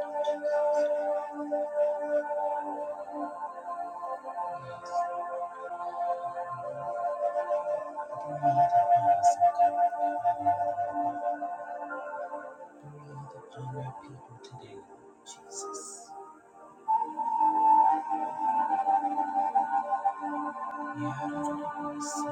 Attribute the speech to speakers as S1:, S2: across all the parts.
S1: Breathe the us, God. Breathe upon your people today, Lord Jesus. Yeah, I don't know, so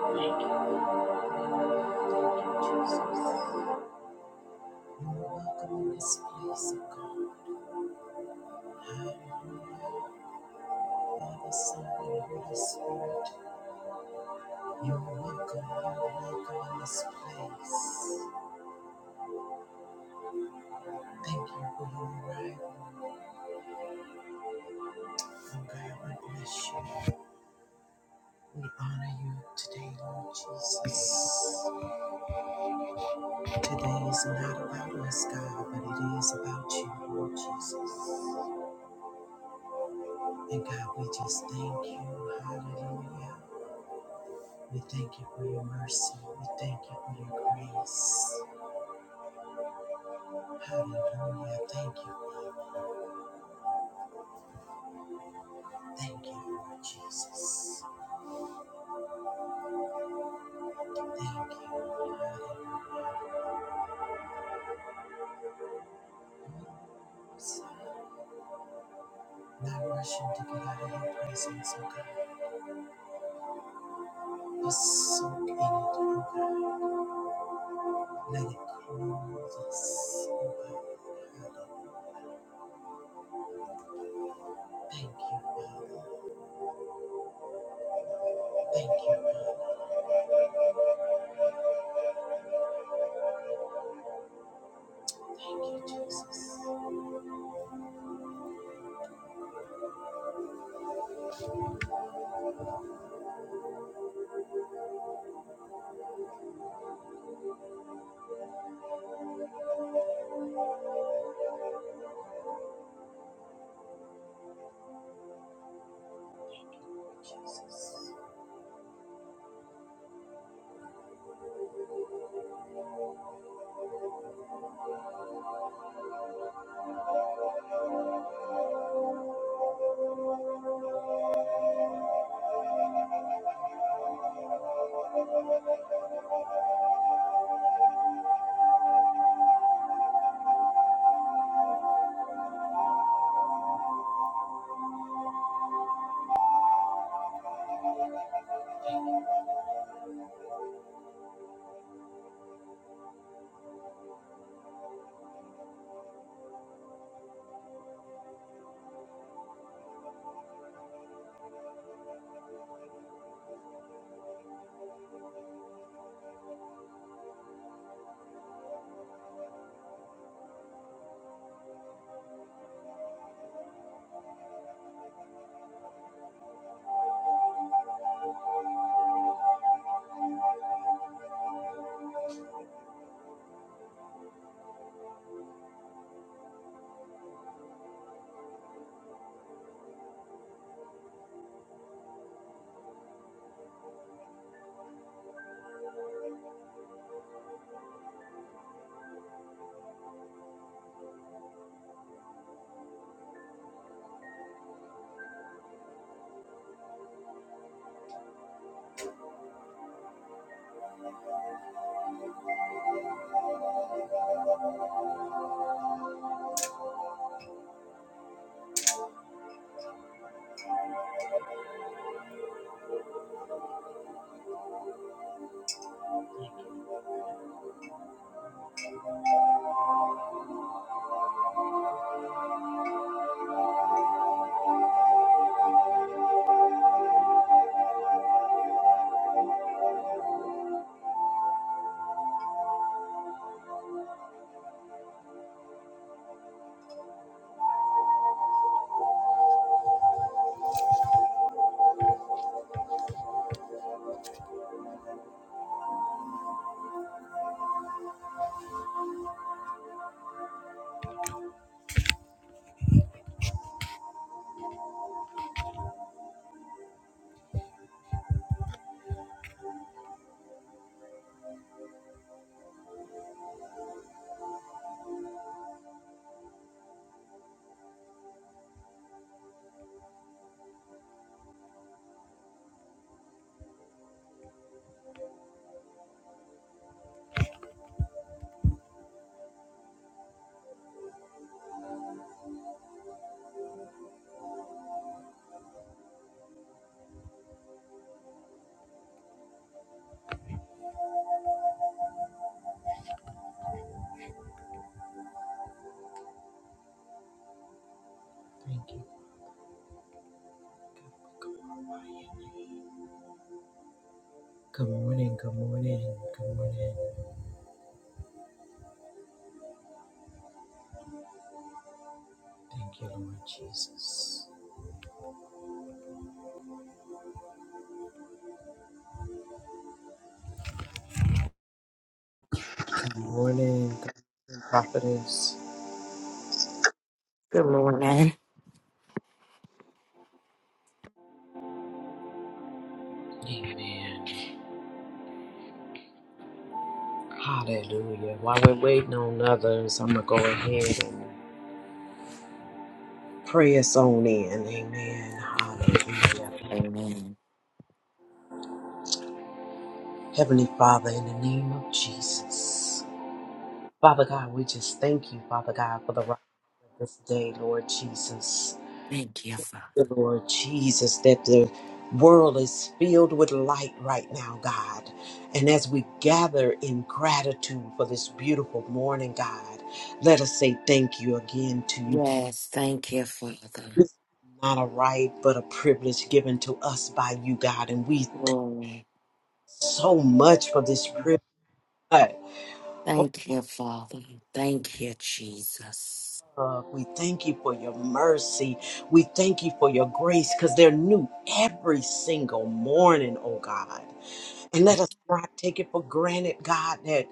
S1: Thank you, Father. Thank you. Thank you, Jesus. Thank you, so Thank you. Thank you, Jesus. You're welcome in this place, oh God. Hallelujah. Father, Son, and Holy Spirit. You're welcome. You're welcome in this place. Thank you for your arrival. Oh God, we bless you. We honor you today, Lord Jesus. Today is not about us, God, but it is about you, Lord Jesus. And God, we just thank you. Hallelujah. We thank you for your mercy. We thank you for your grace. Hallelujah. Thank you. Thank you, Lord Jesus. Thank you. Hallelujah. Not rushing to get out of your presence, oh God. let soak in it, oh God. Let it clothe us, oh God. Thank you, Father. Thank you, Father. Thank you, Jesus. Jesus. Thank you. God. Good morning, good morning, good morning. Thank you, Lord Jesus. Good morning, good morning, prophetess.
S2: Good morning.
S1: Amen. Hallelujah. While we're waiting on others, I'm going to go ahead and Pray us on in. Amen. Hallelujah.
S2: Amen.
S1: Heavenly Father, in the name of Jesus. Father God, we just thank you, Father God, for the right of this day, Lord Jesus.
S2: Thank you, Father.
S1: Dear Lord Jesus, that the world is filled with light right now, God. And as we gather in gratitude for this beautiful morning, God, let us say thank you again to you.
S2: Yes, thank you,
S1: This
S2: Father.
S1: is Not a right, but a privilege given to us by you, God. And we
S2: Glory.
S1: so much for this prayer. God, oh,
S2: Thank you, Father. Thank you, Jesus.
S1: God, we thank you for your mercy. We thank you for your grace because they're new every single morning, oh God. And let us not take it for granted, God, that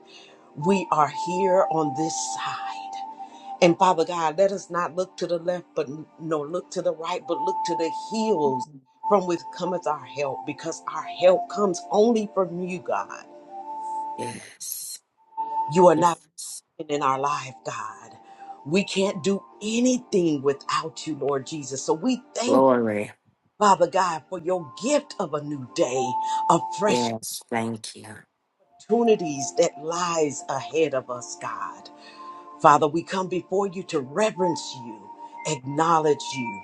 S1: we are here on this side. And Father God, let us not look to the left, but n- no, look to the right, but look to the hills from which cometh our help because our help comes only from you, God.
S2: Yes.
S1: You are not.
S2: Yes.
S1: in our life, God. We can't do anything without you, Lord Jesus. So we thank
S2: Glory.
S1: Father God for your gift of a new day, of fresh
S2: Yes, thank you.
S1: opportunities that lies ahead of us, God. Father, we come before you to reverence you, acknowledge you.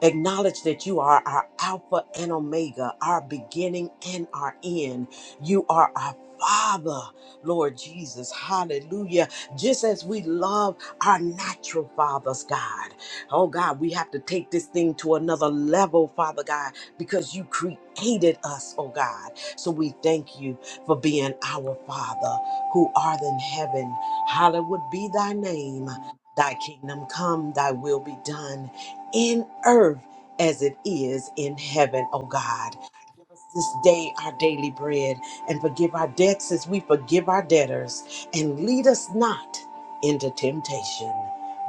S1: Acknowledge that you are our Alpha and Omega, our beginning and our end. You are our Father, Lord Jesus. Hallelujah. Just as we love our natural fathers, God. Oh, God, we have to take this thing to another level, Father God, because you created us, oh, God. So we thank you for being our Father who art in heaven. Hallowed be thy name. Thy kingdom come, thy will be done in earth as it is in heaven, oh God. Give us This day, our daily bread, and forgive our debts as we forgive our debtors, and lead us not into temptation,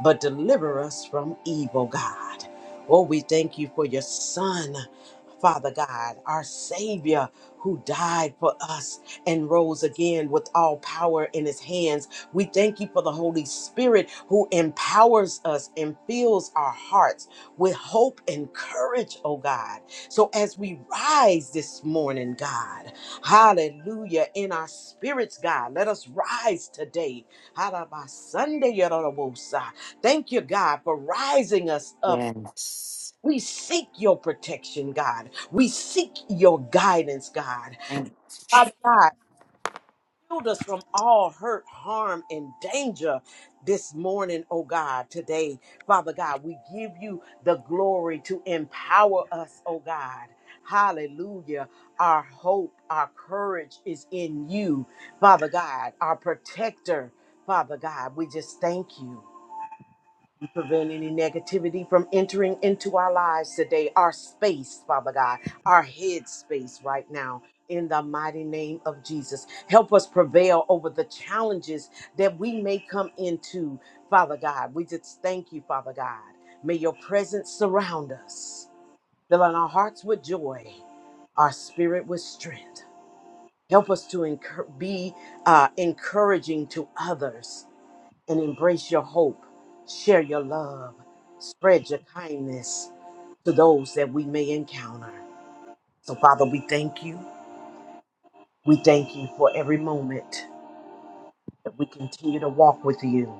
S1: but deliver us from evil, God. Oh, we thank you for your Son, Father God, our Savior, who died for us and rose again with all power in his hands. We thank you for the Holy Spirit who empowers us and fills our hearts with hope and courage, oh God. So as we rise this morning, God, hallelujah, in our spirits, God, let us rise today. Hallelujah, Sunday, Thank you, God, for rising us up.
S2: Yes.
S1: We seek your protection, God. We seek your guidance, God.
S2: Thank you. Je-
S1: Shield us from all hurt, harm, and danger this morning, oh God. Today, Father God, we give you the glory to empower us, oh God. Hallelujah. Our hope, our courage is in you, Father God, our protector. Father God, we just thank you. Prevent any negativity from entering into our lives today, our space, Father God, our head space right now, in the mighty name of Jesus. Help us prevail over the challenges that we may come into, Father God. We just thank you, Father God. May your presence surround us, filling our hearts with joy, our spirit with strength. Help us to encour- be uh, encouraging to others and embrace your hope, share your love, spread your kindness to those that we may encounter. So, Father, we thank you. We thank you for every moment that we continue to walk with you.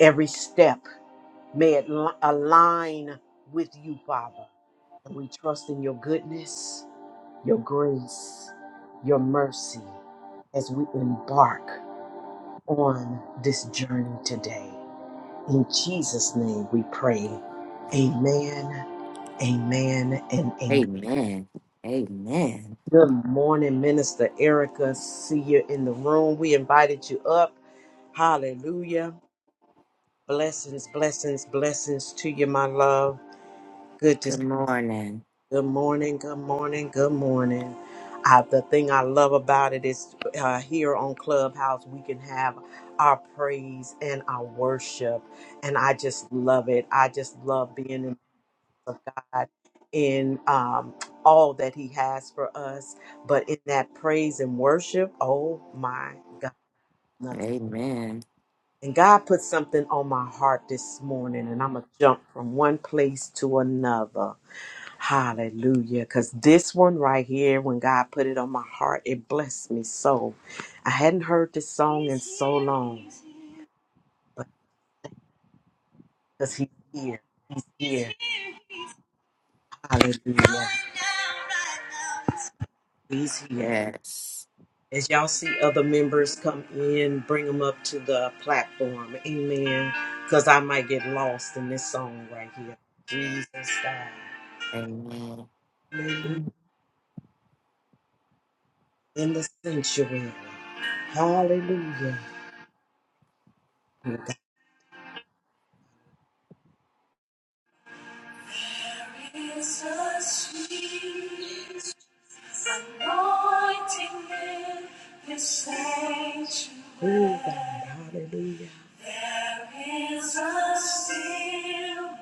S1: Every step, may it li- align with you, Father. And we trust in your goodness, your grace, your mercy as we embark on this journey today. In Jesus' name we pray. Amen, amen, and amen.
S2: Amen. Amen.
S1: Good morning, Minister Erica. See you in the room. We invited you up. Hallelujah. Blessings, blessings, blessings to you, my love. Good to see
S2: Good morning.
S1: you. good morning, good morning, good morning. Uh, the thing I love about it is uh, here on Clubhouse, we can have our praise and our worship. And I just love it. I just love being in of God in um, all that He has for us. But in that praise and worship, oh my God, nothing.
S2: Amen.
S1: And God put something on my heart this morning, and I'm going to jump from one place to another. Hallelujah. Because this one right here, when God put it on my heart, it blessed me so. I hadn't heard this song in so long, but because He's here. He's here. Hallelujah. He's here.
S2: Yes.
S1: As y'all see other members come in, bring them up to the platform. Amen. Because I might get lost in this song right here. Jesus died.
S2: Amen.
S1: Hallelujah. In the sanctuary. Hallelujah. Jesus, Jesus, anointing in this sanctuary. Oh God, hallelujah. There is a stillness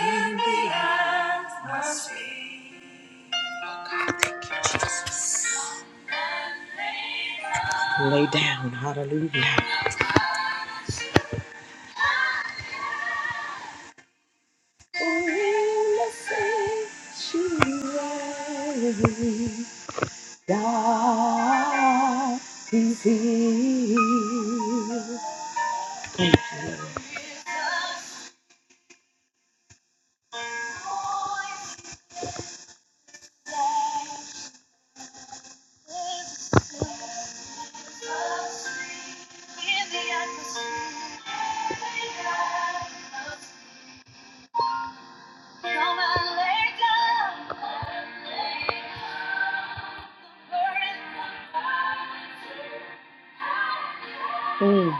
S1: In the atmosphere. Lay down, hallelujah. In the sea, God is here. Thank you. So Mm.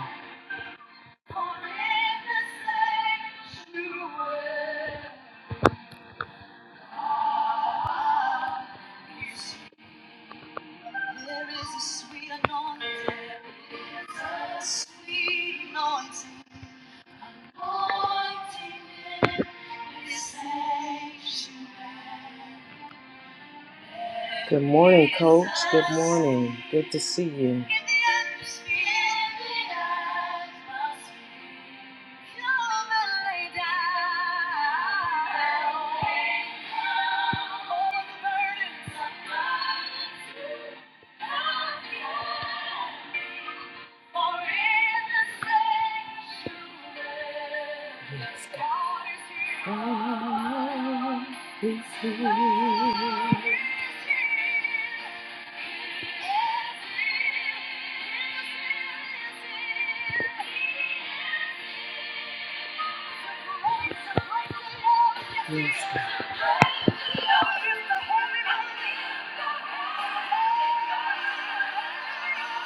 S1: sweet anointing. in the sanctuary. Good morning, coach. Good morning. Good to see you. Yes, God. Oh, he's here. Yes. God.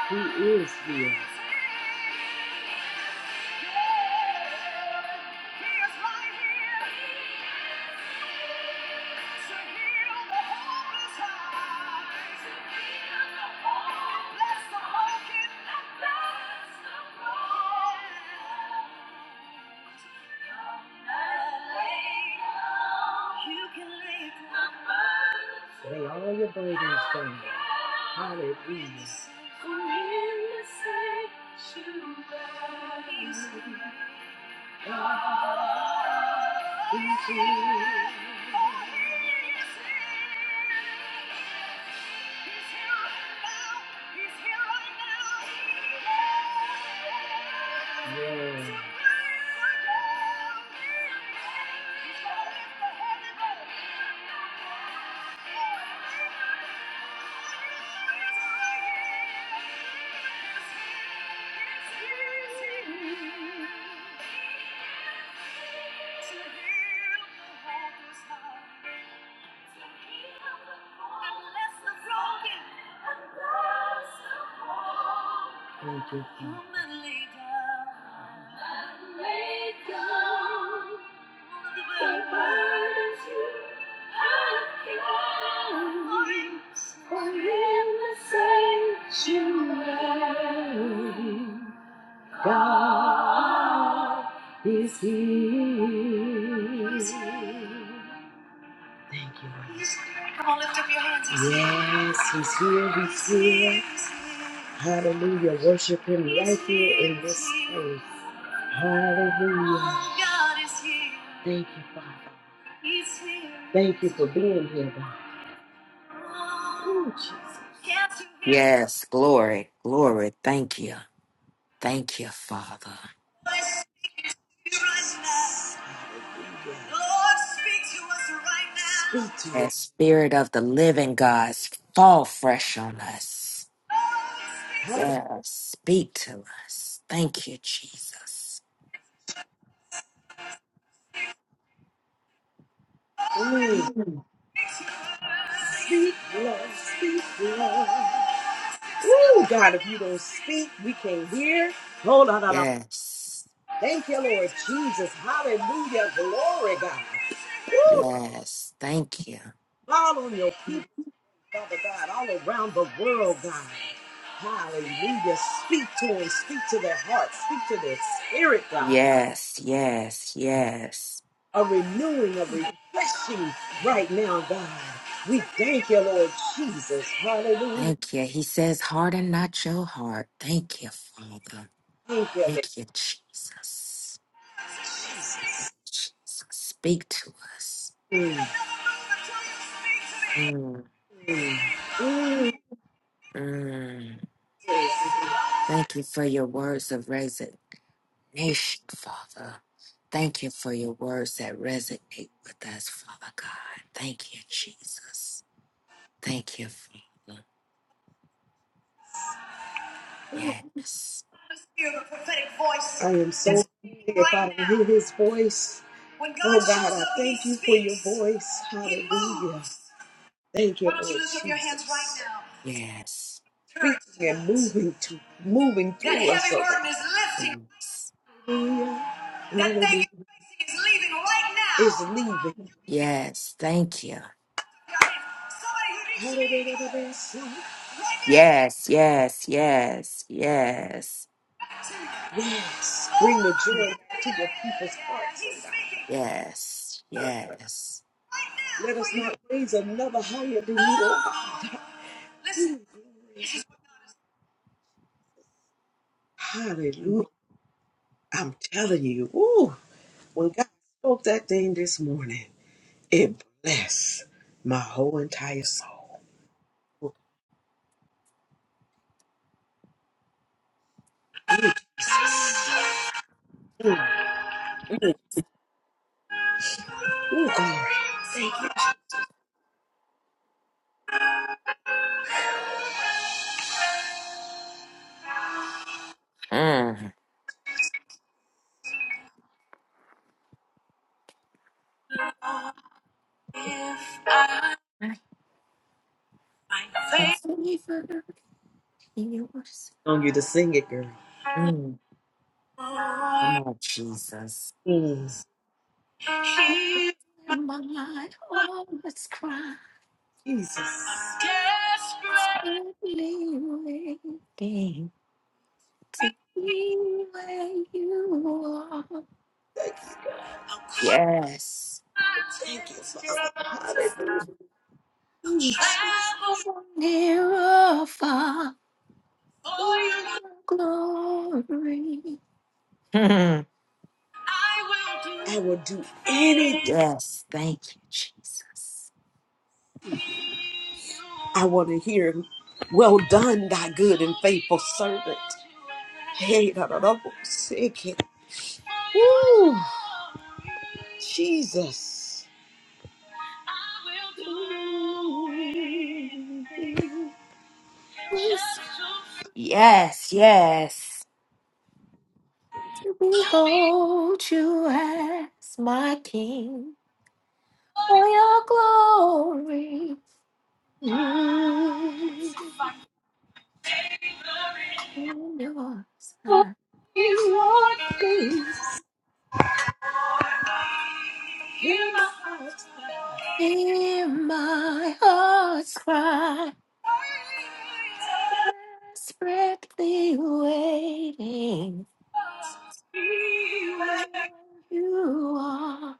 S1: He is here. Lay all your burdens down. Hallelujah. For in the sanctuary God is here. Yeah. Thank you. Father. God is here. He's here. Thank you, Lord. He's here. Come on, lift up your hands. He's here. Yes, here. He's here. He's here. Hallelujah. Worship Him He's right here here in this He's place. Hallelujah. Oh, God is here. Thank you, Father. He's here. Thank you for being here, God. Oh, Jesus. Can't you hear
S2: Yes, glory. Glory. Thank you. Thank you, Father.
S1: Speak to us.
S2: And Spirit of the Living God, fall fresh on us. Yes, speak to us. Thank you, Jesus.
S1: Hallelujah.
S2: Mm.
S1: Speak, Lord. Speak, Lord. Ooh, God, if you don't speak, we can't hear. Hold on, hold on.
S2: Yes,
S1: Thank you, Lord Jesus. Hallelujah. Glory, God. Ooh,
S2: yes, thank you.
S1: fall on your people, Father God, all around the world, God. Hallelujah. Speak to them. Speak to their hearts. Speak to their spirit, God.
S2: Yes, yes, yes.
S1: a renewing, a refreshing right now, God. We thank you, Lord Jesus. Hallelujah.
S2: Thank you. He says, harden not your heart. Thank you, Father.
S1: Thank you, Lord.
S2: Thank you, Jesus. Jesus, speak to us.
S1: Mm.
S2: Mm,
S1: Mm.
S2: mm. Thank you for your words of reason. nation, Father. Thank you for your words that resonate with us, Father God. Thank you, Jesus. Thank you, Father. Yes.
S1: I am so hungry. if I do hear his voice. Oh God, I thank you for your voice. Hallelujah. Thank you, Lord Jesus.
S2: Yes.
S1: Speaking and moving to moving through us. oh God.
S2: Yes.
S1: Hallelujah. That thing is leaving right now. Is leaving.
S2: Yes. Thank you.
S1: Somebody who needs to be healed. Right
S2: Yes. Yes. Yes. Yes.
S1: Yes, bring the joy back to your people's hearts.
S2: Yes. Yes.
S1: oh God. Let us not raise another higher than you, oh God. Hallelujah. I'm telling you, ooh, when God spoke that thing this morning, it blessed my whole entire soul. Oh, glory.
S2: Mm.
S1: Thank
S2: I'm
S1: you.
S2: so evil. Yours.
S1: on you to sing it, girl.
S2: Mm. Come on, Jesus.
S1: Mm.
S2: In my life, oh, let's cry.
S1: Jesus.
S2: Simply waiting to be where you are.
S1: Thank
S2: Yes.
S1: you. Thank you, Father.
S2: Near or far
S1: Hallelujah.
S2: glory. Mhm.
S1: I will do anything.
S2: yes, thank you, Jesus.
S1: I want to hear, well done, thy good and faithful servant. Hey, da, da, da, bo- sick it. Woo. Jesus.
S2: Yes, yes. To behold you as my King for your glory and your yours. Hear my heart's cry, desperately waiting.
S1: Ooh,
S2: You are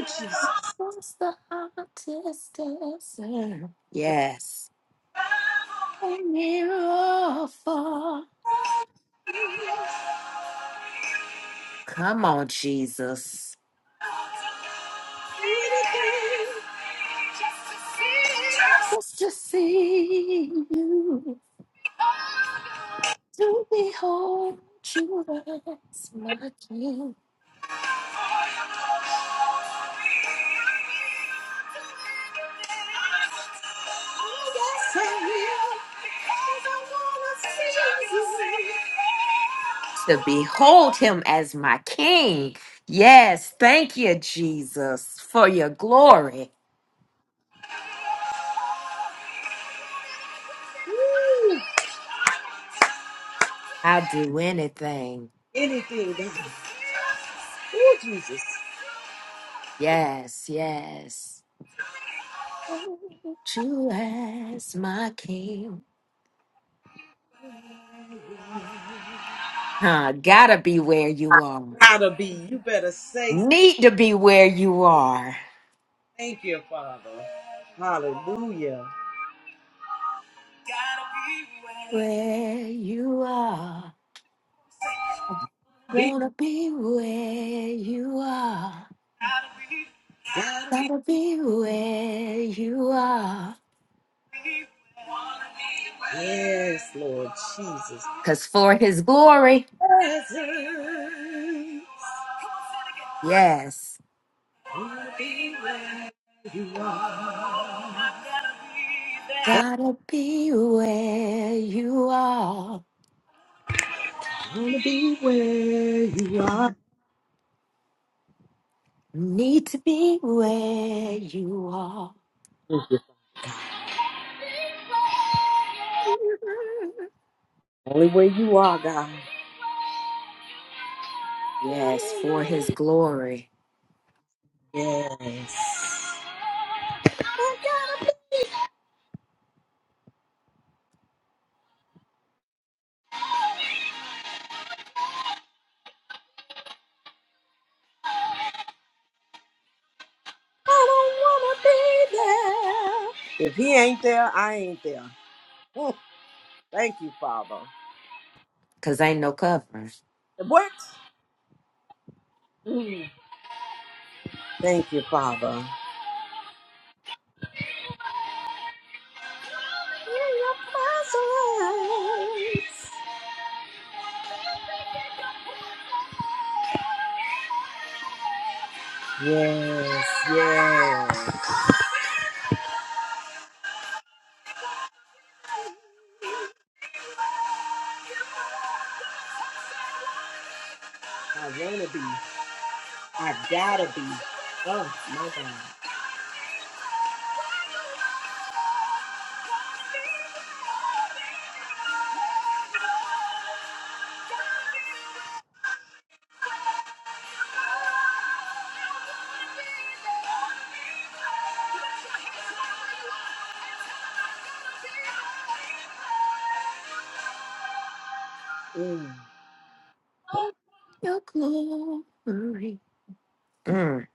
S1: Jesus.
S2: across the hottest desert. Yes. Oh, near or far.
S1: Ooh,
S2: Come on, Jesus. Just to see you, to behold you as my king. to behold him as my king. Yes, thank you, Jesus, for your glory. I'll do anything.
S1: Anything, God. Oh, Jesus.
S2: Yes, yes. Hold you as my king. I gotta be where you are.
S1: Gotta be. You better say
S2: Need to be where you are.
S1: thank you, Father. Hallelujah.
S2: Where you are. I wanna be where you are.
S1: be.
S2: Gotta be where you are.
S1: Yes, Lord Jesus.
S2: Cause for his glory.
S1: Present.
S2: Yes.
S1: I
S2: Gotta be where you are.
S1: want to be where you are.
S2: Need to be where you are.
S1: Only where you are, God.
S2: Yes, for his glory.
S1: Yes. If he ain't there, I ain't there. Mm. Thank you, Father.
S2: Because ain't no cover.
S1: What? Mm. Thank you, Father. In your presence. Yes, yes. I wanna be. I gotta be. Oh my God. Mm.
S2: Your glory. Mm.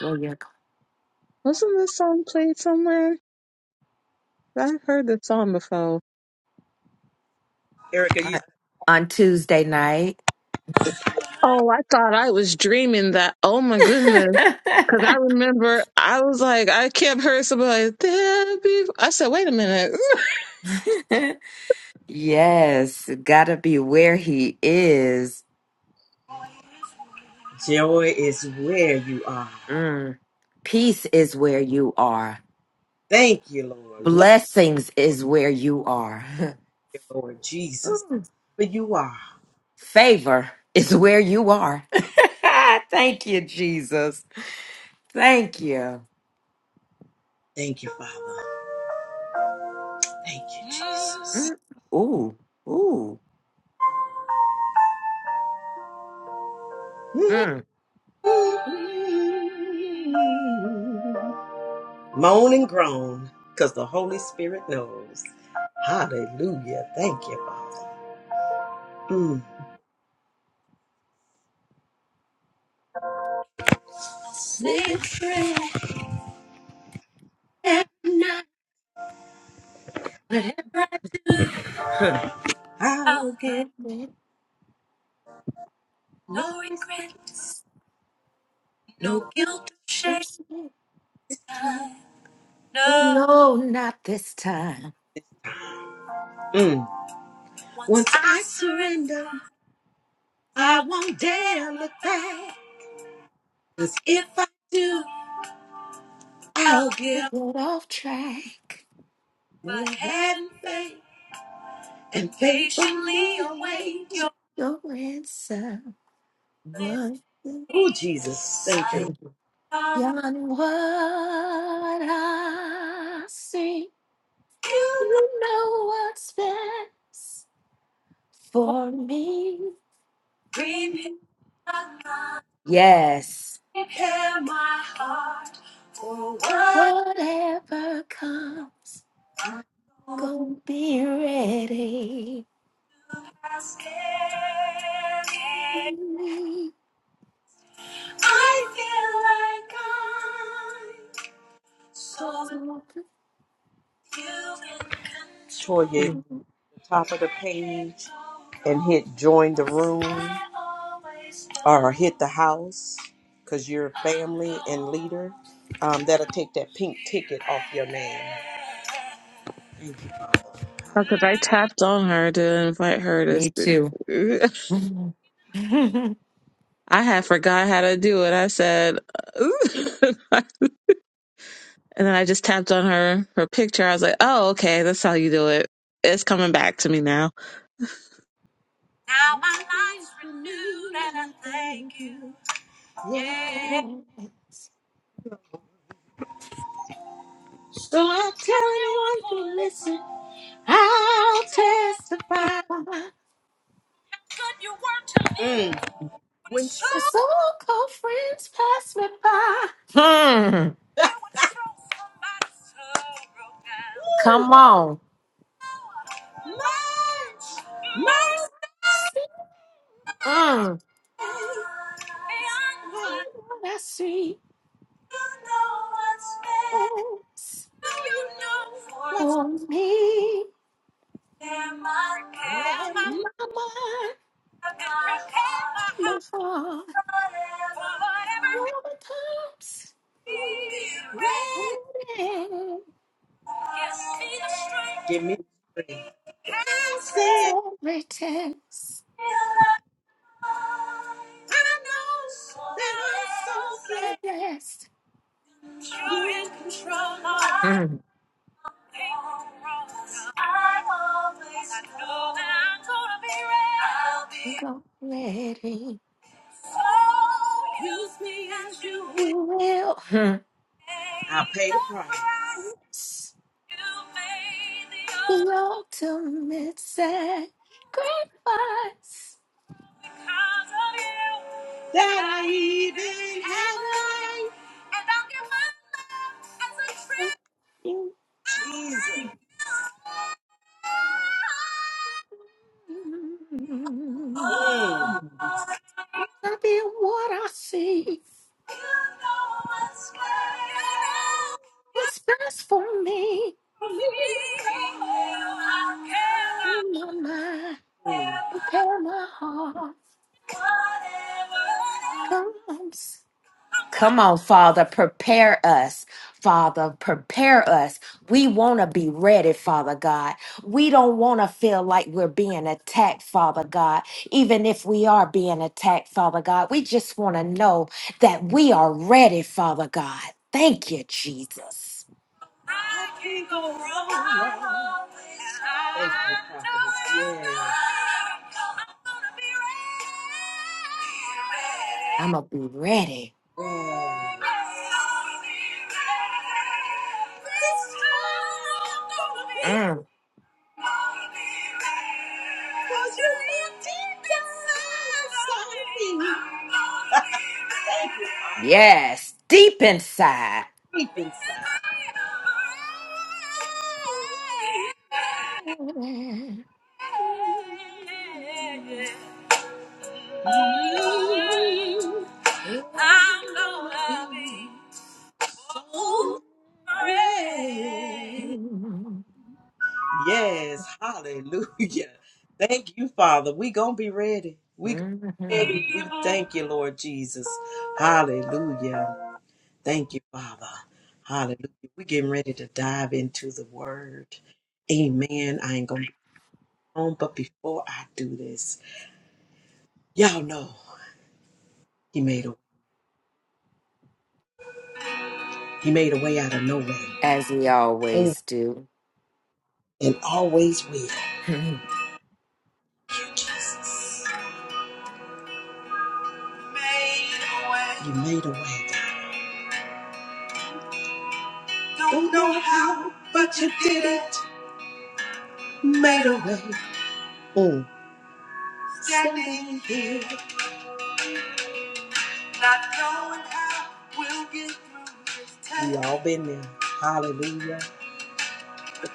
S2: Well, yeah.
S3: Wasn't this song played somewhere? I've heard this song before.
S1: Erica, you
S2: On, on Tuesday night.
S3: Oh, I thought I was dreaming that. Oh my goodness. Cause I remember I was like, I kept hearing somebody like, there be I said, wait a minute.
S2: yes, gotta be where he is.
S1: Joy is where you are.
S2: Mm. Peace is where you are.
S1: Thank you, Lord. Love
S2: Blessings is where you are.
S1: you, Lord Jesus.
S2: Ooh.
S1: Where you are.
S2: Favor is where you are. Thank you, Jesus. Thank you.
S1: Thank you, Father. Thank you,
S2: Mm. Ooh, ooh. Mm.
S1: Jesus. moan and groan because the Holy Spirit knows. Hallelujah. Thank you, Father. Mm. I Oh
S2: Not that
S1: no.
S2: close to me. No, not this time.
S1: mm. Once I surrender, I won't dare look back. 'Cause if I do,
S2: I got off track.
S1: my head and faith and patiently await your.
S2: Your answer was
S1: Oh, Jesus. Thank you,
S2: beyond
S1: Lord.
S2: what I see.
S1: you
S2: You know what's best
S1: know
S2: for me.
S1: prepare my mind,
S2: Yes.
S1: prepare my heart for what
S2: Whatever comes,
S1: I'm
S2: go be ready.
S1: like so Toya, to the top of the page and hit join the room or hit the house because you're family and leader. Um, that'll take that pink ticket off your name. Thank you, Father.
S3: Because I tapped on her to invite her to
S2: Me
S3: speak.
S2: too.
S3: I had forgot how to do it. I said, and then I just tapped on her, her picture. I was like, oh, okay, that's how you do it. It's coming back to me now.
S1: Hallelujah. Yeah. So I tell anyone who listen, I'll testify. good you were to me. Mm. When you
S2: so called friends pass me by. Hmm.
S1: brought somebody's sorrow down. Woo!
S2: Come on.
S1: Much mercy
S2: See mm.
S1: beyond what
S2: what I see
S1: you know what's there.
S2: is
S1: Do you know what's
S2: for me.
S1: there? My care, my love,
S2: My mind,
S1: my care, my
S2: my
S1: heart.
S2: heart,
S1: For Whatever
S2: never comes.
S1: be ready.
S2: Morning,
S1: Yes, be the strength. Give me the strength.
S2: so pretends,
S1: I said, I know that I'm so
S2: so
S1: glad
S2: blessed.
S1: you're in control. I
S2: Mm.
S1: ain't wrong. I always I know that I'm gonna be right. I'll be
S2: Go ready
S1: so use me as you
S2: to
S1: will.
S2: will. Mm.
S1: I'll pay the price.
S2: Yes,
S1: You made the
S2: The
S1: earth
S2: ultimate sacrifice.
S1: because of you. That I even have life. And I'll give my love as
S2: of you.
S1: a tribute. Jesus. Mm. Mm. Thank
S2: Mm.
S1: you,
S2: I'll be what I see. What's best for me? In my mind, prepare my heart. Come on. Come on, Father, prepare us. Father, prepare us. We want to be ready, Father God. We don't want to feel like we're being attacked, Father God. Even if we are being attacked, Father God, we just want to know that we are ready, Father God. Thank you, Jesus.
S1: prophetess. Yes.
S2: I'm going to be ready.
S1: Mm.
S2: Mm,
S1: Cause you live deep down inside Thank you.
S2: yes, deep inside.
S1: Deep inside. I'm gonna be so brave. Yes, hallelujah. Thank you, Father. We gonna be ready. We gonna be
S2: Mhm.
S1: ready. We thank you, Lord Jesus. Hallelujah. Thank you, Father. Hallelujah. we getting ready to dive into the word. Amen. I ain't gonna be long, but before I do this, y'all know he made a way. He made a way out of no way.
S2: As he
S1: Mm.
S2: always do.
S1: And always will. Jesus. Made a way. You made a way, God. Don't know how, but you did it. made a way. Mm. Standing here, not knowing how we'll get through this test. We all been there. Hallelujah.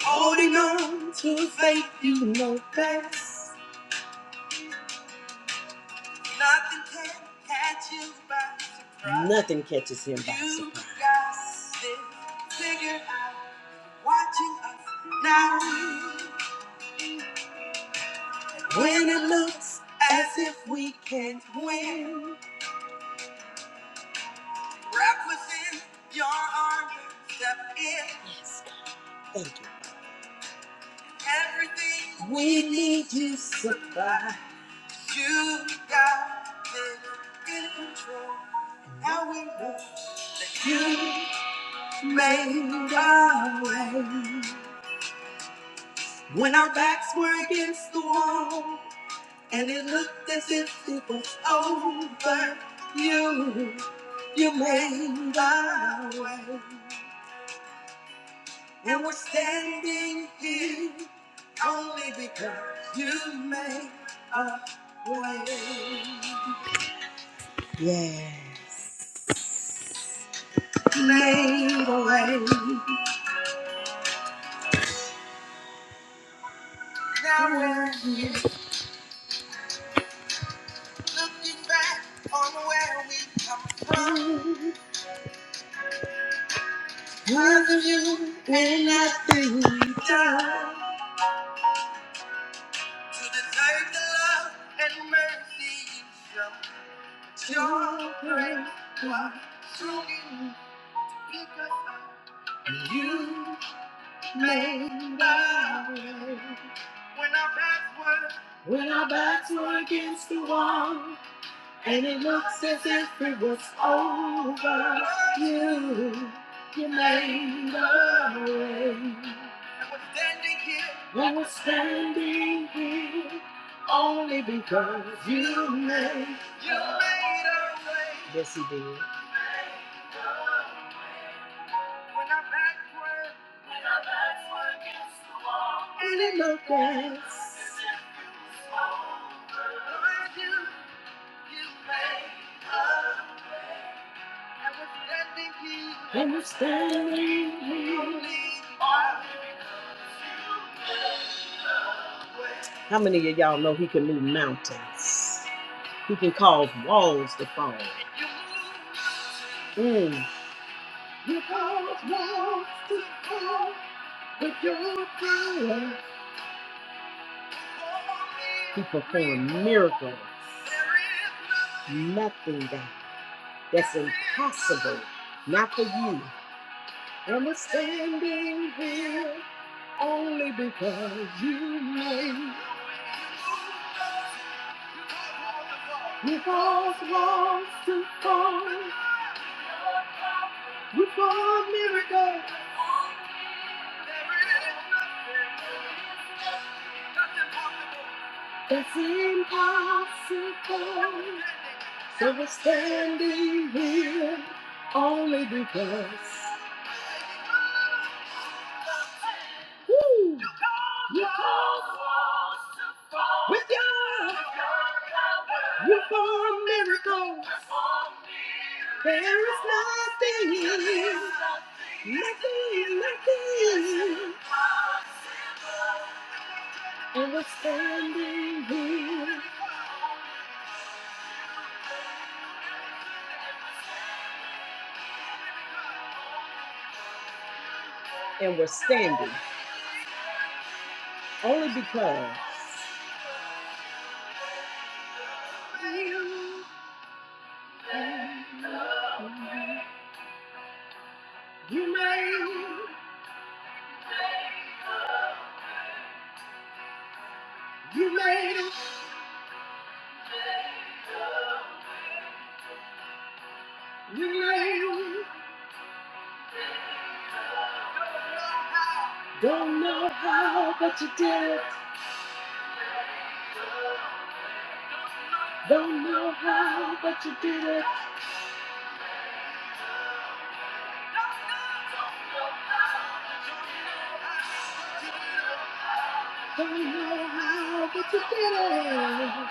S1: Holding on to a faith you know best. Nothing can catch you by surprise. Nothing catches him by you surprise. got this figured out, watching us now. When it looks as if we can't win. Wrap within your arms, and step in. Yes, God. Thank you. Everything we need you supply. You got it in control. Now we know you made our way. When our backs were against the wall, and it looked as if it was over, you, you made our way. And we're standing here Only because you make a way. Yes. Made a way. Now we're back on where we come to deserve the love and mercy you show. Your made a way. When our backs were when our backs were against the wall. And it looks as if it was over. You, you made a way. And we're standing here. only because you made. You made a way. Yes, you did. When I'm backward. And it looked as. You, you made. And we're standing here. And we're standing here. How many of y'all know he can move mountains? He can cause walls to fall. Mm. He performed miracles. Nothing God, that's impossible. Not for you. I'm standing here only because you made me cause walls to fall. You perform miracles that's impossible. So we're standing here only because. Woo! You called With God, you perform miracles. There is nothing, nothing, nothing. And we're standing here. And we're standing only because don't know how, but you did it. Don't know how, but you did it. Don't know how, but you did it.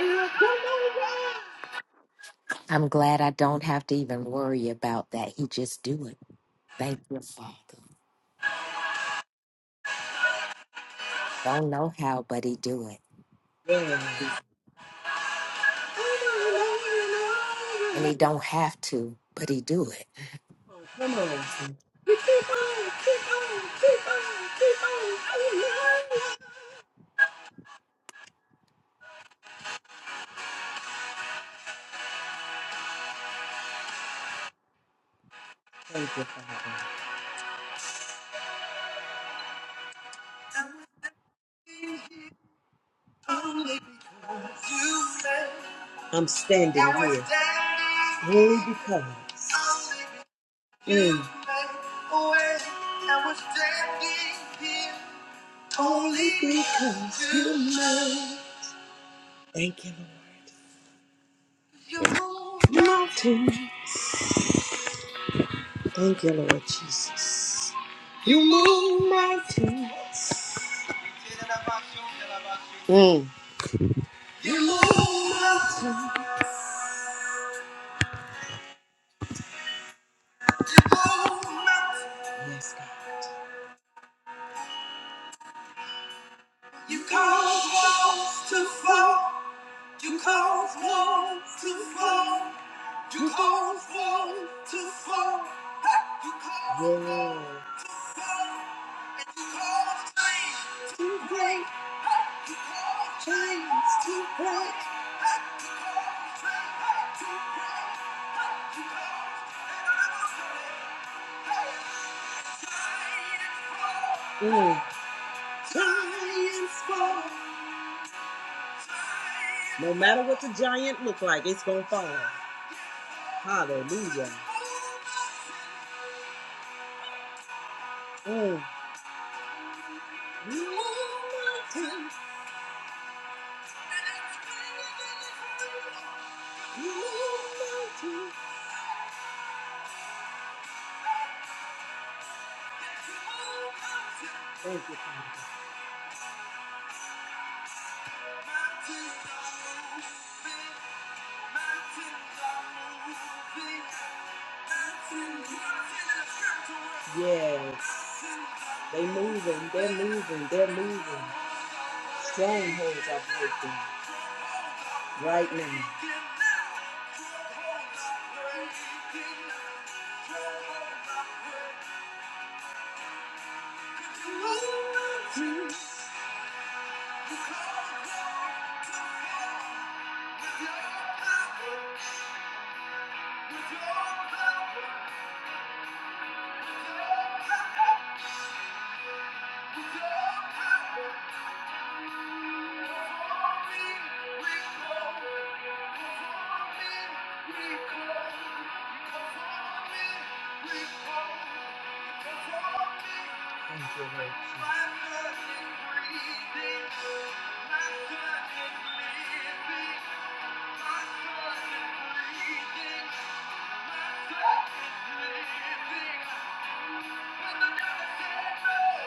S1: And I don't know why.
S2: I'm glad I don't have to even worry about that. He just do it. Thank you, Father. Don't know how, but he do
S1: Yeah,
S2: it. And he don't have to, but he do it.
S1: come on. Thank you, Father. I'm standing here only I'm standing here only because mm, only because you made. Thank you, Lord. You mountain. Thank you, Lord Jesus. You move mountains. Mm. You move mountains. Yes, God. You cause walls to fall. You cause walls to fall. You cause walls to fall. Hey! You cause yeah. walls to fall. And you cause chains to break. Hey! You cause chains to break. Hey! You cause chains to break. Hey! You cause Mm. Giants fall. No matter what the giant look like, it's gonna fall. Hallelujah. Mm. Thank you, Father. Yes. They moving, they're moving, they're moving. Strongholds are breaking right now. with your you. Thank you, Lord Jesus.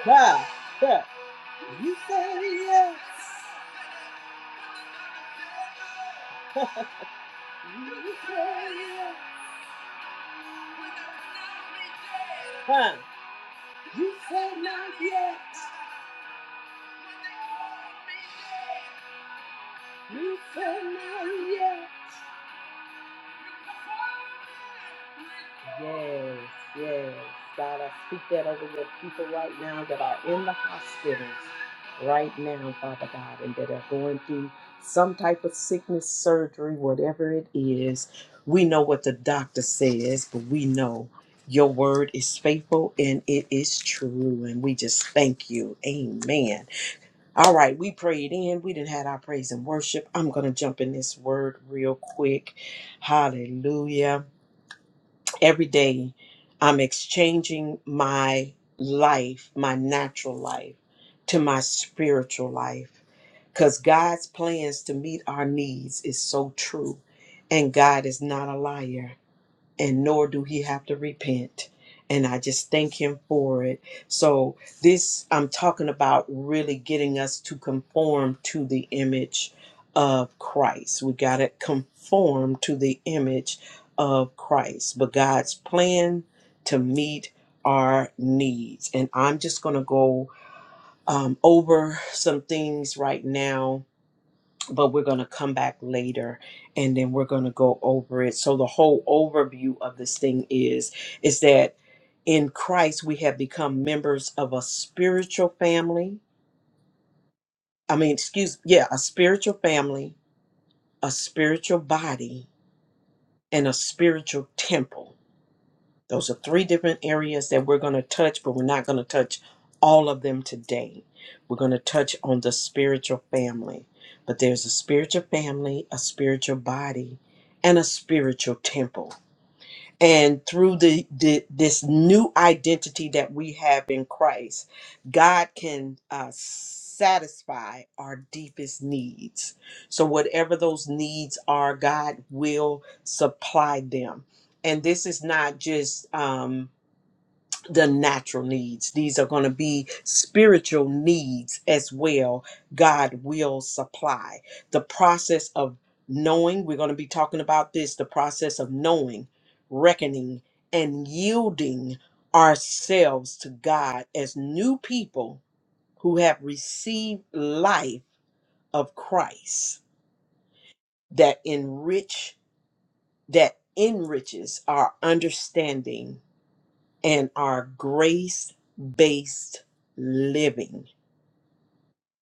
S1: God, God, you say yes. Huh? You said not yet. You said not yet. Yes, yes. God, I speak that over your people right now that are in the hospitals right now, Father God, and that are going through some type of sickness, surgery, whatever it is. We know what the doctor says, but we know your word is faithful and it is true. And we just thank you. Amen. All right, we prayed in. We didn't had our praise and worship. I'm going to jump in this word real quick. Hallelujah every day I'm exchanging my life, my natural life, to my spiritual life. Because God's plans to meet our needs is so true. And God is not a liar and nor do he have to repent. And I just thank him for it. So, this I'm talking about really getting us to conform to the image of Christ. We got to conform to the image of Christ, but God's plan to meet our needs. And I'm just going to go um, over some things right now but we're going to come back later and then we're going to go over it so the whole overview of this thing is is that in christ we have become members of a spiritual family i mean excuse yeah a spiritual family a spiritual body and a spiritual temple Those are three different areas that we're going to touch, but we're not going to touch all of them today. We're going to touch on the spiritual family. But there's a spiritual family, a spiritual body, and a spiritual temple and through the, the this new identity that we have in Christ, God can uh, satisfy our deepest needs. So whatever those needs are, God will supply them. And this is not just um, the natural needs. These are going to be spiritual needs as well. God will supply. The process of knowing, we're going to be talking about this the process of knowing, reckoning, and yielding ourselves to God as new people who have received life of Christ that enrich that enriches our understanding and our grace based living.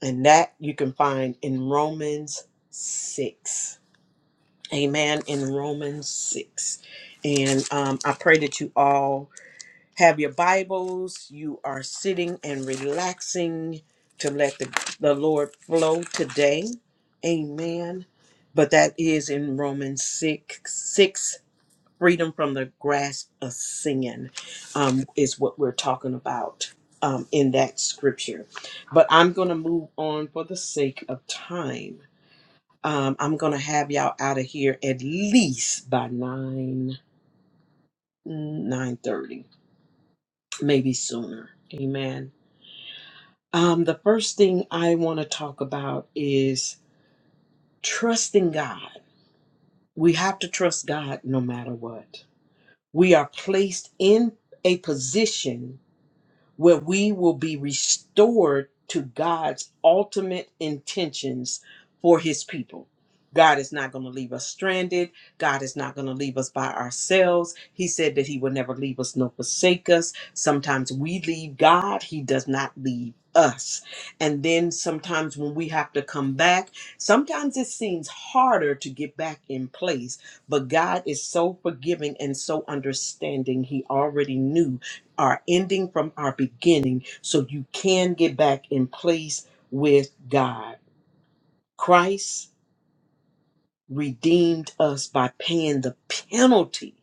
S1: And that you can find in Romans 6. Amen. In Romans 6. And um, I pray that you all have your Bibles. You are sitting and relaxing to let the, the Lord flow today. Amen. But that is in Romans 6, 6 freedom from the grasp of sin um, is what we're talking about um, in that scripture. But I'm going to move on for the sake of time. Um, I'm going to have y'all out of here at least by 9, 9.30, maybe sooner. Amen. Um, the first thing I want to talk about is trusting God. We have to trust God no matter what. We are placed in a position where we will be restored to God's ultimate intentions for his people. God is not going to leave us stranded. God is not going to leave us by ourselves. He said that he will never leave us nor forsake us. Sometimes we leave God, he does not leave us. And then sometimes when we have to come back, sometimes it seems harder to get back in place, but God is so forgiving and so understanding. He already knew our ending from our beginning so you can get back in place with God. Christ redeemed us by paying the penalty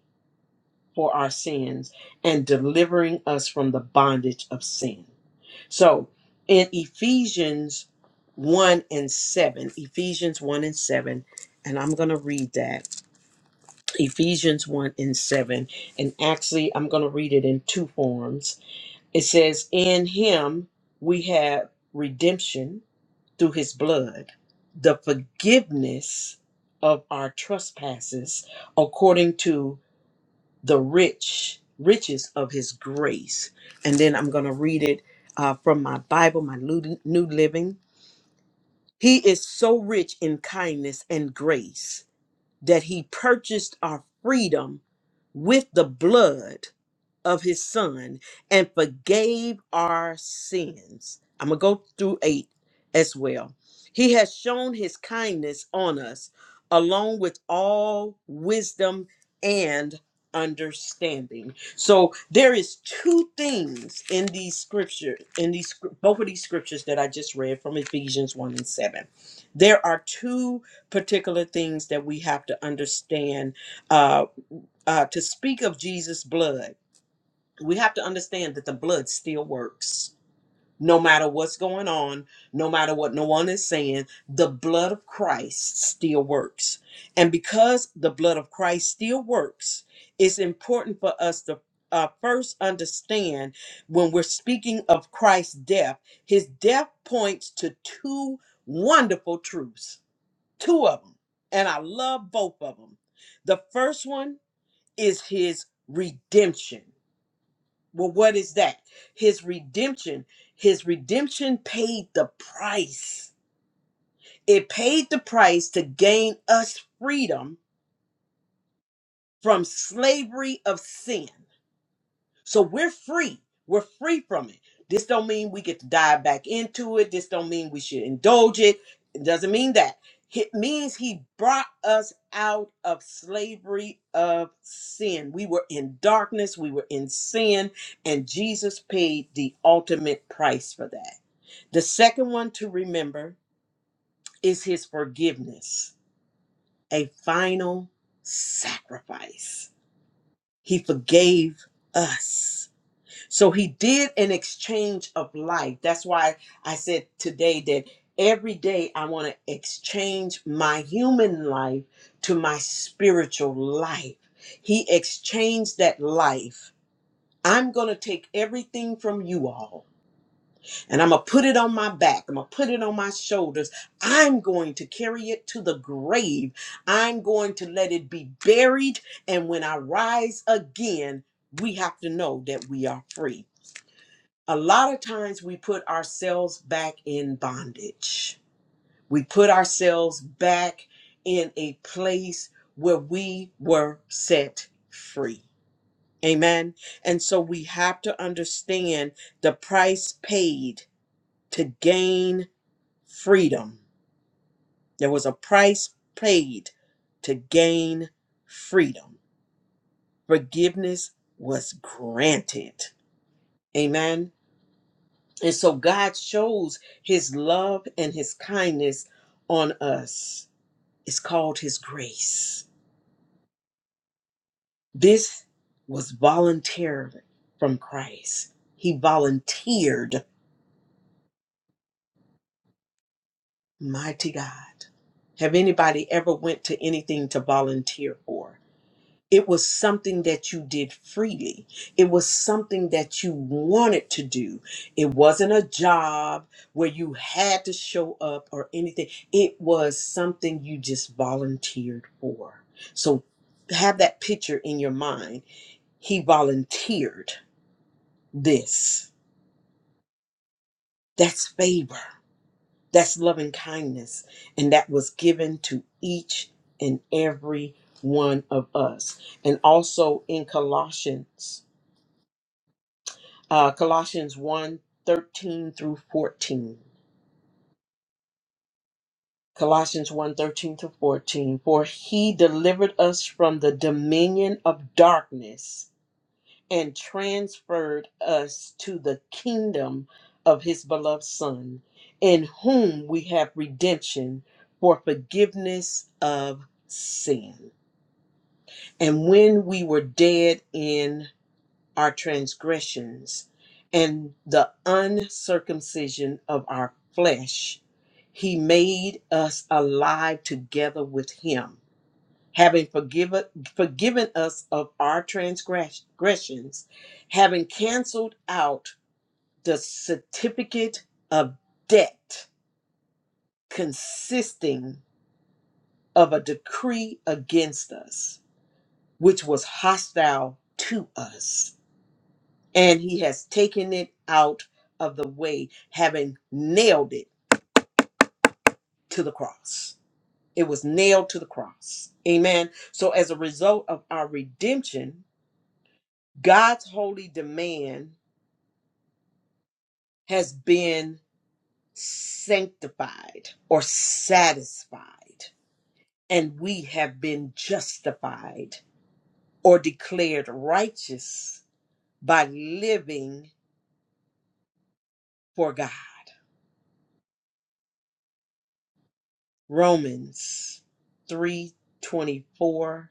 S1: for our sins and delivering us from the bondage of sin. So in Ephesians 1 and 7, Ephesians 1 and 7, and I'm going to read that. Ephesians 1 and 7. And actually, I'm going to read it in two forms It says, In him we have redemption through his blood, the forgiveness of our trespasses according to the rich riches of his grace. And then I'm going to read it uh, from my Bible, my Lu- New Living. He is so rich in kindness and grace that he purchased our freedom with the blood of his son and forgave our sins. I'm going to go through eight as well. He has shown his kindness on us, along with all wisdom and understanding. So there is two things in these scripture, in these scr- both of these scriptures that I just read from Ephesians 1 and 7. There are two particular things that we have to understand uh, uh, to speak of Jesus' blood we have to understand that the blood still works. No matter what's going on, no matter what no one is saying, the blood of Christ still works. And because the blood of Christ still works, it's important for us to uh, first understand when we're speaking of Christ's death, his death points to two wonderful truths, two of them. And I love both of them. The first one is his redemption well, what is that? His redemption. His redemption paid the price. It paid the price to gain us freedom from slavery of sin. So we're free. We're free from it. This don't mean we get to dive back into it. This don't mean we should indulge it. It doesn't mean that. It means he brought us out of slavery of sin. We were in darkness, we were in sin, and Jesus paid the ultimate price for that. The second one to remember is his forgiveness, a final sacrifice. He forgave us so he did an exchange of life. That's why I said today that every day I want to exchange my human life to my spiritual life. He exchanged that life. I'm going to take everything from you all and I'm going to put it on my back. I'm going to put it on my shoulders. I'm going to carry it to the grave. I'm going to let it be buried. And when I rise again, we have to know that we are free a lot of times we put ourselves back in bondage. We put ourselves back in a place where we were set free. Amen. And so we have to understand the price paid to gain freedom. There was a price paid to gain freedom. Forgiveness was granted. Amen. And so God shows his love and his kindness on us. It's called his grace. This was volunteered from Christ. He volunteered, mighty God. Have anybody ever went to anything to volunteer for? It was something that you did freely. It was something that you wanted to do. It wasn't a job where you had to show up or anything. It was something you just volunteered for. So have that picture in your mind. He volunteered this. That's favor. That's loving kindness. And that was given to each and every one of us. And also in Colossians Uh, Colossians one thirteen through 14. Colossians one thirteen through 14. For he delivered us from the dominion of darkness and transferred us to the kingdom of his beloved Son, in whom we have redemption for forgiveness of sin. And when we were dead in our transgressions and the uncircumcision of our flesh, he made us alive together with him, having forgiven, forgiven us of our transgressions, having canceled out the certificate of debt consisting of a decree against us, which was hostile to us and he has taken it out of the way, having nailed it to the cross. It was nailed to the cross. Amen. So, as a result of our redemption, God's holy demand has been sanctified or satisfied, and we have been justified or declared righteous by living for God. Romans 3 24.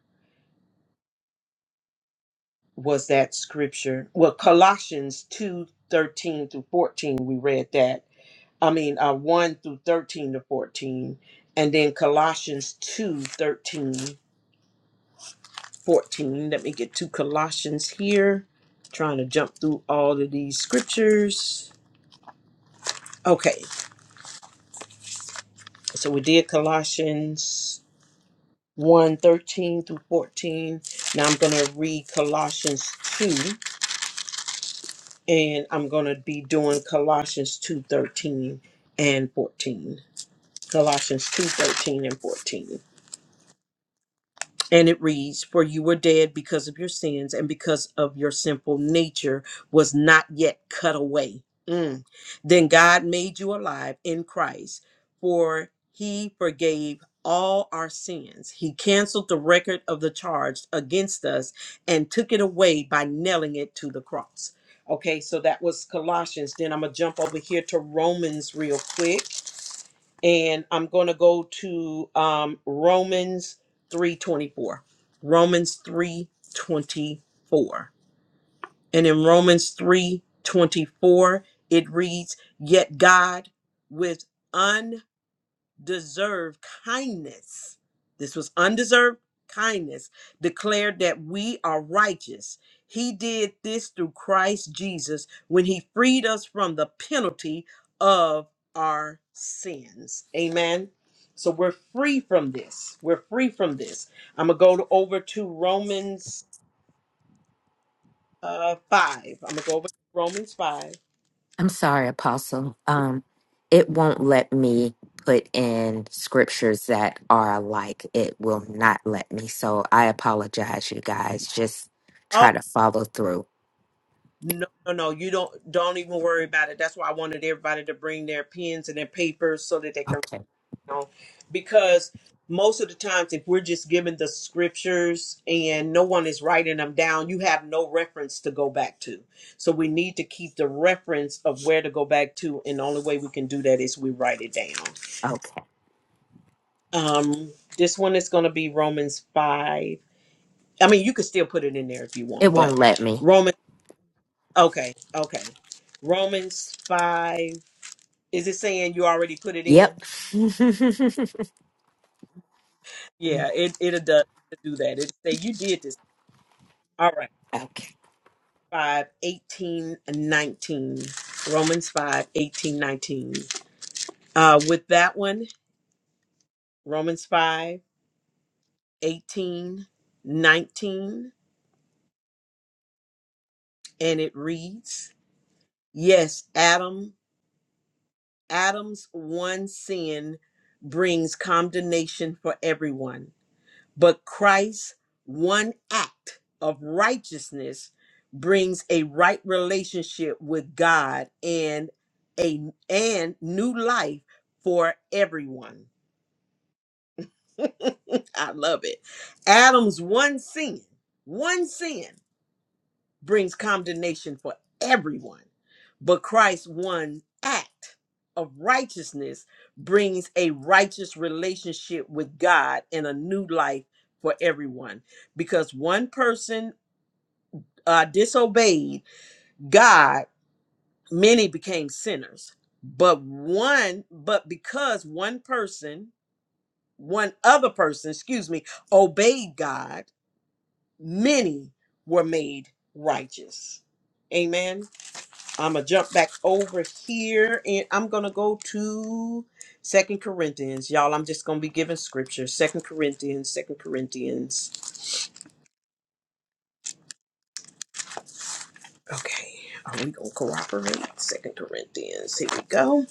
S1: was that scripture. Well, Colossians 2 13 through 14, we read that. I mean, uh, 1 through 13 to 14. And then Colossians 2 13 14. Let me get to Colossians here. Trying to jump through all of these scriptures. Okay, so we did Colossians one 13 through 14. Now I'm going to read Colossians 2. and I'm going to be doing Colossians 2:13 and 14. Colossians 2:13 and 14. And it reads, For you were dead because of your sins, and because of your sinful nature was not yet cut away. Mm. Then God made you alive in Christ, for he forgave all our sins. He canceled the record of the charge against us and took it away by nailing it to the cross. Okay, so that was Colossians. Then I'm going to jump over here to Romans real quick and I'm going to go to um, Romans 3:24. Romans 3:24. And in Romans 3:24, it reads, "Yet God with deserved kindness. This was undeserved kindness, declared that we are righteous. He did this through Christ Jesus when he freed us from the penalty of our sins. Amen. So we're free from this. We're free from this. I'm going to go over to Romans uh, 5. I'm going to go over to Romans 5.
S2: I'm sorry, Apostle. Um, it won't let me put in scriptures that are alike. It will not let me. So I apologize, you guys. Just try to follow through.
S1: No, no, no. You don't don't even worry about it. That's why I wanted everybody to bring their pens and their papers so that they can
S2: Okay.
S1: you know, because most of the times if we're just given the scriptures and no one is writing them down, you have no reference to go back to. So we need to keep the reference of where to go back to, and the only way we can do that is we write it down.
S2: Okay.
S1: Um, this one is gonna be Romans five. I mean, you could still put it in there if you want,
S2: It won't
S1: but
S2: let me.
S1: Romans okay, okay. Romans 5 Is it saying you already put it in?
S2: Yep.
S1: Yeah, it it'll do, do that. It say you did this. All right.
S2: okay.
S1: five, eighteen, nineteen, Romans 5, 18, 19. Uh, with that one, Romans 5, 18, 19, and it reads, Yes, Adam, Adam's one sin brings condemnation for everyone. But Christ's one act of righteousness brings a right relationship with God and a and new life for everyone. I love it. Adam's one sin, one sin brings condemnation for everyone, but Christ's one act of righteousness brings a righteous relationship with God and a new life for everyone. Because one person uh, disobeyed God, many became sinners. But one, but because one person, one other person, excuse me, obeyed God, many were made righteous. Amen. I'm gonna jump back over here and I'm gonna go to Second Corinthians. Y'all, I'm just gonna be giving scripture. Second Corinthians, Second Corinthians. Okay, are we gonna cooperate? Second Corinthians, here we go.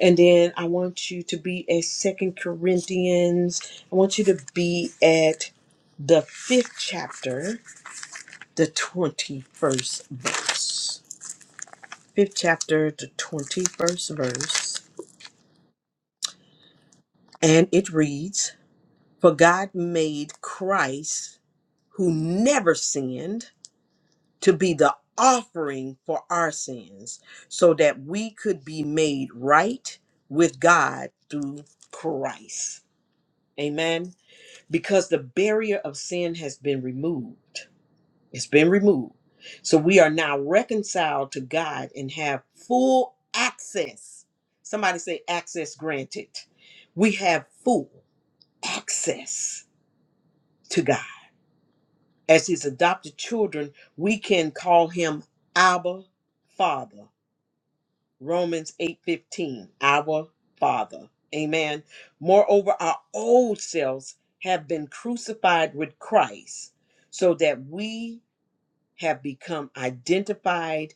S1: And then I want you to be at Second Corinthians. I want you to be at the fifth chapter, the 21st verse. Fifth chapter, the 21st verse. And it reads. For God made Christ, who never sinned, to be the offering for our sins, so that we could be made right with God through Christ. Amen. Because the barrier of sin has been removed, it's been removed. So we are now reconciled to God and have full access. Somebody say, access granted. We have full access to God. As his adopted children, we can call him Abba Father. Romans 8:15, our Father. Amen. Moreover, our old selves have been crucified with Christ so that we have become identified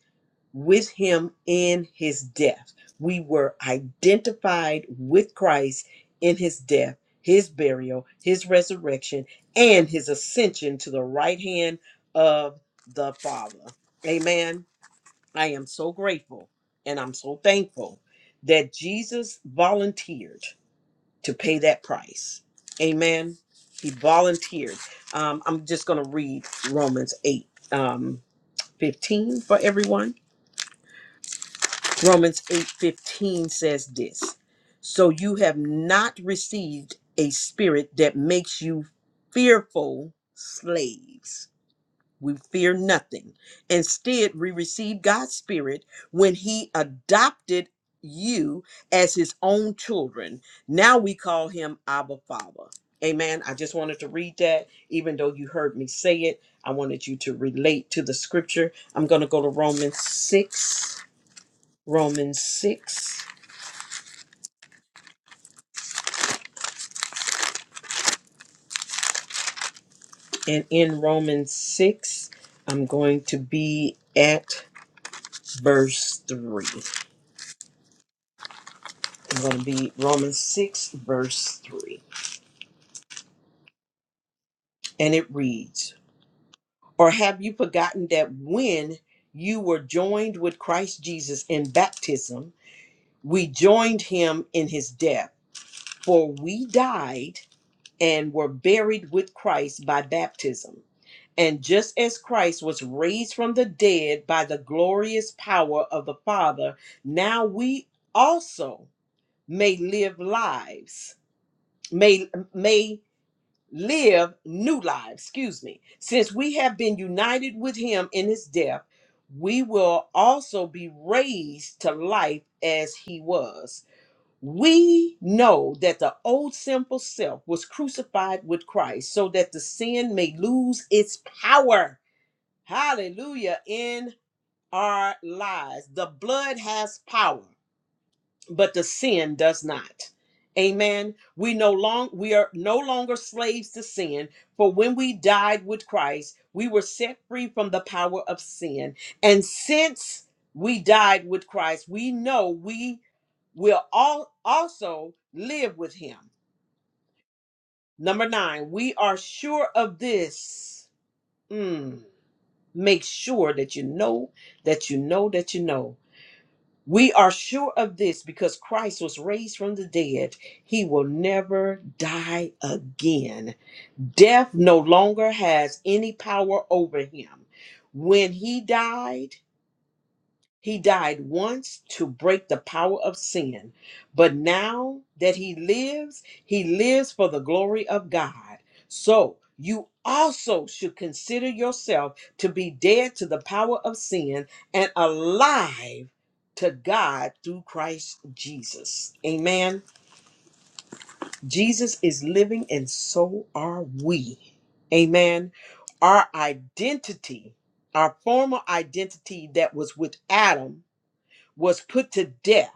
S1: with him in his death. We were identified with Christ in his death, his burial, his resurrection, and his ascension to the right hand of the Father. Amen. I am so grateful and I'm so thankful that Jesus volunteered to pay that price. Amen. He volunteered. Um, I'm just going to read Romans 8 um, 15 for everyone Romans 8:15 says this. So you have not received a spirit that makes you fearful slaves. We fear nothing. Instead, we receive God's spirit when he adopted you as his own children. Now we call him Abba Father. Amen. I just wanted to read that even though you heard me say it, I wanted you to relate to the scripture. I'm going to go to Romans 6 Romans 6. And in Romans 6, I'm going to be at verse 3. I'm going to be Romans 6, verse 3. And it reads Or have you forgotten that when you were joined with Christ Jesus in baptism, we joined him in his death? For we died and were buried with Christ by baptism And just as Christ was raised from the dead by the glorious power of the Father, now we also may live lives, may may live new lives, excuse me. Since we have been united with him in his death, we will also be raised to life as he was. We know that the old sinful self was crucified with Christ so that the sin may lose its power Hallelujah. In our lives, the blood has power, but the sin does not. Amen. We no long we are no longer slaves to sin, for when we died with Christ, we were set free from the power of sin. And since we died with Christ, we know we will all also live with him. Number 9, we are sure of this. Mm, make sure that you know that you know that you know We are sure of this because Christ was raised from the dead. He will never die again. Death no longer has any power over him. When he died, he died once to break the power of sin, but now that he lives, he lives for the glory of God. So you also should consider yourself to be dead to the power of sin and alive to God through Christ Jesus. Amen. Jesus is living, and so are we. Amen. Our identity, our former identity that was with Adam was put to death,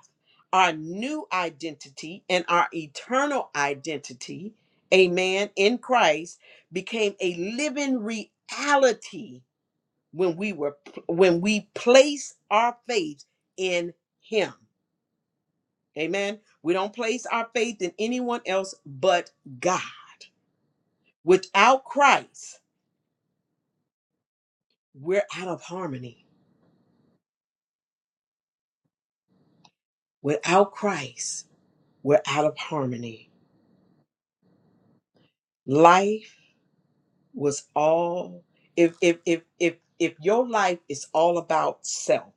S1: our new identity and our eternal identity, amen, in Christ became a living reality when we were when we place our faith in him. Amen. We don't place our faith in anyone else but God. Without Christ, we're out of harmony. Without Christ, we're out of harmony. Life was all if if if if if your life is all about self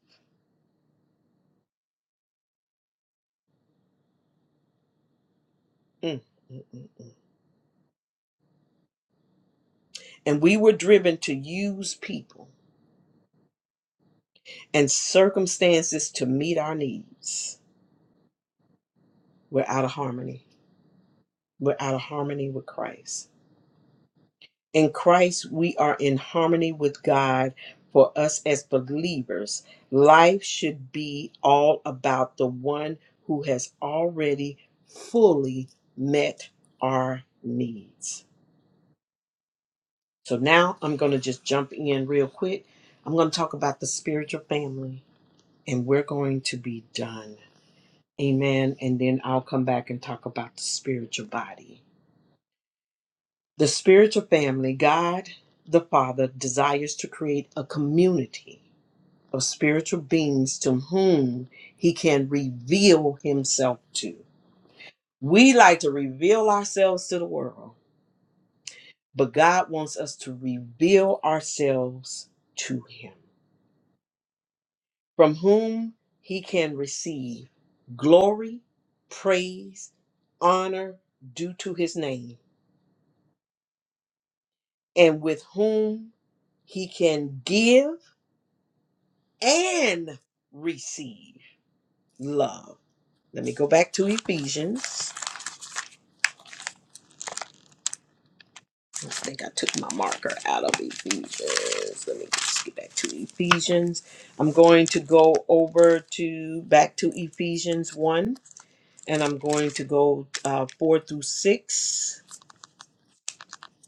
S1: mm, mm, mm, mm, and we were driven to use people and circumstances to meet our needs we're out of harmony we're out of harmony with christ in christ we are in harmony with god for us as believers life should be all about the one who has already fully met our needs So now I'm going to just jump in real quick. I'm going to talk about the spiritual family and we're going to be done. Amen. And then I'll come back and talk about the spiritual body. The spiritual family, God the Father desires to create a community of spiritual beings to whom he can reveal himself to. We like to reveal ourselves to the world, but God wants us to reveal ourselves to him. from whom he can receive glory, praise, honor due to his name, and with whom he can give and receive love. Let me go back to Ephesians. I think I took my marker out of Ephesians. Let me just get back to Ephesians. I'm going to go over to back to Ephesians 1 and I'm going to go uh, 4 through 6.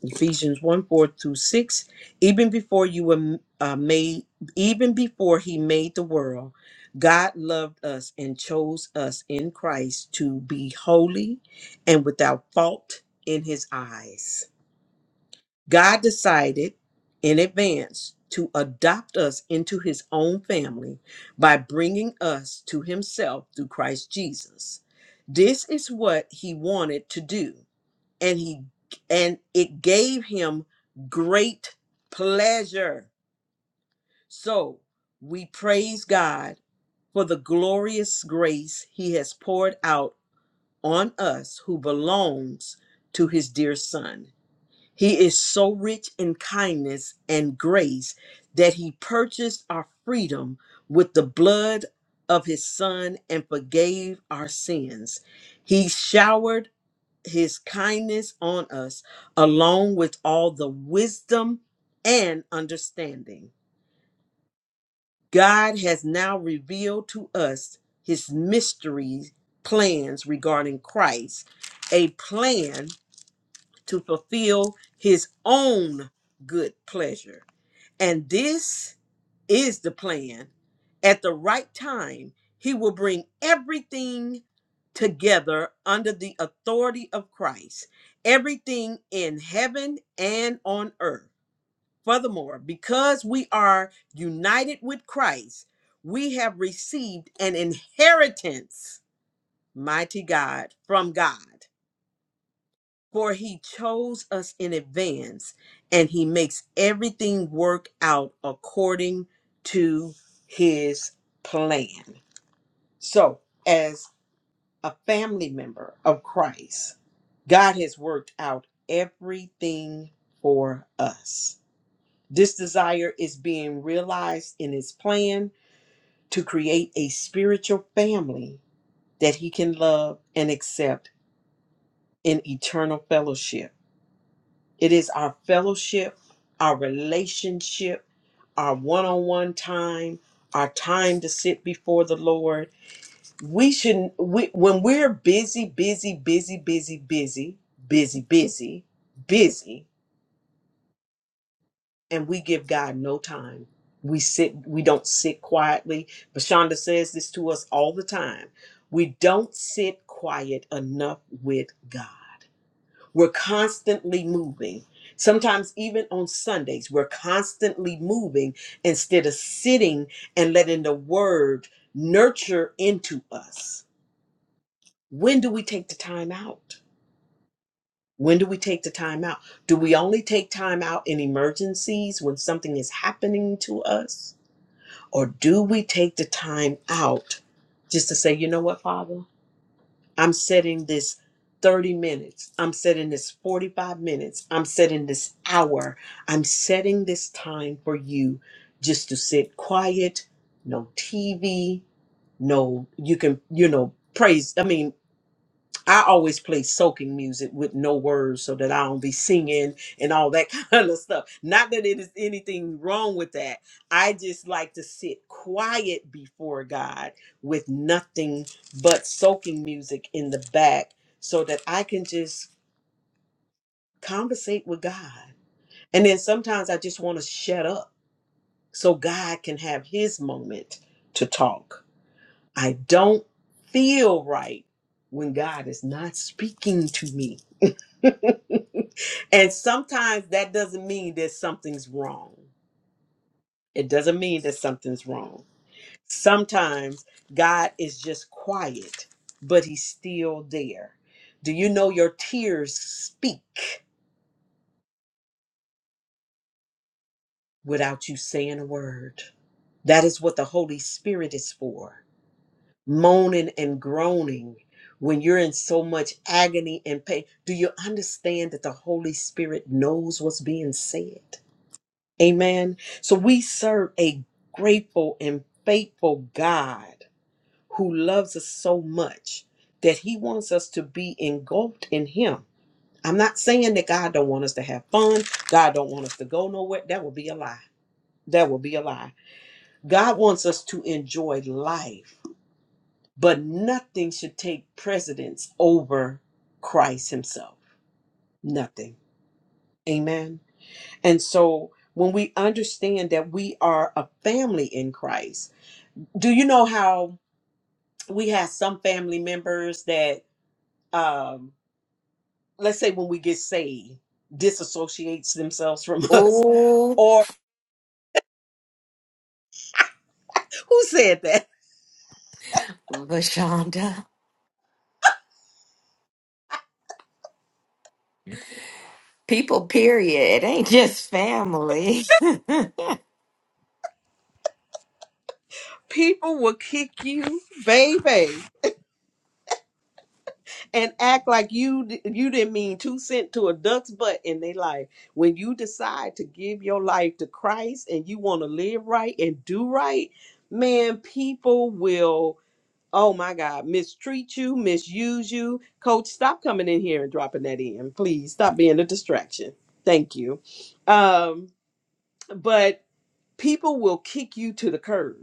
S1: Ephesians 1 4 through 6, even before you were uh, made, even before he made the world, God loved us and chose us in Christ to be holy and without fault in his eyes. God decided in advance to adopt us into his own family by bringing us to himself through Christ Jesus. This is what he wanted to do and he and it gave him great pleasure so we praise god for the glorious grace he has poured out on us who belongs to his dear son he is so rich in kindness and grace that he purchased our freedom with the blood of his son and forgave our sins he showered his kindness on us, along with all the wisdom and understanding. God has now revealed to us his mystery plans regarding Christ, a plan to fulfill his own good pleasure. And this is the plan. At the right time, he will bring everything together under the authority of Christ, everything in heaven and on earth. Furthermore, because we are united with Christ, we have received an inheritance, mighty God, from God. For he chose us in advance, and he makes everything work out according to his plan. So, as a family member of Christ, God has worked out everything for us. This desire is being realized in his plan to create a spiritual family that he can love and accept in eternal fellowship. It is our fellowship, our relationship, our one on one time, our time to sit before the Lord. We shouldn't, we, when we're busy, busy, busy, busy, busy, busy, busy, busy, and we give God no time. We sit, we don't sit quietly. Bashonda says this to us all the time. We don't sit quiet enough with God. We're constantly moving. Sometimes, even on Sundays, we're constantly moving instead of sitting and letting the word nurture into us. When do we take the time out? When do we take the time out? Do we only take time out in emergencies when something is happening to us? Or do we take the time out just to say, you know what, Father? I'm setting this 30 minutes. I'm setting this 45 minutes. I'm setting this hour. I'm setting this time for you just to sit quiet, no TV, no, you can, you know, praise. I mean, I always play soaking music with no words so that I don't be singing and all that kind of stuff. Not that it is anything wrong with that. I just like to sit quiet before God with nothing but soaking music in the back so that I can just conversate with God. And then sometimes I just want to shut up so God can have his moment to talk. I don't feel right when God is not speaking to me. And sometimes that doesn't mean that something's wrong. It doesn't mean that something's wrong. Sometimes God is just quiet, but he's still there. Do you know your tears speak without you saying a word? That is what the Holy Spirit is for. Moaning and groaning when you're in so much agony and pain. Do you understand that the Holy Spirit knows what's being said? Amen. So we serve a grateful and faithful God who loves us so much that he wants us to be engulfed in him. I'm not saying that God don't want us to have fun. God don't want us to go nowhere. That would be a lie. That would be a lie. God wants us to enjoy life, but nothing should take precedence over Christ himself. Nothing. Amen. And so when we understand that we are a family in Christ, do you know how we have some family members that um let's say when we get saved disassociates themselves from us
S2: Oh,
S1: or who said that
S2: Vashonda. People, period. It ain't just family.
S1: people will kick you baby and act like you d- you didn't mean two cent to a duck's butt in their life when you decide to give your life to christ and you want to live right and do right man people will Oh my God, mistreat you, misuse you. Coach, stop coming in here and dropping that in. Please stop being a distraction. Thank you. Um, but people will kick you to the curb.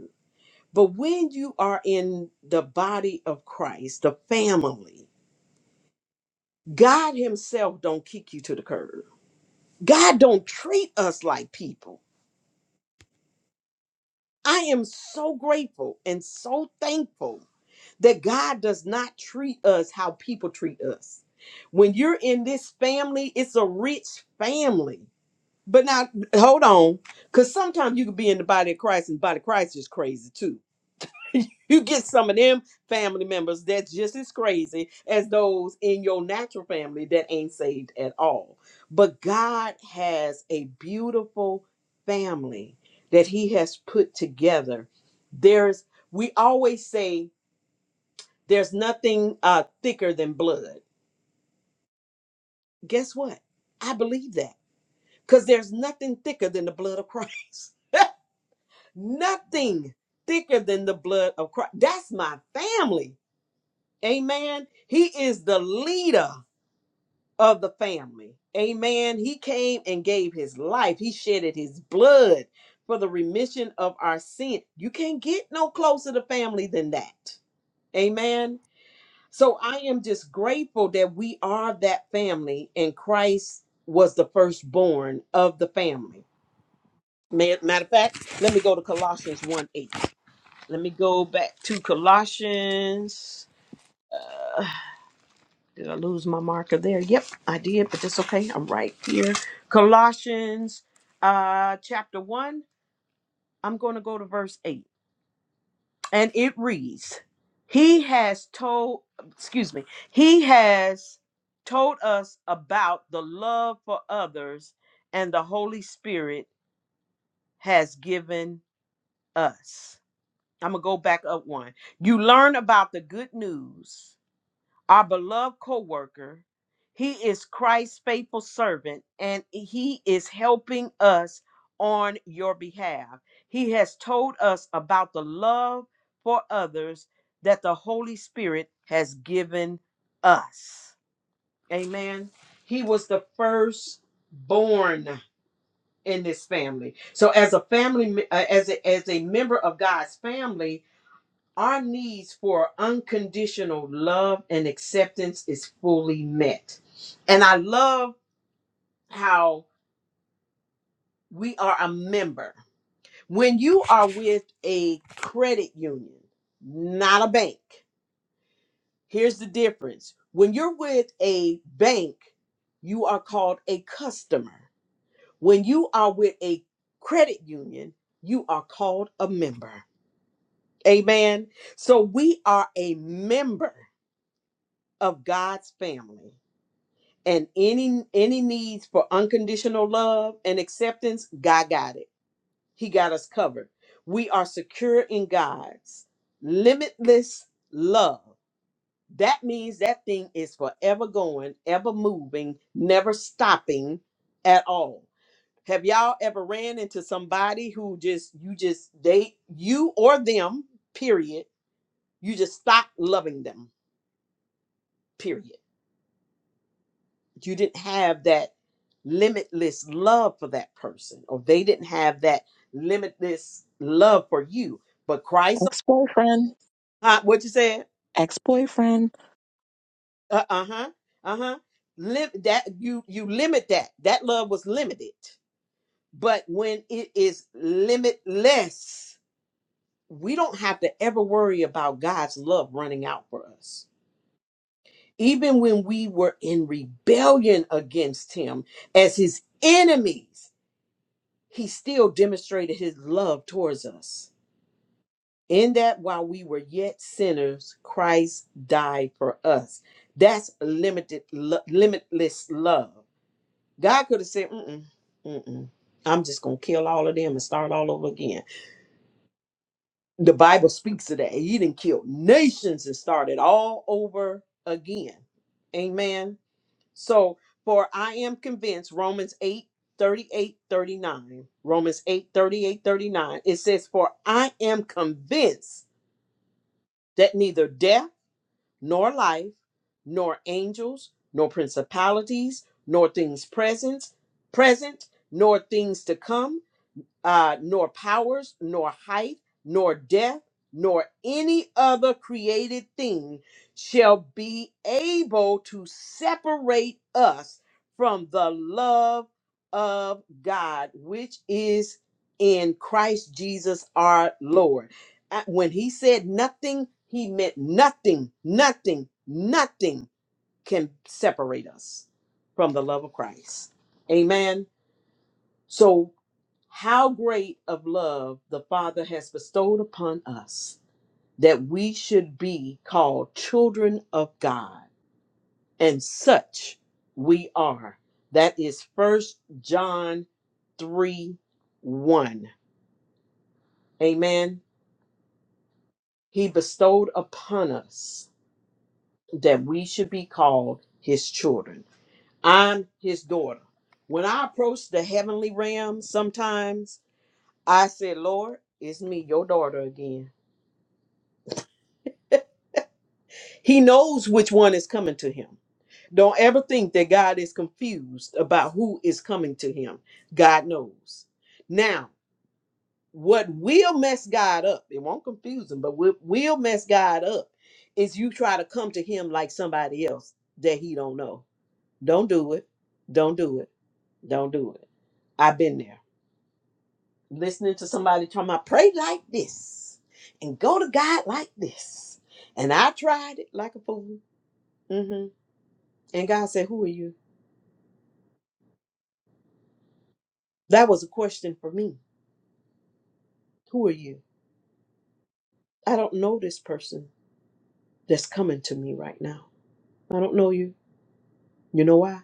S1: But when you are in the body of Christ, the family, God Himself don't kick you to the curb. God don't treat us like people. I am so grateful and so thankful that God does not treat us how people treat us. When you're in this family, it's a rich family. But now, hold on, because sometimes you can be in the body of Christ, and the body of Christ is crazy too. You get some of them family members that's just as crazy as those in your natural family that ain't saved at all. But God has a beautiful family that He has put together. There's, we always say, there's nothing uh, thicker than blood. Guess what? I believe that because there's nothing thicker than the blood of Christ. nothing thicker than the blood of Christ. That's my family. Amen. He is the leader of the family. Amen. He came and gave his life, he shedded his blood for the remission of our sin. You can't get no closer to family than that. Amen. So I am just grateful that we are that family and Christ was the firstborn of the family. Ma- Matter of fact, let me go to Colossians 1 8. Let me go back to Colossians. Did I lose my marker there? Yep, I did, but that's okay. I'm right here. Colossians uh, chapter 1. I'm going to go to verse 8. and it reads he has told excuse me he has told us about the love for others and the holy spirit has given us i'm gonna go back up one you learn about the good news our beloved co-worker he is christ's faithful servant and he is helping us on your behalf he has told us about the love for others that the holy spirit has given us amen he was the first born in this family so as a family uh, as a, as a member of god's family our needs for unconditional love and acceptance is fully met. And I love how we are a member. When you are with a credit union, not a bank, here's the difference. When you're with a bank, you are called a customer. When you are with a credit union, you are called a member. Amen. So we are a member of God's family. and any any needs for unconditional love and acceptance god got it he got us covered we are secure in god's limitless love that means that thing is forever going ever moving never stopping at all have y'all ever ran into somebody who just you just they you or them period you just stop loving them period you didn't have that limitless love for that person or they didn't have that limitless love for you but christ
S3: Ex boyfriend.
S1: uh, what you said
S3: Ex boyfriend.
S1: uh, huh uh-huh Lim- that you you limit that that love was limited but when it is limitless we don't have to ever worry about god's love running out for us even when we were in rebellion against him as his enemies he still demonstrated his love towards us in that while we were yet sinners christ died for us that's limited lo- limitless love god could have said mm-mm, mm-mm. i'm just gonna kill all of them and start all over again the bible speaks of that he didn't kill nations and started all over again amen So, for I am convinced, Romans 8 38 39 Romans 8 38 39 it says, For I am convinced that neither death nor life, nor angels, nor principalities, nor things present, present, nor things to come uh, nor powers, nor height, nor depth, nor any other created thing shall be able to separate us from the love of God, which is in Christ Jesus our Lord. Uh, When he said nothing, he meant nothing, nothing, nothing can separate us from the love of Christ. Amen. So. How great of love the Father has bestowed upon us that we should be called children of God. And such we are. That is First John 3 1. Amen. He bestowed upon us that we should be called his children. I'm his daughter. When I approach the heavenly realm, sometimes I say, Lord, it's me, your daughter again He knows which one is coming to him. Don't ever think that God is confused about who is coming to him. God knows. Now, what will mess God up, it won't confuse him, but what will mess God up is you try to come to him like somebody else that he don't know. Don't do it. Don't do it. Don't do it. I've been there. Listening to somebody talking about pray like this and go to God like this. And I tried it like a fool. Mm-hmm. And God said, Who are you? That was a question for me. Who are you? I don't know this person that's coming to me right now. I don't know you. You know why?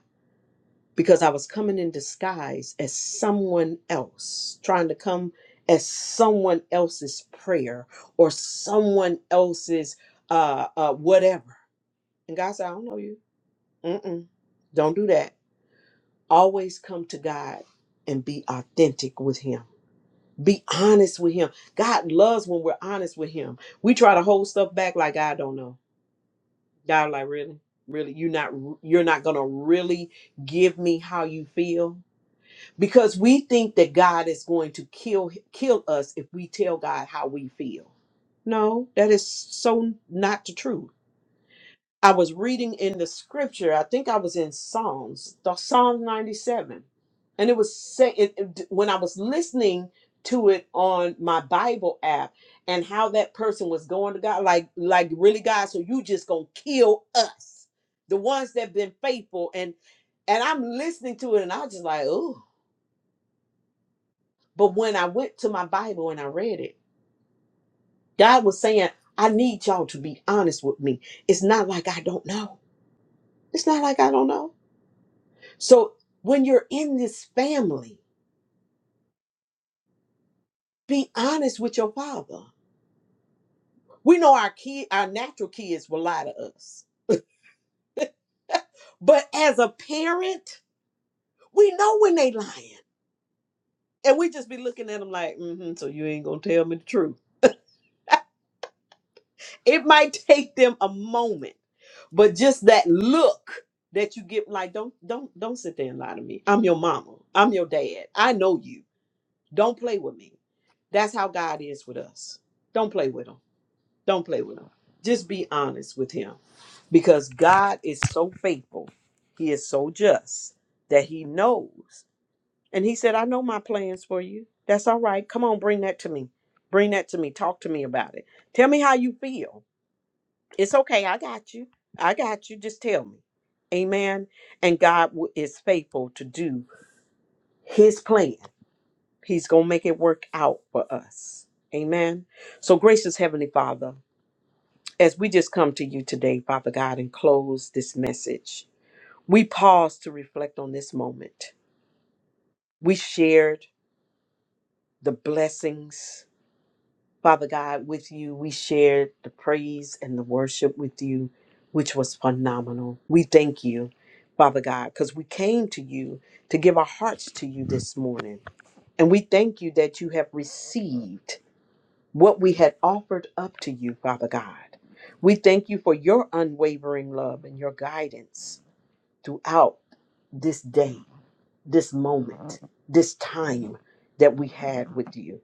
S1: Because I was coming in disguise as someone else, trying to come as someone else's prayer or someone else's uh, uh, whatever. And God said, I don't know you. Mm-mm, don't do that. Always come to God and be authentic with Him Be honest with him. God loves when we're honest with him. We try to hold stuff back like I don't know. God like really? Really you are not you're not going to really give me how you feel because we think that God is going to kill kill us if we tell God how we feel. No, that is so not the truth. I was reading in the scripture. I think I was in Psalms, the Psalm 97. And it was saying it, it- when I was listening to it on my Bible app and how that person was going to God like like really God, so you just going to kill us. The ones that been faithful and and I'm listening to it and I was just like, "Oh." But when I went to my Bible and I read it, God was saying, "I need y'all to be honest with me. It's not like I don't know. It's not like I don't know." So when you're in this family, be honest with your father. We know our kid, our natural kids will lie to us. But as a parent, we know when they lying. And we just be looking at them like, mm-hmm, so you ain't gonna tell me the truth. It might take them a moment, but just that look that you get like, don't, don't, don't sit there and lie to me. I'm your mama. I'm your dad. I know you. Don't play with me. That's how God is with us. Don't play with him. Don't play with him. Just be honest with him because God is so faithful. He is so just that he knows. And he said, I know my plans for you. That's all right. Come on, bring that to me. Bring that to me. Talk to me about it. Tell me how you feel. It's okay. I got you. I got you. Just tell me. Amen. And God wi- is faithful to do his plan. He's going to make it work out for us. Amen. So, gracious Heavenly Father, As we just come to you today, Father God, and close this message, we pause to reflect on this moment. We shared the blessings, Father God, with you. We shared the praise and the worship with you, which was phenomenal. We thank you, Father God, because we came to you to give our hearts to you this morning. And we thank you that you have received what we had offered up to you, Father God. We thank you for your unwavering love and your guidance. throughout this day, this moment, this time that we had with you.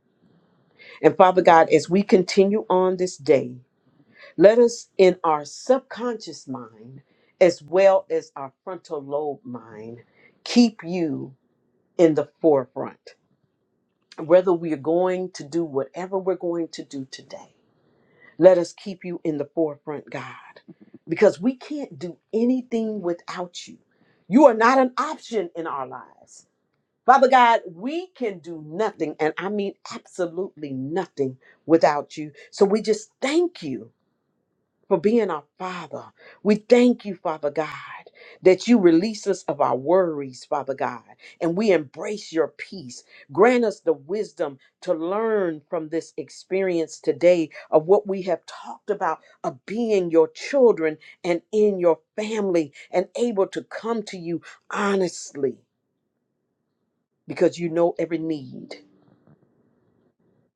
S1: And Father God, as we continue on this day, let us in our subconscious mind, as well as our frontal lobe mind, keep you in the forefront. Whether we are going to do whatever we're going to do today, let us keep you in the forefront, God, because we can't do anything without you. You are not an option in our lives. Father God, we can do nothing, and I mean absolutely nothing without you. So we just thank you for being our Father. We thank you, Father God, that you release us of our worries, Father God, and we embrace your peace. Grant us the wisdom to learn from this experience today of what we have talked about of being your children and in your family and able to come to you honestly because you know every need.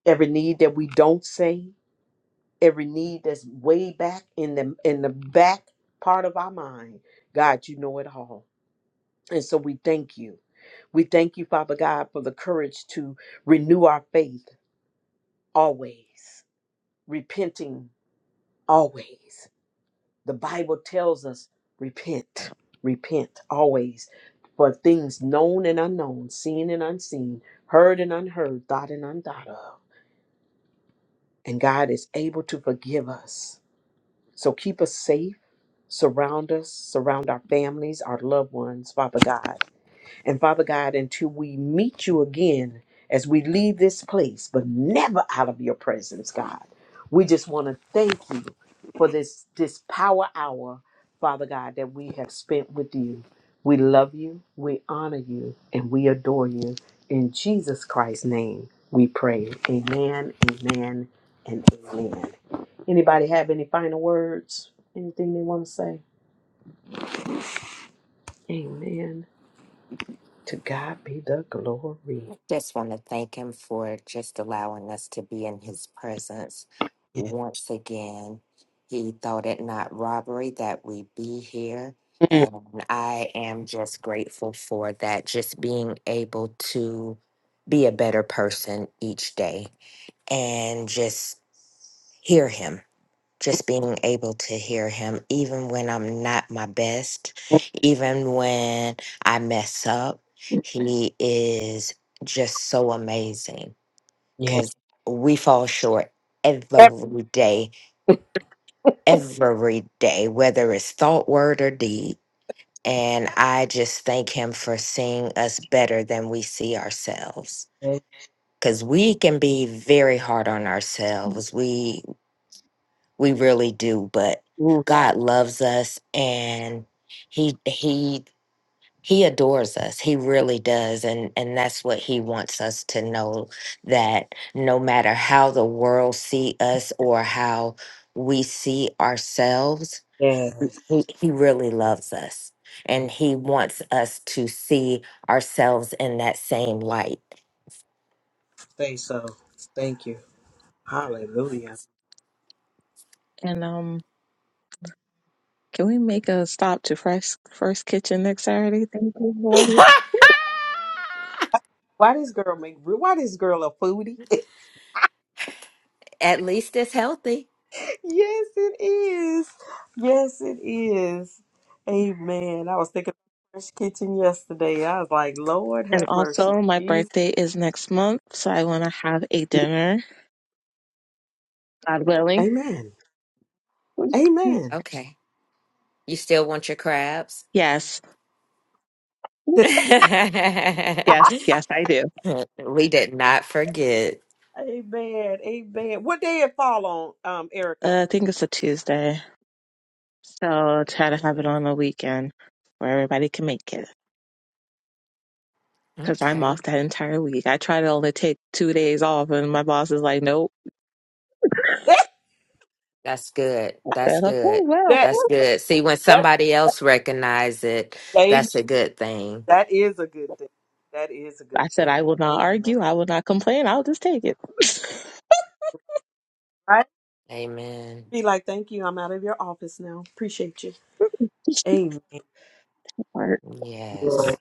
S1: every need that we don't say, every need that's way back in the in the back part of our mind. God, you know it all. And so we thank you. We thank you, Father God, for the courage to renew our faith always, repenting always. The Bible tells us repent, repent always for things known and unknown, seen and unseen, heard and unheard, thought and undought of. And God is able to forgive us So keep us safe, surround us, surround our families, our loved ones, Father God. And Father God, until we meet you again as we leave this place, but never out of your presence, God, we just want to thank you for this, this power hour, Father God, that we have spent with you. We love you, we honor you, and we adore you. In Jesus Christ's name, we pray. Amen, amen, and amen. Anybody have any final words? Anything they want to say? Amen. To God be the glory.
S2: just want to thank him for just allowing us to be in his presence
S1: Yeah.
S2: once again. He thought it not robbery that we be here. And I am just grateful for that, just being able to be a better person each day and just hear him just being able to hear him even when i'm not my best even when i mess up he is just so amazing
S1: Yeah.
S2: because we fall short every day every day whether it's thought word or deed and i just thank him for seeing us better than we see ourselves
S1: yeah.
S2: because we can be very hard on ourselves we We really do, but
S1: Mm,
S2: God loves us and he he he adores us. He really does and and that's what he wants us to know that no matter how the world see us or how we see ourselves,
S1: yeah.
S2: he, he really loves us and he wants us to see ourselves in that same light.
S1: Say so. Thank you. Hallelujah.
S3: And um, can we make a stop to First First Kitchen next Saturday? Thank you. Love you.
S1: Why this girl make why this girl a foodie?
S2: At least it's healthy.
S1: yes, it is. Yes, it is. Amen. I was thinking about Fresh Kitchen yesterday. I was like, Lord
S3: And
S1: have mercy.
S3: also, my
S1: Jesus.
S3: birthday is next month, so I want to have a dinner, God willing.
S1: Amen. Amen.
S2: Okay. You still want your crabs?
S3: Yes,
S2: we
S3: yes, yes, I do.
S2: did not forget.
S1: Amen. Amen. What day it fall on, um, Erica?
S3: Uh, I think it's a Tuesday, so
S1: Uh,
S3: try to have it on a weekend where everybody can make it. Because I'm
S2: Okay.
S3: off that entire week. I try to only take two days off, and my boss is like, nope. I
S1: that
S2: That's good. That's
S3: said, okay,
S2: good.
S3: well,
S1: that
S2: That's good. See, when
S1: that
S2: somebody else recognize it,
S1: amen.
S2: that's a good thing.
S1: that is a good thing. That is a
S3: I
S1: good
S3: said, I
S1: thing.
S3: will not
S1: Amen.
S3: argue. I will not complain. I'll just take it.
S1: Right?
S2: Amen.
S1: Be like, thank you. I'm out of your office now. Appreciate you. Amen.
S3: Work.
S2: Yes.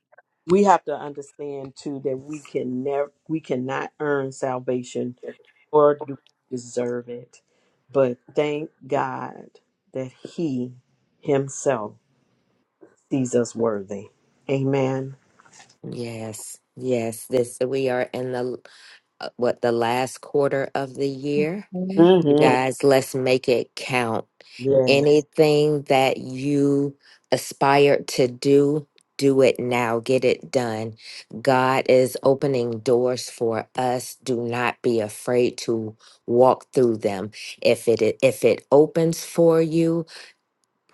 S1: We have to understand too that we can never, we cannot earn salvation or do deserve it. But thank God that He Himself sees us worthy. Amen.
S2: Yes. Yes. This we are in the uh, what the last quarter of the year.
S3: Mhm.
S2: You
S1: hmm
S2: guys, let's make it count.
S1: Yeah,
S2: Anything that you aspire to do, do it now. Get it done. God is opening doors for us. Do not be afraid to walk through them. If it if it opens for you,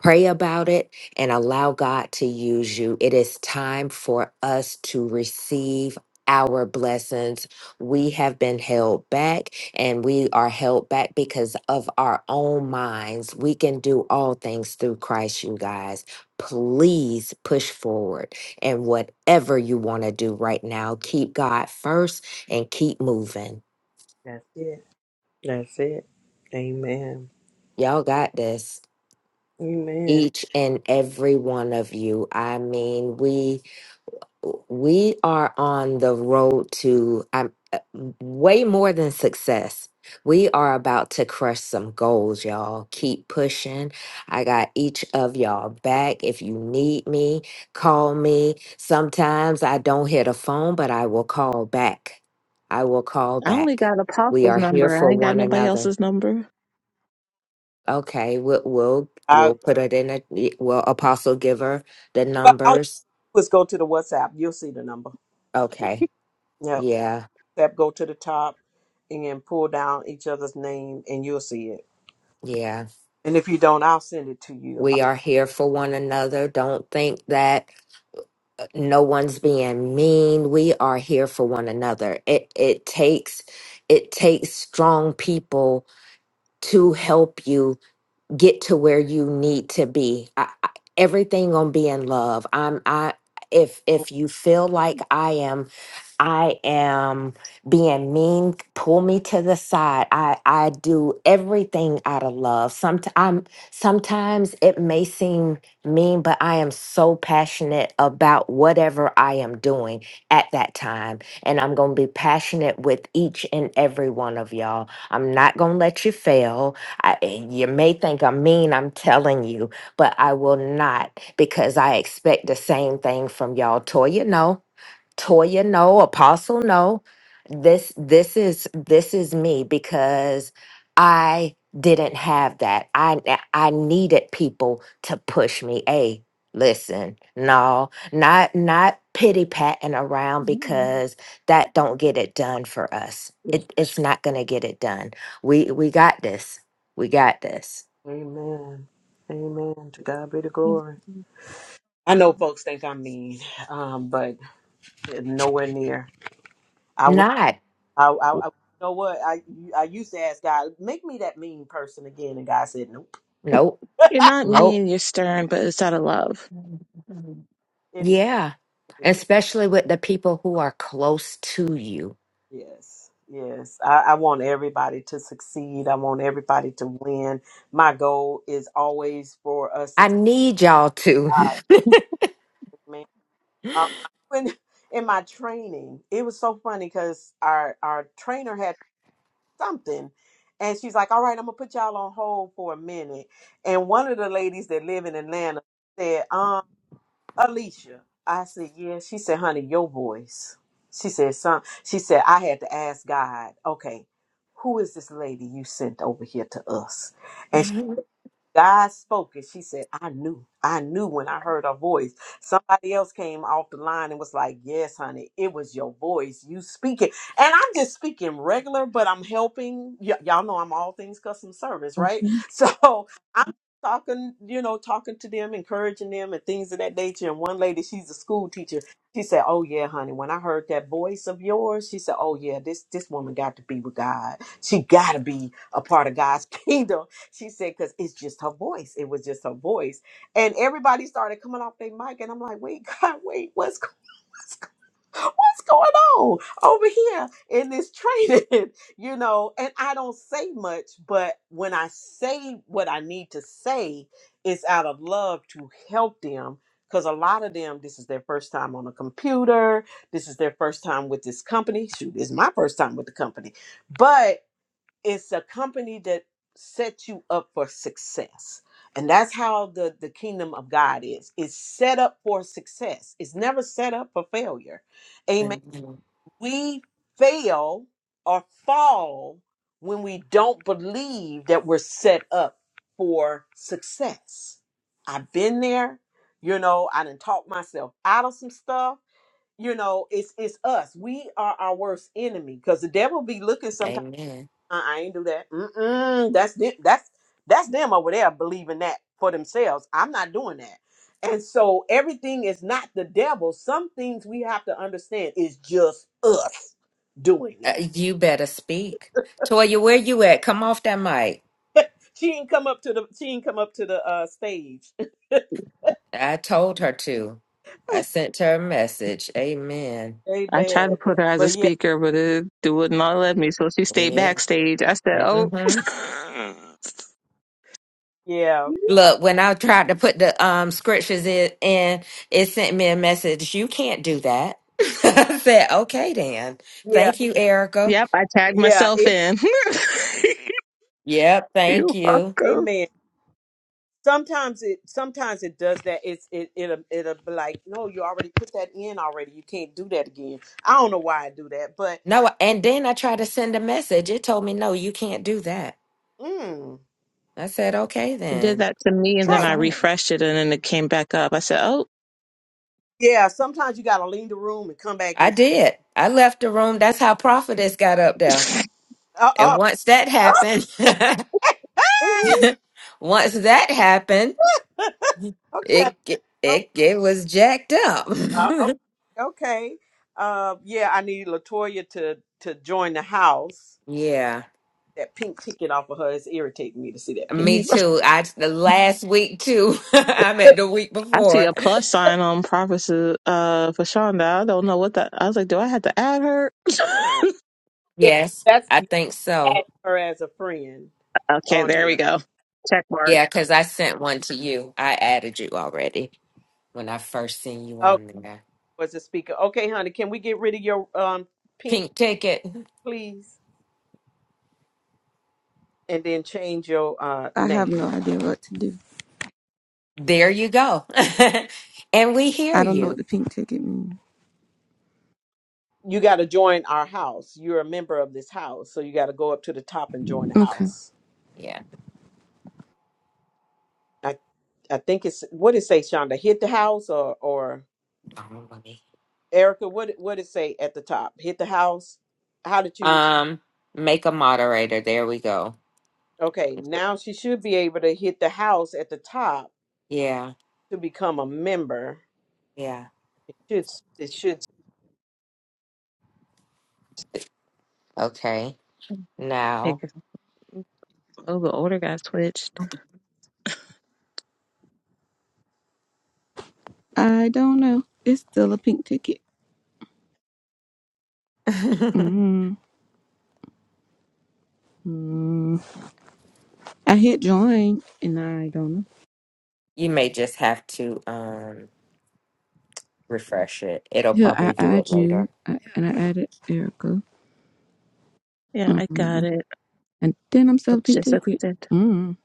S2: Pray about it and allow God to use you. It is time for us to receive our blessings. We have been held back and we are held back because of our own minds. We can do all things through Christ, you guys. Please push forward and whatever you want to do right now, keep God first and keep moving.
S1: that's it. That's it. Amen.
S2: Y'all got this.
S1: Amen.
S2: Each and every one of you. I mean, we we are on the road to um, uh, way more than success. We are about to crush some goals, y'all. Keep pushing. I got each of y'all back. If you need me, call me. Sometimes I don't hit a phone, but I will call back. I will call
S3: I only
S2: back.
S3: got
S2: We
S3: apostle's
S2: are here
S3: number.
S2: for
S3: I ain't got
S2: one
S3: nobody
S2: another.
S3: else's number.
S2: Okay, we'll we'll,
S1: I,
S2: we'll put it in a will apostle give her the
S1: well, all you
S2: numbers.
S1: do is go to the WhatsApp. You'll see the number.
S2: Okay.
S1: Yep.
S2: Yeah.
S1: tab go to the top and pull down each other's name and you'll see it.
S2: Yeah.
S1: And if you don't, I'll send it to you.
S2: We are here for one another. Don't think that uh, no one's being mean. We are here for one another. It it takes it takes strong people to help you get to where you need to be. I, I, everything gonna be in love. I'm I if if you feel like I am I am being mean. Pull me to the side. I I do everything out of love. Sometimes sometimes it may seem mean, but I am so passionate about whatever I am doing at that time, and I'm gonna be passionate with each and every one of y'all. I'm not gonna let you fail. I, you may think I'm mean. I'm telling you, but I will not because I expect the same thing from y'all. Toya, no. Toya, no, Apostle, no. This this is this is me because I didn't have that. I I needed people to push me. Hey, listen, no, not not pity patting around
S3: Mm-hmm.
S2: because that don't get it done for us. It, it's not gonna get it done. We we got this. We got this.
S1: Amen. Amen. To God be the glory. I know folks think I'm mean, um, but nowhere near. I would.
S2: Not
S1: I, I, I you know what I I used to ask God, make me that mean person again, and God said, nope.
S2: nope
S3: You're not
S2: nope.
S3: mean, you're stern, but it's out of love.
S1: It is.
S2: Yeah,
S1: it is.
S2: especially with the people who are close to you.
S1: Yes. Yes. I, I want everybody to succeed. I want everybody to win. My goal is always for us to
S2: I
S1: survive.
S2: need y'all to.
S1: man. Uh, when in my training, it was so funny because our our trainer had something, and she's like, "All right, I'm gonna put y'all on hold for a minute." And one of the ladies that live in Atlanta said, "Um, Alicia," I said, "Yeah." She said, "Honey, your voice." She said, "Son," she said, "I had to ask God, okay." Who is this lady you sent over here to us? God spoke it. She said, I knew. I knew when I heard her voice. Somebody else came off the line and was like, Yes, honey, it was your voice. You speaking. And I'm just speaking regular, but I'm helping. Y- y'all know I'm all things custom service, right?
S3: Mhm.
S1: So I'm talking, you know, talking to them, encouraging them, and things of that nature. And one lady, she's a school teacher. She said, "Oh yeah, honey. When I heard that voice of yours, she said, "Oh yeah, this this woman got to be with God. She got to be a part of God's kingdom." She said, because it's just her voice. It was just her voice. And everybody started coming off their mic. And I'm like, wait, God, wait, what's, go- what's, going on over here in this training? you know, and I don't say much, but when I say what I need to say, it's out of love to help them. Because a lot of them, this is their first time on a computer. This is their first time with this company. Shoot, it's my first time with the company. But it's a company that sets you up for success and that's how the the kingdom of god is it's set up for success it's never set up for failure amen
S2: Amen.
S1: we fail or fall when we don't believe that we're set up for success i've been there you know i didn't talk myself out of some stuff you know it's it's us we are our worst enemy because the devil be looking sometimes.
S2: Amen.
S1: Uh, I ain't do that. Mm-mm, that's them, that's that's them over there believing that for themselves. I'm not doing that. And so everything is not the devil. Some things we have to understand is just us doing
S2: Uh,
S1: it.
S2: you better speak. Toya, where you at? Come off that mic.
S1: She ain't come up to the she ain't come up to the uh stage.
S2: I told her to. I sent her a message. Amen.
S3: I tried
S1: amen.
S3: to put her as a
S1: But yeah,
S3: speaker, but it, it would not let me. So she stayed
S2: Yeah.
S3: backstage. I said, "Oh,
S2: hmm
S1: yeah,
S2: Look, when I tried to put the um scriptures in, in, it sent me a message. You can't do that. I said, okay, then.
S1: yeah,
S2: Thank you, Erica.
S3: yep." I tagged
S1: yeah.
S3: myself
S1: it-
S3: in.
S2: Yep, thank
S3: You're
S2: you.
S3: welcome.
S1: amen. sometimes it sometimes it does that it's it it'll, it'll be like no you already put that in already you can't do that again i don't know why i do that but
S2: No, and then I tried to send a message. It told me, no, you can't do that.
S1: mm,
S2: I said, okay,
S3: It did
S2: then.
S3: that to me, and
S2: Well,
S1: try
S3: then
S1: to,
S3: I
S2: fine.
S3: refreshed it, and then it came back up. I said, "Oh,
S1: yeah sometimes you gotta leave the room and come back
S2: I
S1: in
S2: did. I left the room. That's how Prophetess got up there. And
S1: uh,
S2: once that
S1: oh.
S2: happened,
S3: Mm-hmm.
S2: once that happened,
S1: okay
S2: it it it was jacked up.
S1: uh, okay uh, yeah i need latoya to to join the house
S2: yeah,
S1: that pink ticket off of her is irritating me to see that pink
S2: me too. I the last week too. I meant the week
S3: I see
S2: before.
S3: a plus sign on prophecy uh, for Shonda. I don't know what that. I was like, do I have to add her?
S1: yeah,
S2: Yes,
S1: that's
S2: I think so.
S1: her as a friend
S3: okay,
S1: on
S3: there we
S1: here
S3: go. Check mark.
S2: Yeah, because I sent one to you. I added you already. when I first seen you
S1: Oh,
S2: on there.
S1: was the speaker. Okay, honey, can we get rid of your um pink,
S2: Pink ticket.
S1: please, and then change your uh
S4: I have
S1: name?
S4: no idea what to do.
S2: There you go. and we hear
S4: I don't know what
S2: you.
S4: the pink ticket means.
S1: You got to join our house. You're a member of this house, so you got to go up to the top and join the
S4: Okay.
S1: house.
S2: Yeah.
S1: I I think it's what it say, Shonda. Hit the house or or Erica. What what it say at the top? Hit the house. How did you?
S2: Um, make a moderator. There we go.
S1: Okay, now she should be able to hit the house at the top
S2: Yeah.
S1: to become a member.
S2: Yeah.
S1: It should it should
S2: Okay. Now
S3: Because- Oh, the order got switched.
S4: I don't know. It's still a pink ticket. mm Mm. I hit join and I don't know.
S2: you may just have to um refresh it. It'll
S4: Here, I
S2: probably do
S4: add
S2: it
S4: you
S2: later.
S4: I, and I added Erica.
S3: Yeah, I
S4: mm
S3: got it.
S4: And then I'm still a
S3: Let's
S4: pink
S3: just
S4: ticket.
S3: accept.
S4: mm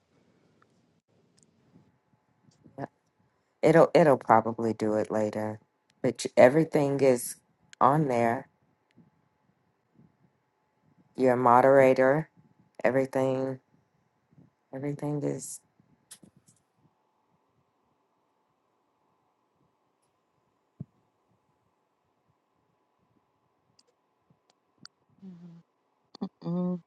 S2: It'll it'll probably do it later. But you- everything is on there. You're a moderator. Everything everything is
S3: Mhm.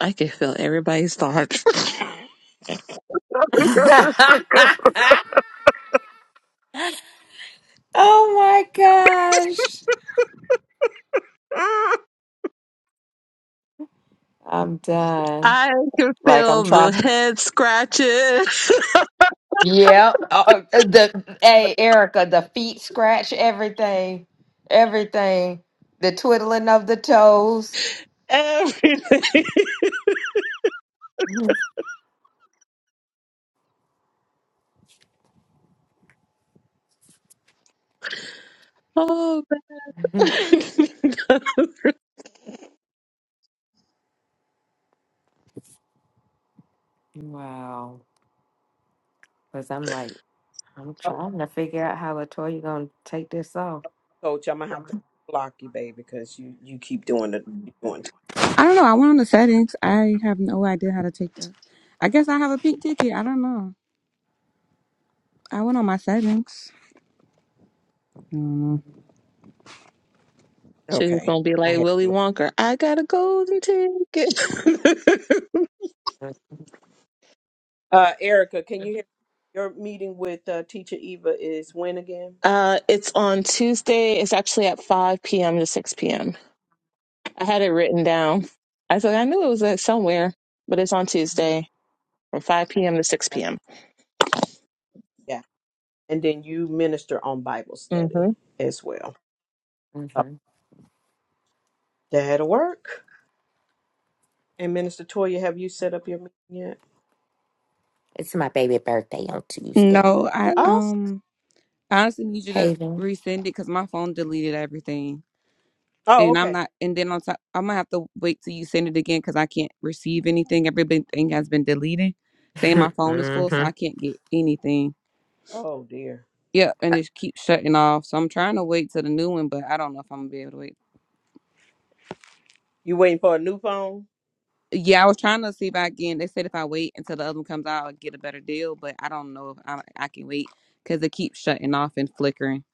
S3: I can feel everybody's thoughts.
S2: oh my gosh. I'm done.
S3: I can
S2: Like I'm
S3: feel the
S2: trying.
S3: head scratches.
S2: Yeah. Uh, uh, the hey Erica, the feet scratch everything. Everything. The twiddling of the toes.
S3: Everything. Oh, man.
S2: wow. Cause I'm like, I'm trying to figure out how Latoya gonna take this off.
S1: Coach, I'm gonna have to block you, baby, because you you keep doing the you doing.
S4: I don't know. I went on the settings. I have no idea how to take that. I guess I have a pink ticket. I don't know. I went on my settings. I don't know.
S3: she's
S1: Okay,
S3: gonna be
S1: I
S3: like
S1: have.
S3: Willy Wonka. I got a golden ticket.
S1: Uh, Erica, can you hear?
S2: Mhm.
S1: Your meeting with uh, Teacher Eva is when again?
S3: uh, it's on Tuesday. It's actually at 5 p.m. to 6 p.m. I had it written down. I thought I knew it was uh, somewhere, but it's on Tuesday from 5 p.m. to 6
S1: I-
S3: p.m.
S1: Yeah, and then you minister on Bible
S3: hmm
S1: study as well. Oh, That'll work. And Minister Toya, have you set up your meeting yet?
S2: It's my baby birthday on Tuesday.
S4: No, I
S1: Awesome.
S4: um I honestly need you to
S2: Haven.
S4: resend it because my phone deleted everything.
S1: Oh,
S4: and I'm
S1: okay.
S4: not. And then on top, I'm gonna have to wait till you send it again because I can't receive anything. Everything has been deleted. Saying my phone is full, so I can't get anything.
S1: Oh dear.
S4: Yep, and it keeps shutting off. So I'm trying to wait till the new one, but I don't know if I'm gonna be able to wait.
S1: You waiting for a new phone?
S4: Yeah, I was trying to see if I can. They said if I wait until the other one comes out, I'll get a better deal. But I don't know if I, I can wait because it keeps shutting off and flickering.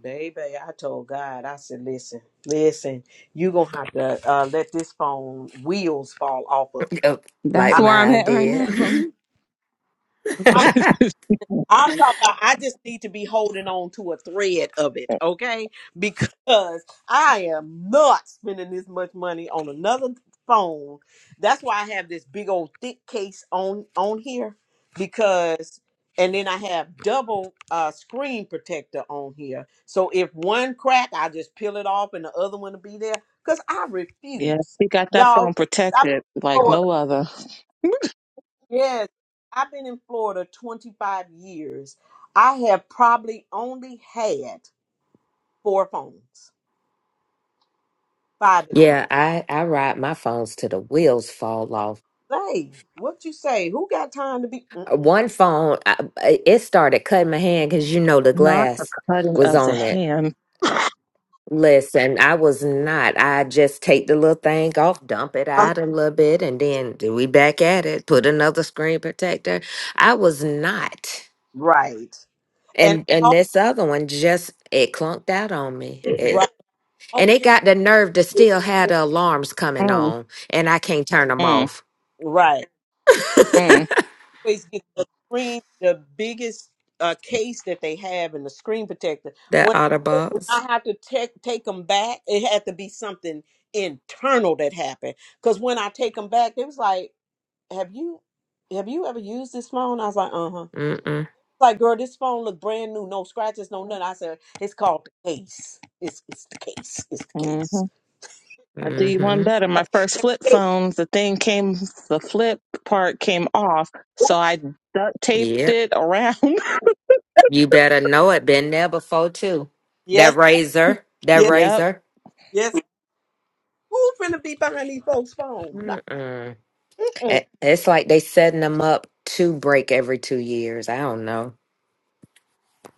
S1: Baby, I told God, I said, listen, listen, you going to have to uh, let this phone wheels fall off
S2: Oh,
S4: That's
S2: like
S1: of.
S4: where I'm
S2: mine
S4: at right now.
S2: did.
S1: I'm talking about I just need to be holding on to a thread of it, okay? Because I am not spending this much money on another phone. That's why I have this big old thick case on on here because and then I have double uh screen protector on here. So if one crack, I just peel it off and the other one will be there cuz I
S3: Yeah,
S1: refuse.
S3: he got that phone
S1: Y'all,
S3: protected like
S1: I
S3: no other.
S1: Yes, I've been in Florida 25 years. I have probably only had four phones, five at the most.
S2: yeah, I I ride my phones till the wheels fall off.
S1: Hey, what you say? Who got time to be Mm,
S2: Uh, One phone, I, it started cutting my hand because you know the
S3: Not a
S2: glass
S3: cutting
S2: was
S3: of the
S2: on it.
S3: hand.
S2: Listen, I was not. I just take the little thing off, dump it
S1: uh,
S2: out a little bit, and then do we back at it. Put another screen protector. I was not.
S1: right? And
S2: And and
S1: al-
S2: this other one just it clunked out on me. It
S1: right,
S2: And they got the nerve to
S1: always,
S2: still have the alarms coming
S3: Mm,
S2: on, and I can't turn them
S3: mm,
S2: off.
S1: right,
S3: mm,
S1: always get the screen, the biggest uh, case that they have, and the screen protector.
S2: That
S1: When, when
S2: Autobots.
S1: I have to take take them back, it had to be something internal that happened. Because when I take them back, it was like. have you have you ever used this phone? I was like, uh huh.
S2: Mm-mm.
S1: Like, girl, this phone look brand new, no scratches, no nothing. I said, it's called the case. It's it's the case. It's the
S3: mhm.
S1: case.
S3: I do you one
S2: Mm-hmm.
S3: better. My first flip
S1: Hey,
S3: phone, the thing came, the flip part came off, so I duct taped
S2: Yeah.
S3: it around.
S2: You better know it. Been there before, too.
S1: Yes,
S2: That razor. That
S1: yes,
S3: yep.
S2: razor.
S1: yes. Who finna be behind these folks' phone? No.
S2: Mm-mm.
S1: Mm-mm.
S2: It- It's like they setting them up to break every two years. I don't know.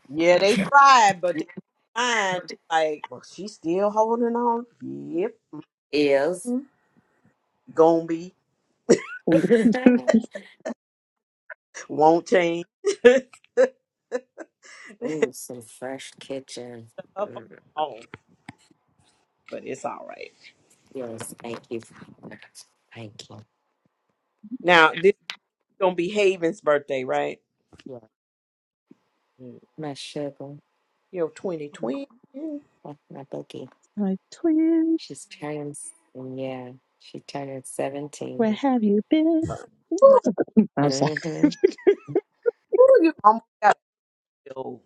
S1: Yeah, they tried, but they fine. Like, well, she's still holding on. Yep,
S2: Is.
S1: gonna be
S3: My
S1: won't change. Her
S2: Ooh, some fresh kitchen. Mm,
S1: phone, but it's all right.
S2: Yes, thank you. Thank you.
S1: Now this is gonna be Haven's birthday, right?
S2: Yeah. My sugar.
S1: Yo, 2020. Ooh,
S2: That's my cookie.
S3: twin,
S2: She's turning, s- yeah, she turning
S3: where
S2: 17.
S3: have you been? I was like,
S2: hmm
S1: you almost got yo.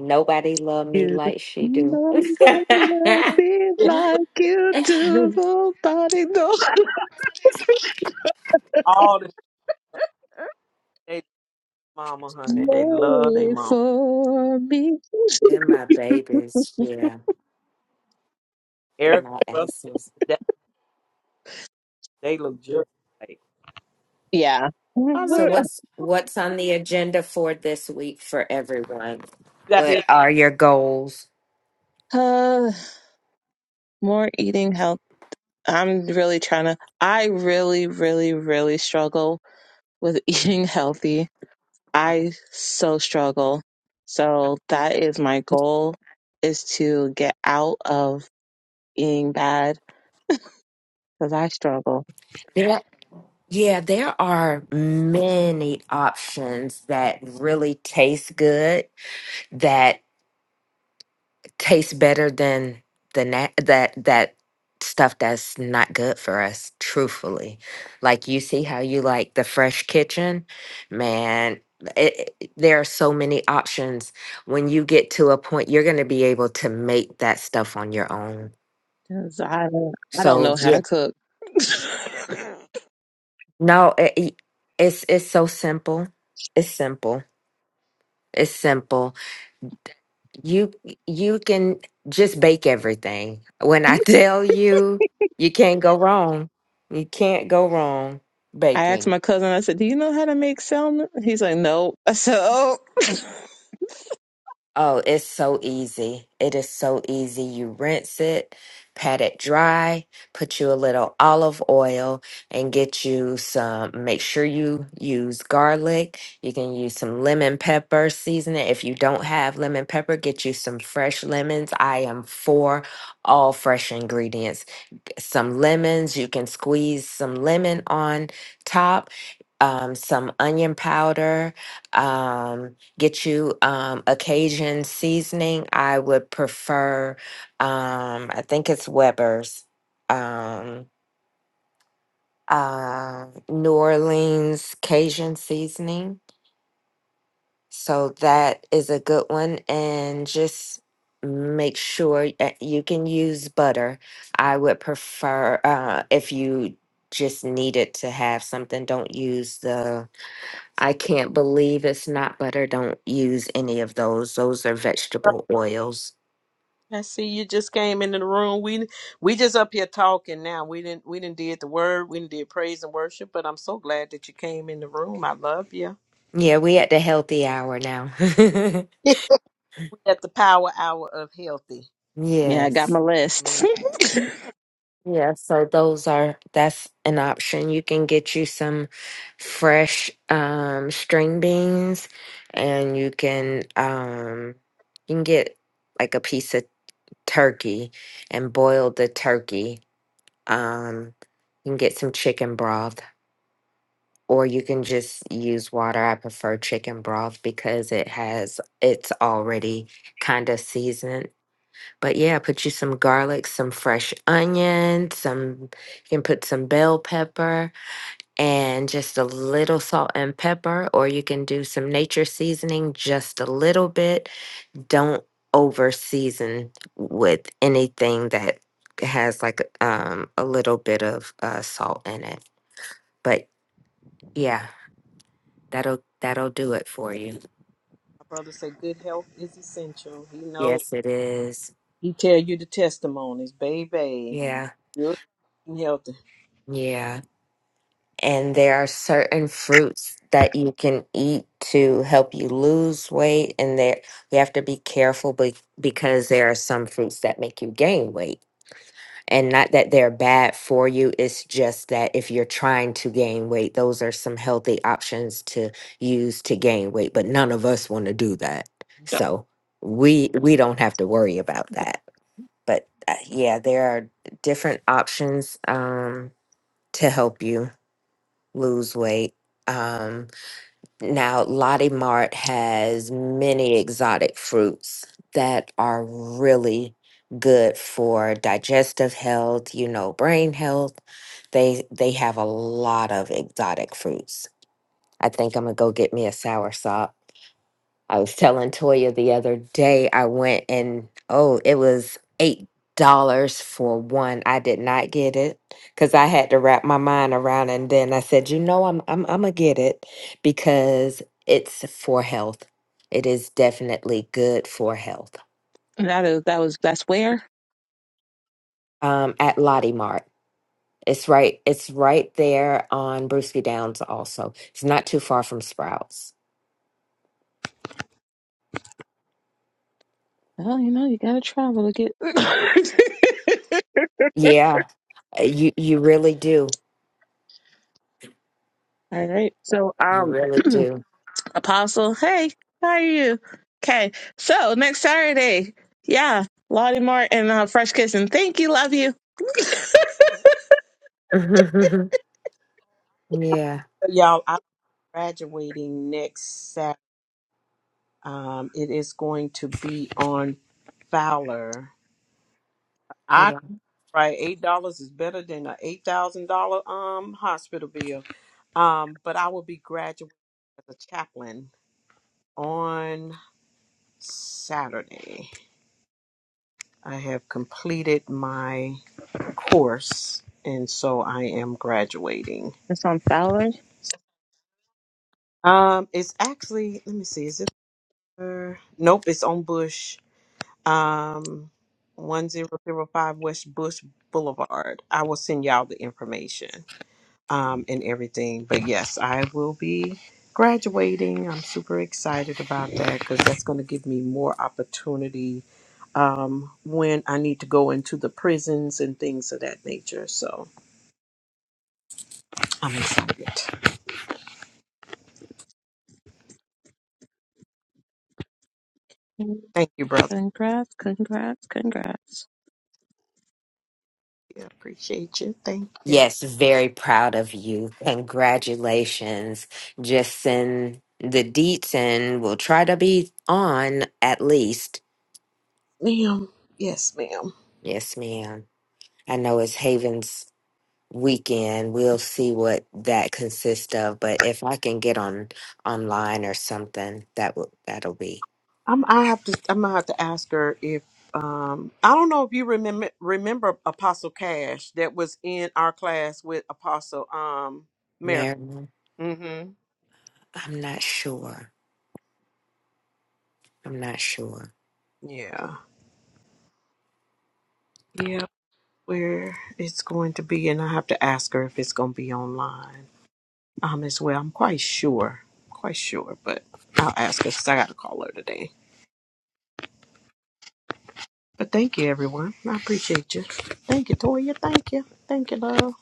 S2: Nobody love me
S3: you.
S2: like she
S3: I'm
S2: do.
S3: gonna be like you do. Nobody knows.
S1: All the they mama, honey. They love they
S3: Wait
S1: mama.
S3: for me.
S2: They're my babies, yeah. They're
S1: Eric,
S2: my
S1: brother,
S2: aces.
S1: that- they look just like.
S3: yeah.
S1: I
S2: So
S1: looked at
S2: what's what's on the agenda for this week for everyone?
S1: you got
S2: What
S1: the.
S2: are your goals?
S3: Uh, more eating health. I'm really trying to. I really, really, really struggle with eating healthy. I so struggle. So that is my goal is to get out of eating bad because I struggle.
S2: Yeah, yeah, there are many options that really taste good. That. tastes better than the na- that that stuff that's not good for us truthfully like you see how you like the fresh kitchen man it, it- there are so many options when you get to a point you're going to be able to make that stuff on your own
S3: 'Cause I don't, I don't
S2: so
S3: know how
S2: yeah
S3: to cook.
S2: no it, it- it's it's so simple it's simple it's simple You you can just bake everything. When I tell you, you can't go wrong. You can't go wrong
S3: I asked
S2: baking.
S3: my cousin, I said, Do you know how to make salmon? He's like, Nope. I said, Oh
S2: Oh, it's so easy. It is so easy. You rinse it, pat it dry, put you a little olive oil and get you some make sure you use garlic. You can use some lemon pepper seasoning. If you don't have lemon pepper, get you some fresh lemons. I am for all fresh ingredients some lemons. You can squeeze some lemon on top, um, some onion powder. Um, get you um, a Cajun seasoning. I would prefer, um, I think it's Weber's, um, uh, New Orleans Cajun seasoning so that is a good one. And just make sure uh, you can use butter. I would prefer uh, if you just needed to have something, don't use the, I can't believe it's not butter. Don't use any of those. Those are vegetable oils.
S1: I see you just came into the room. We we just up here talking now. We didn't we didn't did the word. We didn't did praise and worship. But I'm so glad that you came in the room. I love you.
S2: Yeah, we at the healthy hour now.
S1: we at the power hour of healthy
S3: yeah, I got
S2: yes.
S3: my list.
S1: man.
S2: Yeah, so those are that's an option. You can get you some fresh um string beans and you can um you can get like a piece of turkey and boil the turkey. Um you can get some chicken broth or you can just use water. I prefer chicken broth because it has it's already kind of seasoned but yeah, put you some garlic, some fresh onion, some you can put some bell pepper and just a little salt and pepper, or you can do some nature seasoning just a little bit. Don't over season with anything that has like um, a little bit of uh, salt in it. But yeah, that'll that'll do it for you.
S1: My brother said good health is essential. He knows.
S2: Yes, it is.
S1: He tell you the testimonies, baby.
S2: Yeah,
S1: Good healthy.
S2: yeah. and there are certain fruits that you can eat to help you lose weight and there you have to be careful be, because there are some fruits that make you gain weight and not that they're bad for you it's just that if you're trying to gain weight those are some healthy options to use to gain weight but none of us want to do that so we we don't have to worry about that but uh, yeah there are different options um to help you lose weight. Um, now, Lottie Mart has many exotic fruits that are really good for digestive health, you know, brain health. They they have a lot of exotic fruits. I think I'm gonna go get me a soursop. I was telling Toya the other day, I went and oh, it was eight dollars for one. I did not get it because I had to wrap my mind around, and then I said, you know, I'm I'm I'm gonna get it because it's for health. It is definitely good for health.
S3: that is that was that's where.
S2: Um, at Lottie Mart, it's right. It's right there on Brewski Downs. Also, it's not too far from Sprouts.
S3: Well, you know, you gotta travel to get
S2: Yeah, uh, you you really do.
S3: All right. So um,
S2: You really do.
S3: Apostle, hey, how are you? Okay, so next Saturday, yeah, Lottie Mart and uh, Fresh Kitchen. Thank you, love you.
S2: yeah.
S1: So, y'all, I'm graduating next Saturday. Um, it is going to be on Fowler.
S2: Hey,
S1: I
S2: Bob.
S1: right, eight dollars is better than a eight thousand dollar um hospital bill. Um, but I will be graduating as a chaplain on Saturday. I have completed my course, and so I am graduating.
S3: It's on Fowler.
S1: Um, it's actually let me see, is it? uh, Nope, it's on Bush. Um, 1005 West Bush Boulevard. I will send y'all the information um, and everything. But yes, I will be graduating. I'm super excited about that because that's going to give me more opportunity um, when I need to go into the prisons and things of that nature. So I'm excited. Thank you, brother.
S3: Congrats, congrats, congrats.
S1: Yeah, appreciate you. Thank you.
S2: Yes, very proud of you. Congratulations. Just send the deets and we'll try to be on at least.
S1: Ma'am. Yes, ma'am.
S2: Yes, ma'am. I know it's Haven's weekend. We'll see what that consists of, but if I can get on online or something, that will that'll be.
S1: I'm I have to I'm gonna have to ask her if um I don't know if you remember remember Apostle Cash that was in our class with Apostle um Mary.
S2: Marilyn,
S1: Mm-hmm.
S2: I'm not sure. I'm not sure.
S1: Yeah. Yeah. Where it's going to be and I have to ask her if it's gonna be online. Um as well. I'm quite sure. Quite sure, but I'll ask her 'cause I gotta call her today. But thank you everyone. I appreciate you. Thank you, Toya. Thank you. Thank you, love.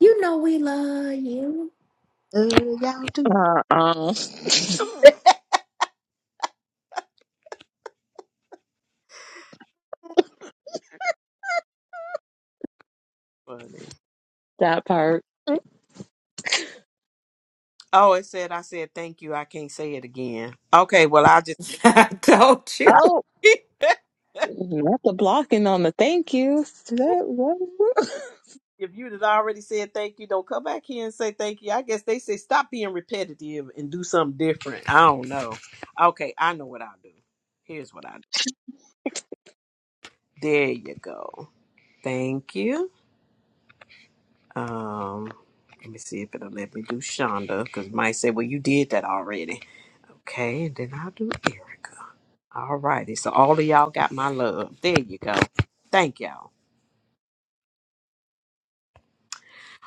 S2: You know we love you.
S1: Love y'all too.
S3: Uh, uh,
S1: Funny.
S3: that part.
S1: Oh, it said I said thank you. I can't say it again. Okay, well I just
S2: I told you.
S3: Oh,
S1: if
S3: not the blocking on the thank yous. That was-
S1: you had already said thank you, don't come back here and say thank you. I guess they say stop being repetitive and do something different. I don't know. Okay, I know what I'll do. Here's what I do. There you go. Thank you. Um, let me see if it'll let me do Shonda because it might say, well, you did that already. Okay, and then I'll do Erica. All righty. So all of y'all got my love. There you go. Thank y'all.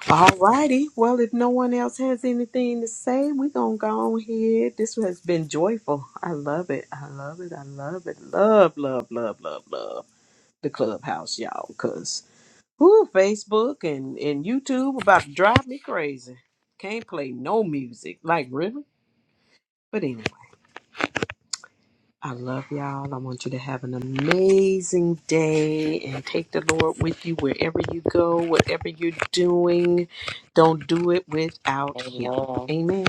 S1: All righty. Well, if no one else has anything to say, we're going to go on here. This has been joyful. I love it. I love it. I love it. Love, love, love, love, love the clubhouse, y'all, because whoo, Facebook and, and YouTube about to drive me crazy. Can't play no music. Like, really? But anyway. I love y'all. I want you to have an amazing day and take the Lord with you wherever you go, whatever you're doing. Don't do it without Him.
S2: Amen.
S1: Amen.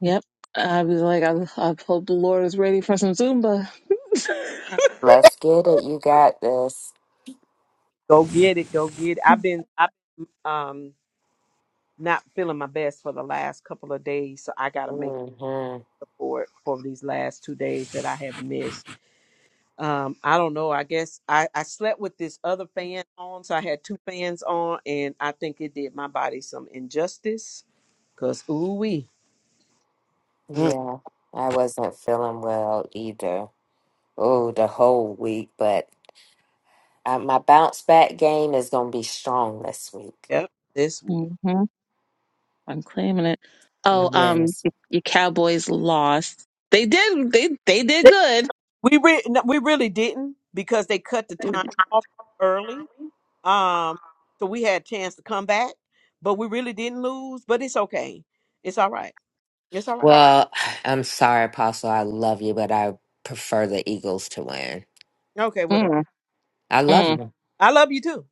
S3: yep, I was like, I, I hope the Lord is ready for some Zumba.
S2: Let's get it. You got this.
S1: Go get it. Go get it. I've been I've um not feeling my best for the last couple of days, so I gotta make
S2: hmm
S1: up for it for these last two days that I have missed. Um, I don't know. I guess I I slept with this other fan on, so I had two fans on, and I think it did my body some injustice. Cause ooh wee.
S2: Yeah, I wasn't feeling well either. Oh, the whole week, but uh, my bounce back game is going to be strong this week.
S1: Yep, this week.
S3: hmm I'm claiming it. Oh, um,
S2: Yes.
S3: your Cowboys lost. They did. They they did
S1: They-
S3: good.
S1: We re- no, we really didn't because they cut the time off early. Um, so we had a chance to come back, but we really didn't lose. But it's okay. It's all right. It's all right.
S2: Well, I'm sorry, Apostle. I love you, but I prefer the Eagles to win.
S1: Okay, whatever.
S3: Mm,
S2: I love
S3: mm,
S2: you.
S1: I love you too.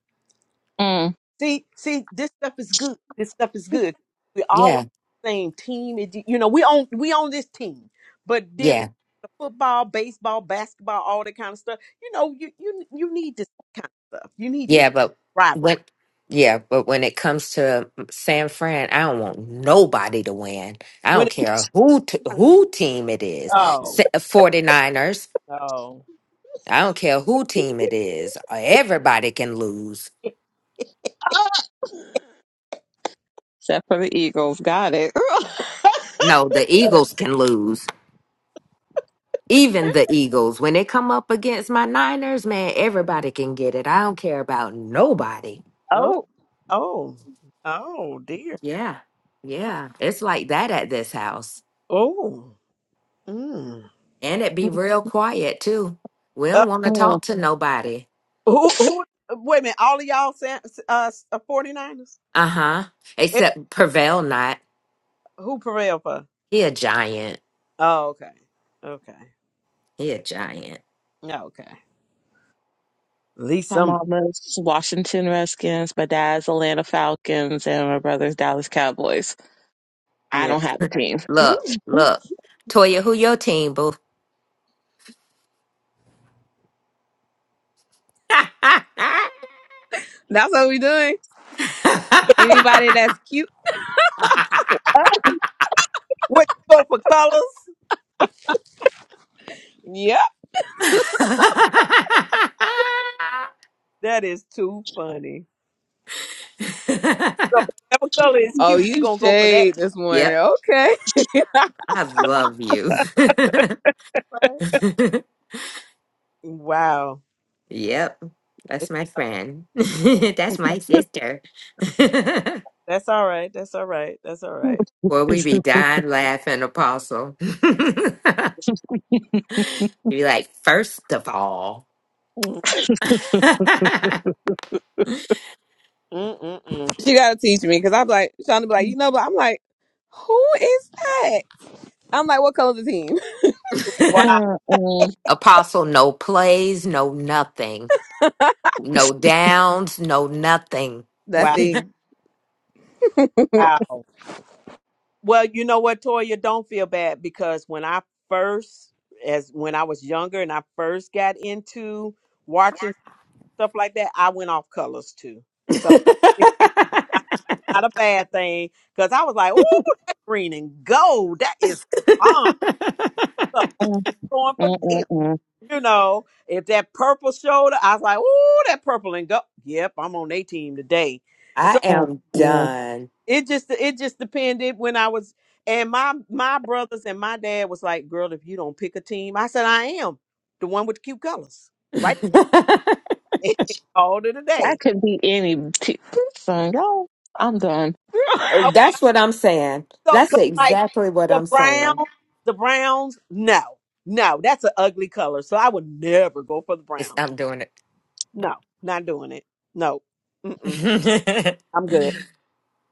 S3: mm.
S1: See, see, this stuff is good. This stuff is good. We all on
S2: Yeah,
S1: the same team. It, you know, we on we on this team. But then
S2: yeah,
S1: the football, baseball, basketball, all that kind of stuff. You know, you you you need this kind of stuff. You need this
S2: yeah. But when,
S1: rivalry
S2: yeah, but when it comes to mm, San Fran, I don't want nobody to win. I don't care who t- who team it is.
S1: Oh,
S2: Sa- 49ers.
S1: oh,
S2: I don't care who team it is. Everybody can lose.
S3: Except for the Eagles. Got it.
S2: No, the Eagles can lose. Even the Eagles, when they come up against my Niners, man, everybody can get it. I don't care about nobody.
S1: oh,
S3: oh.
S1: oh, oh, dear.
S2: Yeah, yeah. It's like that at this house.
S1: Oh, mm.
S2: And it be real quiet, too. We
S1: Uh,
S2: don't want to talk to nobody.
S1: who, who, wait a minute. All of y'all, San- uh, 49ers?
S2: Uh huh.
S1: Eh,
S2: Except Prevail Not.
S1: Who prevailed for?
S2: He a giant.
S1: Oh, okay. Okay.
S2: He a giant.
S1: Yeah, Okay. At least
S3: My
S1: somebody.
S3: mama's Washington Redskins, my dad's Atlanta Falcons, and my brother's Dallas Cowboys. I
S1: Yeah.
S3: don't have a team.
S2: Look, look. Toya, who your team, boo?
S4: That's what we doing. Anybody that's cute,
S1: What you go for colors?
S4: Yep.
S1: That is too funny. So whatever color is
S4: Oh,
S1: cute, you
S4: you
S1: gonna go for that
S4: shade
S1: too,
S4: this morning.
S2: yep,
S4: Okay.
S2: I love you.
S1: right? Wow.
S2: yep, that's
S1: It's,
S2: my friend. that's my sister.
S1: that's all right. That's all right. That's all right.
S2: Well, we be dying laughing, Apostle. you be like, first of all,
S1: Mm, mm, mm, mm.
S4: She gotta teach me because I'm like trying to be like, you know, but I'm like, who is that? I'm like, what color's the team?
S3: Uh-uh.
S2: Apostle, no plays, no nothing, no downs, no nothing.
S4: That
S1: Wow.
S4: thing. I
S1: Wow. Well, you know what, Toya, don't feel bad because when I first, as when I was younger and I first got into watching stuff like that, I went off colors too. So it's not, not a bad thing because I was like, "Ooh, that green and gold, that is on stuff
S3: Mm,
S1: going
S3: mm,
S1: for
S3: mm,
S1: this."
S3: mm,
S1: You know, if that purple showed, up, I was like, "Ooh, that purple and gold." Yep, I'm on a team today. So,
S2: I
S3: mm,
S2: am
S3: mm.
S2: done.
S1: It just it just depended when I was and my my brothers and my dad was like, "Girl, if you don't pick a team," I said, "I am the one with the cute colors, right?" All to the
S3: That
S1: day.
S3: could be any t- son, y'all. I'm done.
S2: Oh,
S1: Oh,
S2: That's what I'm saying.
S1: So
S2: That's
S1: 'cause, like
S2: exactly what
S1: the
S2: I'm
S1: brown,
S2: saying.
S1: the browns, no, no, that's an ugly color. So I would never go for the
S2: It's,
S1: browns.
S2: I'm doing it.
S1: No, not doing it. No, mm-mm, I'm good.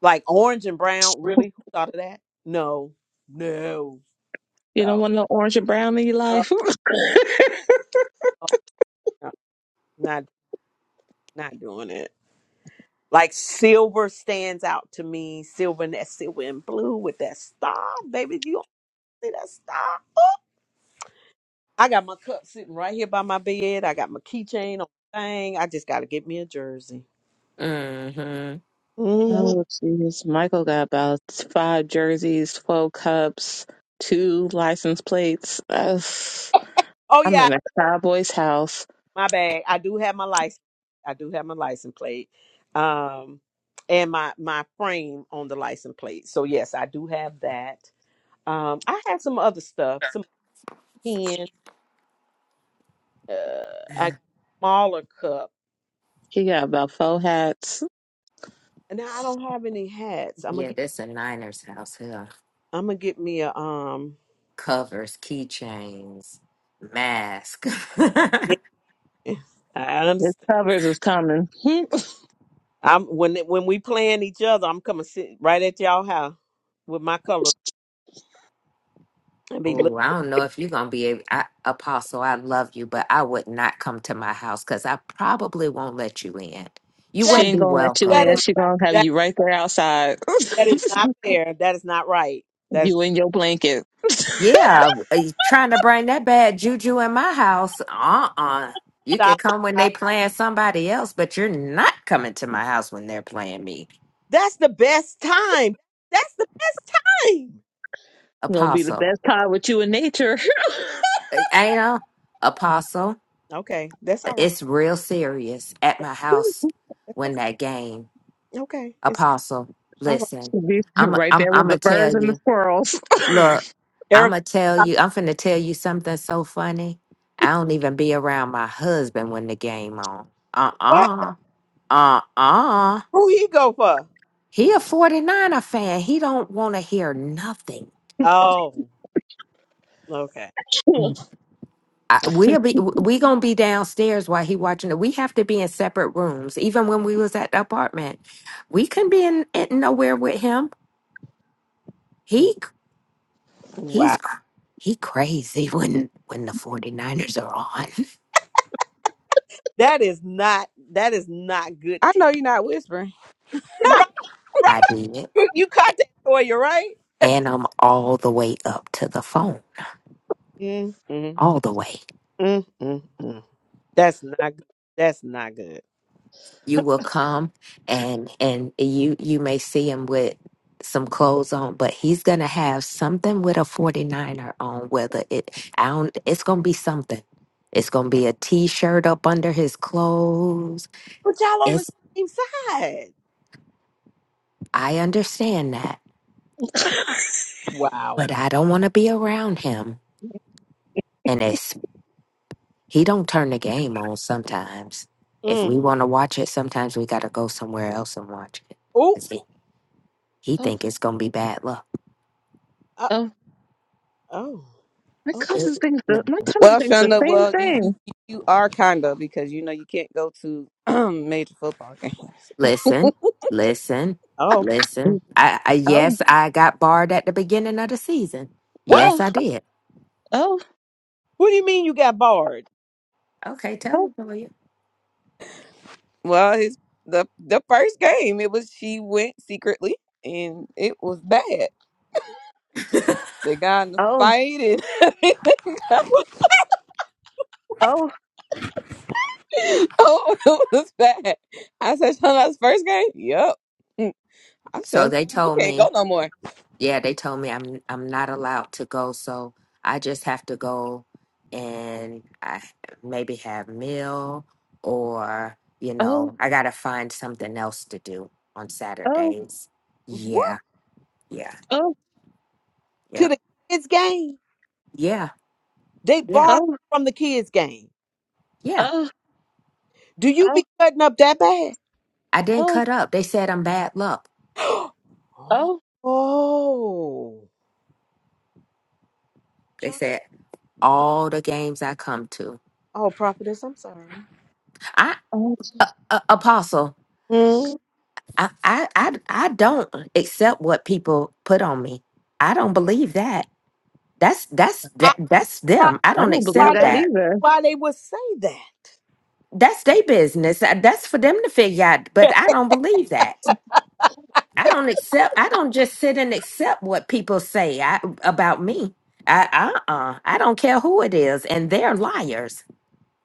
S1: Like orange and brown, really? Who thought of that? No, no.
S3: you don't
S1: So
S3: want no orange and brown in your
S1: uh,
S3: life.
S1: no, not not doing it. Like silver stands out to me. Silver and that silver and blue with that star, baby. You don't see that star? I got my cup sitting right here by my bed. I got my keychain on the thing. I just gotta get me a jersey.
S2: hmm
S1: hmm
S3: Oh, jeez. Michael got about five jerseys, 12 cups, two license plates. Ugh.
S1: Oh
S3: I'm
S1: yeah,
S3: in a cowboy's house.
S1: my bag. I do have my license. I do have my license plate. Um, and my my frame on the license plate. So yes, I do have that. Um, I have some other stuff, some pen. Uh, a smaller cup.
S3: He got about four hats.
S1: Now I don't have any hats. I'm gonna
S2: Yeah,
S1: get.
S2: this a Niners house here.
S1: I'm gonna get me a um.
S2: Covers, keychains, mask.
S1: I
S3: His
S1: understand.
S3: covers is coming.
S1: I'm when when we playing each other. I'm coming sit right at y'all house with my colors and be look.
S2: oh, I don't know if you're gonna be a I, apostle. I love you, but I would not come to my house because I probably won't let you in. You
S3: she
S1: That
S2: wouldn't be
S3: ain't gonna let you
S1: that
S2: welcome.
S3: in.
S1: is
S3: She gonna have
S1: that
S3: you right there outside.
S1: that is not fair. That is not right. That is
S3: you in your blanket.
S2: Yeah, uh, trying to bring that bad juju in my house. Uh-uh. You can
S1: stop.
S2: come when they playing somebody else, but you're not coming to my house when they're playing me.
S1: That's the best time. That's the best time.
S3: gonna be the
S2: Apostle.
S3: best pod with you in nature.
S2: Uh, Ain't a apostle.
S1: Okay, that's all right.
S2: It's real serious at
S1: That-
S2: my house
S1: That's
S2: when
S1: okay.
S2: that game.
S1: Okay, it's
S2: Apostle,
S1: all right.
S2: listen.
S3: be
S2: I'm
S3: right
S2: I'm
S3: there with
S2: I'm gonna
S3: the birds
S2: tell
S3: and the
S2: you.
S3: squirrels.
S2: Look, I'm
S1: Erica,
S2: gonna tell you. I'm finna tell you something so funny. I don't even be around my husband when the game on.
S1: what?
S2: Uh-uh. Uh-uh
S1: Who he go for?
S2: He a 49er fan. He don't want to hear nothing.
S1: Oh, okay.
S2: Mm. I, we'll be we gonna be downstairs while he watching it. We have to be in separate rooms. Even when we was at the apartment, we couldn't be in, in nowhere with him. He he's
S1: Wow.
S2: cr- he crazy when when the 49ers are on.
S1: That is not that is not good. t-
S4: know you're not whispering.
S1: Right, right.
S2: I did,
S1: You you caught that for you, right?
S2: and I'm all the way up to the phone,
S1: Mm, mm,
S2: all the way.
S1: mm, mm, mm. That's not good. That's not good.
S2: you will come and and you you may see him with some clothes on but he's gonna have something with a 49er on whether it i don't it's gonna be something it's gonna be a t-shirt up under his clothes
S1: But y'all on the
S2: it's
S1: same side.
S2: i understand that
S1: Wow.
S2: but i don't want to be around him and it's he don't turn the game on sometimes if
S1: Mm.
S2: we want to watch it sometimes we gotta go somewhere else and watch it
S1: Oh,
S2: because he, he
S3: oh,
S2: think it's gonna be bad luck
S1: uh,
S3: oh,
S1: oh,
S3: my
S1: oh,
S3: cousin
S2: It-
S3: thinks the my cousin
S4: Well,
S3: thinks the
S4: Shonda,
S3: same
S4: well, you you
S3: thing.
S4: you are kind of because you know you can't go to major football games.
S2: Listen, listen,
S1: oh.
S2: listen. I, I
S3: Oh,
S2: yes, I got barred at the beginning of the season.
S1: What?
S2: Yes,
S3: oh,
S2: I did.
S3: oh,
S1: What do you mean you got barred?
S2: Okay, tell
S3: oh,
S2: them for you.
S4: Well, his the the first game it was she went secretly and it was bad. They got in the
S3: oh,
S4: fight and
S3: oh,
S4: oh, it was bad. I said, Shonda, that's first game. Yep. I'm
S2: So
S4: so
S2: they
S4: you
S2: told
S4: can't go
S2: me,
S4: no more.
S2: yeah, they told me I'm I'm not allowed to go, so I just have to go and I maybe have meal or you
S3: oh,
S2: know, I gotta find something else to do on
S3: oh,
S2: Saturdays. Yeah, yeah,
S3: oh,
S1: to
S2: yep,
S1: the kids' game.
S2: yeah,
S1: They
S2: yeah,
S1: barred
S3: oh,
S1: from the kids' game.
S2: yeah.
S3: oh,
S1: Do you be
S3: oh,
S1: cutting up that bad?
S2: I didn't
S3: oh,
S2: cut up. They said I'm bad luck.
S3: oh.
S1: oh,
S2: They
S1: John.
S2: said all the games I come to.
S1: oh, prophetess, I'm sorry.
S2: I
S3: oh.
S2: uh, uh, apostle,
S1: Hmm?
S2: I, I I I don't accept what people put on me. I don't believe that. That's that's
S1: I
S2: that, that's
S1: tried
S2: them. I
S3: I
S2: don't
S3: don't believe
S1: why
S2: accept
S1: they,
S3: that
S2: that.
S3: either.
S1: why they would say that.
S2: That's their business. Uh, That's for them to figure out. But I don't believe that. I don't accept. I don't just sit and accept what people say I, about me. I uh uh I don't care who it is, and they're liars.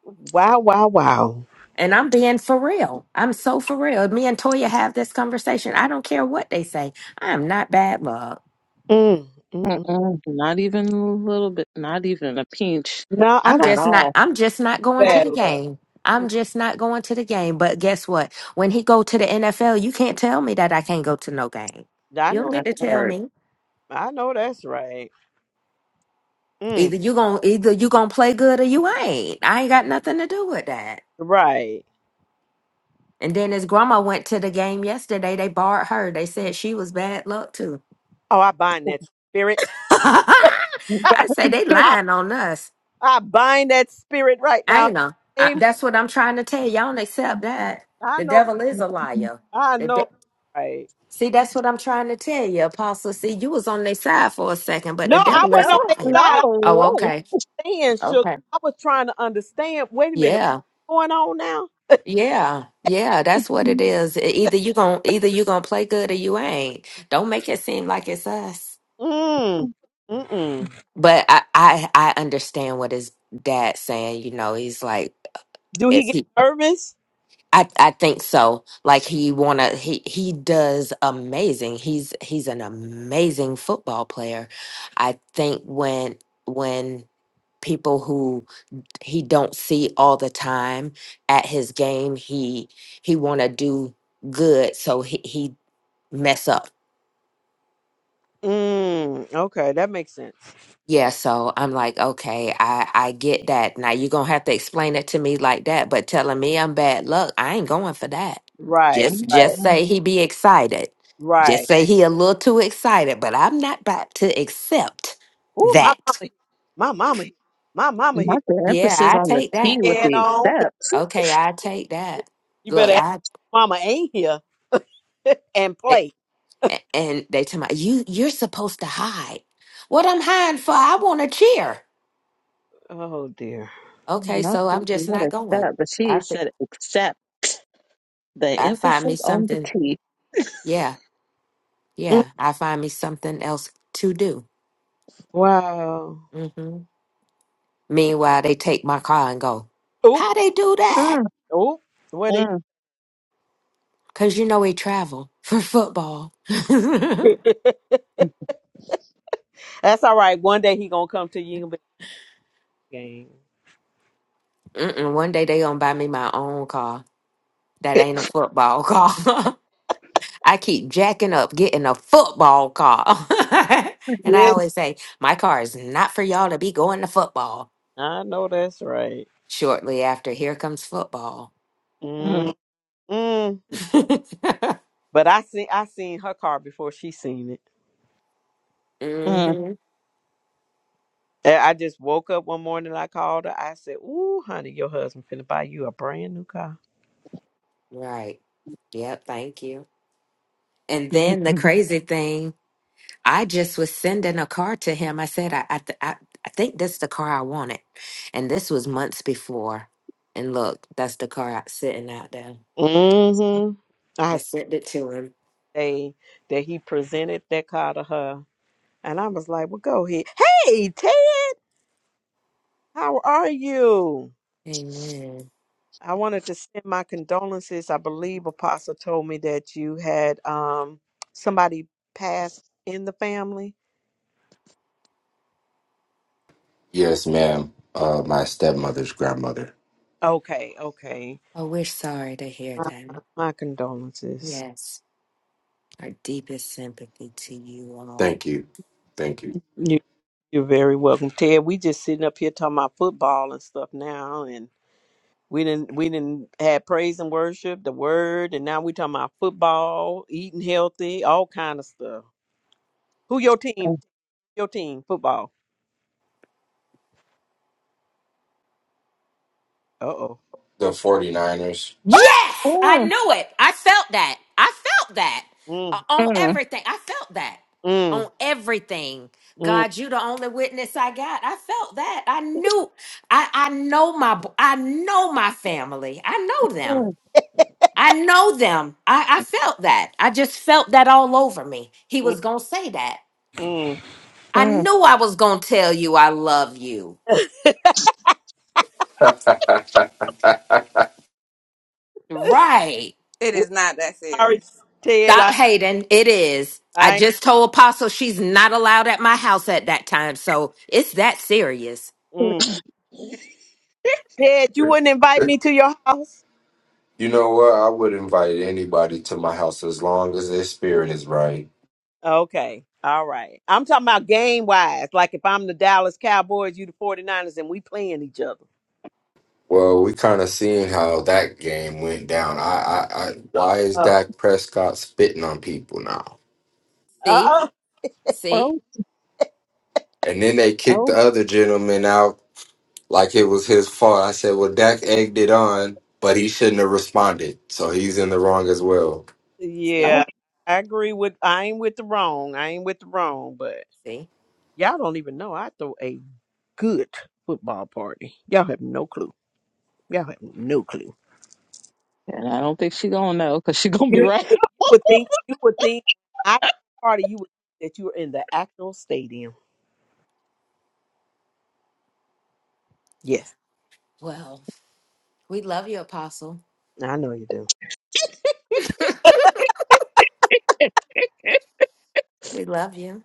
S1: wow, wow, wow.
S2: And I'm being for real. I'm so for real. Me and Toya have this conversation. I don't care what they say. I am not bad luck.
S1: Mm, mm, mm.
S3: Mm-mm, not even a little bit. Not even a pinch
S1: No, I
S2: I'm
S1: don't.
S3: at
S2: just not
S3: all.
S2: I'm just not going to
S1: Bad
S2: the
S1: luck.
S2: game. I'm just not going to the game. But guess what? When he go to the NFL, you can't tell me that I can't go to no game.
S1: I
S2: You don't
S1: know.
S2: get
S3: That's
S2: to tell
S3: hard.
S2: me.
S1: I know that's right. Mm,
S2: Either you going either you gonna play good or you ain't. I ain't got nothing to do with that.
S1: right.
S2: And then his grandma went to the game yesterday. They barred her. They said she was bad luck too.
S1: Oh, I bind that spirit.
S2: I say they
S1: I,
S2: lying on us.
S1: I bind that spirit right
S2: Ain't
S1: now.
S2: I know. I,
S1: Amen.
S2: that's what I'm trying to tell you. all don't accept that.
S1: I
S2: The
S1: know.
S2: devil is a liar.
S1: I
S2: The
S1: know,
S2: de-
S1: right?
S2: See, that's what I'm trying to tell you, Apostle. See, you was on their side for a second, but the
S1: No, I
S2: devil
S1: wasn't
S2: is
S3: Oh
S2: a
S1: on their
S2: liar.
S1: side.
S2: Oh,
S3: no!
S2: okay.
S1: I'm saying, sugar.
S2: Okay.
S1: I was trying to understand. Wait a minute,
S2: Yeah.
S1: what's going on now?
S2: Yeah. Yeah. That's what it is. E- Either you gonna either you gonna play good or you ain't. Don't make it seem like it's us.
S1: Mm, mm-mm.
S2: But I I, I understand what his dad saying, you know, he's like
S1: Do he get nervous?
S2: I I think so. Like he wanna he he does amazing. He's he's an amazing football player. I think when when people who he don't see all the time at his game, he he wanna do good so he he mess up
S1: Mm, okay, that makes sense.
S2: Yeah, so I'm like, okay, I I get that. Now you're gonna have to explain it to me like that, but telling me I'm bad luck, I ain't going for that.
S1: Right,
S2: Just
S1: right,
S2: just
S3: Mm-mm.
S2: say he be excited. Just
S1: right.
S2: say he a little too excited, but I'm not about to accept
S1: Ooh, my mama
S2: that.
S1: here. My mama here. My mama here.
S3: Not the
S2: Yeah,
S3: emphasis
S2: I
S3: on the
S2: take
S1: She
S3: T
S2: that.
S3: with
S1: Get
S3: the
S1: on.
S3: except.
S2: Okay, I take that.
S1: You
S2: Look,
S1: better act
S2: I
S1: like mama ain't here and
S2: a-
S1: play.
S2: a- and they tell me you you're supposed to hide. What I'm hiding for? I want to cheer.
S1: Oh dear.
S2: Okay,
S3: Not
S2: so
S3: the-
S2: I'm just
S3: not
S2: not going.
S3: accept, but
S2: I
S3: she
S2: fi-
S3: said except. The
S2: I find me
S3: emphasis on the
S2: something.
S3: T.
S2: Yeah.
S1: Mm,
S2: Yeah, I find me something else to do.
S1: Wow.
S2: hmm Meanwhile, they take my car and go.
S1: Oop,
S2: How they do that?
S3: Mm,
S1: oop. What they?
S3: mm,
S2: Cause you know we travel for football. Mm-mm,
S1: That's all right. One day he gonna come to you. and game.
S2: one day they gonna buy me my own car. That ain't a football car. I keep jacking up getting a football car, and I
S1: Yes,
S2: always say my car is not for y'all to be going to football.
S1: I know that's right.
S2: Shortly after, here comes football.
S1: Mm-mm.
S3: mm,
S2: hmm
S1: But I seen I seen her car before she seen it.
S3: mm.
S1: And I just woke up one morning. I called her. I said, "Ooh, honey, your husband finna buy you a brand new car."
S2: Right. Yep. Thank you. And then the crazy thing, I just was sending a car to him. I said, I, I, th- I, I think this the car I wanted. And this was months before. And look, that's the car out, sitting out there.
S1: Mm-hmm.
S2: I
S1: I
S2: sent it to him.
S1: day that he presented that car to her. And I was like, well, go ahead. Hey, Ted, how are you?
S2: Amen.
S1: I wanted to send my condolences. I believe Apostle told me that you had um somebody passed in the family.
S5: Yes, ma'am. Uh, my stepmother's grandmother.
S1: Okay, okay.
S2: Oh, we're sorry to hear
S1: Uh,
S2: that.
S1: my condolences.
S2: Yes. Our deepest sympathy to you all.
S5: Thank you. Thank you.
S1: You, you're very welcome, Ted. We just sitting up here talking about football and stuff now, We didn't we didn't have praise and worship, the word, and now we talking about football, eating healthy, all kind of stuff. Who your team? Your team football. Uh oh.
S5: The 49ers.
S2: Yes, I
S3: Mm,
S2: knew it. I felt that. I felt that
S1: Mm,
S2: Uh, on
S3: mm.
S2: everything. I felt that
S1: mm,
S2: on everything.
S1: mm,
S2: God, you the only witness I got. I felt that. I knew. I I know my b- I know my family. I know them.
S3: Mm,
S2: I know them. I, I felt that. I just felt that all over me. He
S1: mm,
S2: was gonna say that.
S1: mm.
S2: I
S3: mm.
S2: knew I was gonna tell you I love you. Right.
S4: It
S1: We're
S4: is not that
S1: Sorry,
S4: serious.
S1: Ted. I
S2: Stop hating. It is. I
S1: I
S2: just told Apostle she's not allowed at my house at that time. So it's that serious.
S1: mm. Ted, you wouldn't invite me to your house.
S5: You know what? I would invite anybody to my house as long as their spirit is right.
S1: Okay. All right. I'm talking about game wise. Like if I'm the Dallas Cowboys, you the 49ers, and we playing each other.
S5: Well, we kind of seen how that game went down. I, I, I, why is
S1: Oh.
S5: Dak Prescott spitting on people now?
S1: Uh
S2: See?
S1: uh
S2: See?
S3: Oh,
S5: And then they kicked
S3: oh,
S5: the other gentleman out like it was his fault. I said, well, Dak egged it on, but he shouldn't have responded. So he's in the wrong as well.
S2: See?
S1: Yeah.
S3: okay.
S1: I agree with I ain't with the wrong. I ain't with the wrong, but
S2: See?
S1: Y'all don't even know I throw a good football party. Y'all have no clue. Y'all have no clue.
S3: And I don't think she gonna know because she gonna be
S1: You,
S3: right.
S1: you would think you would think I party you would think that you were in the actual stadium. Yes,
S2: Well, we love you, Apostle.
S1: I know you do.
S2: We love you.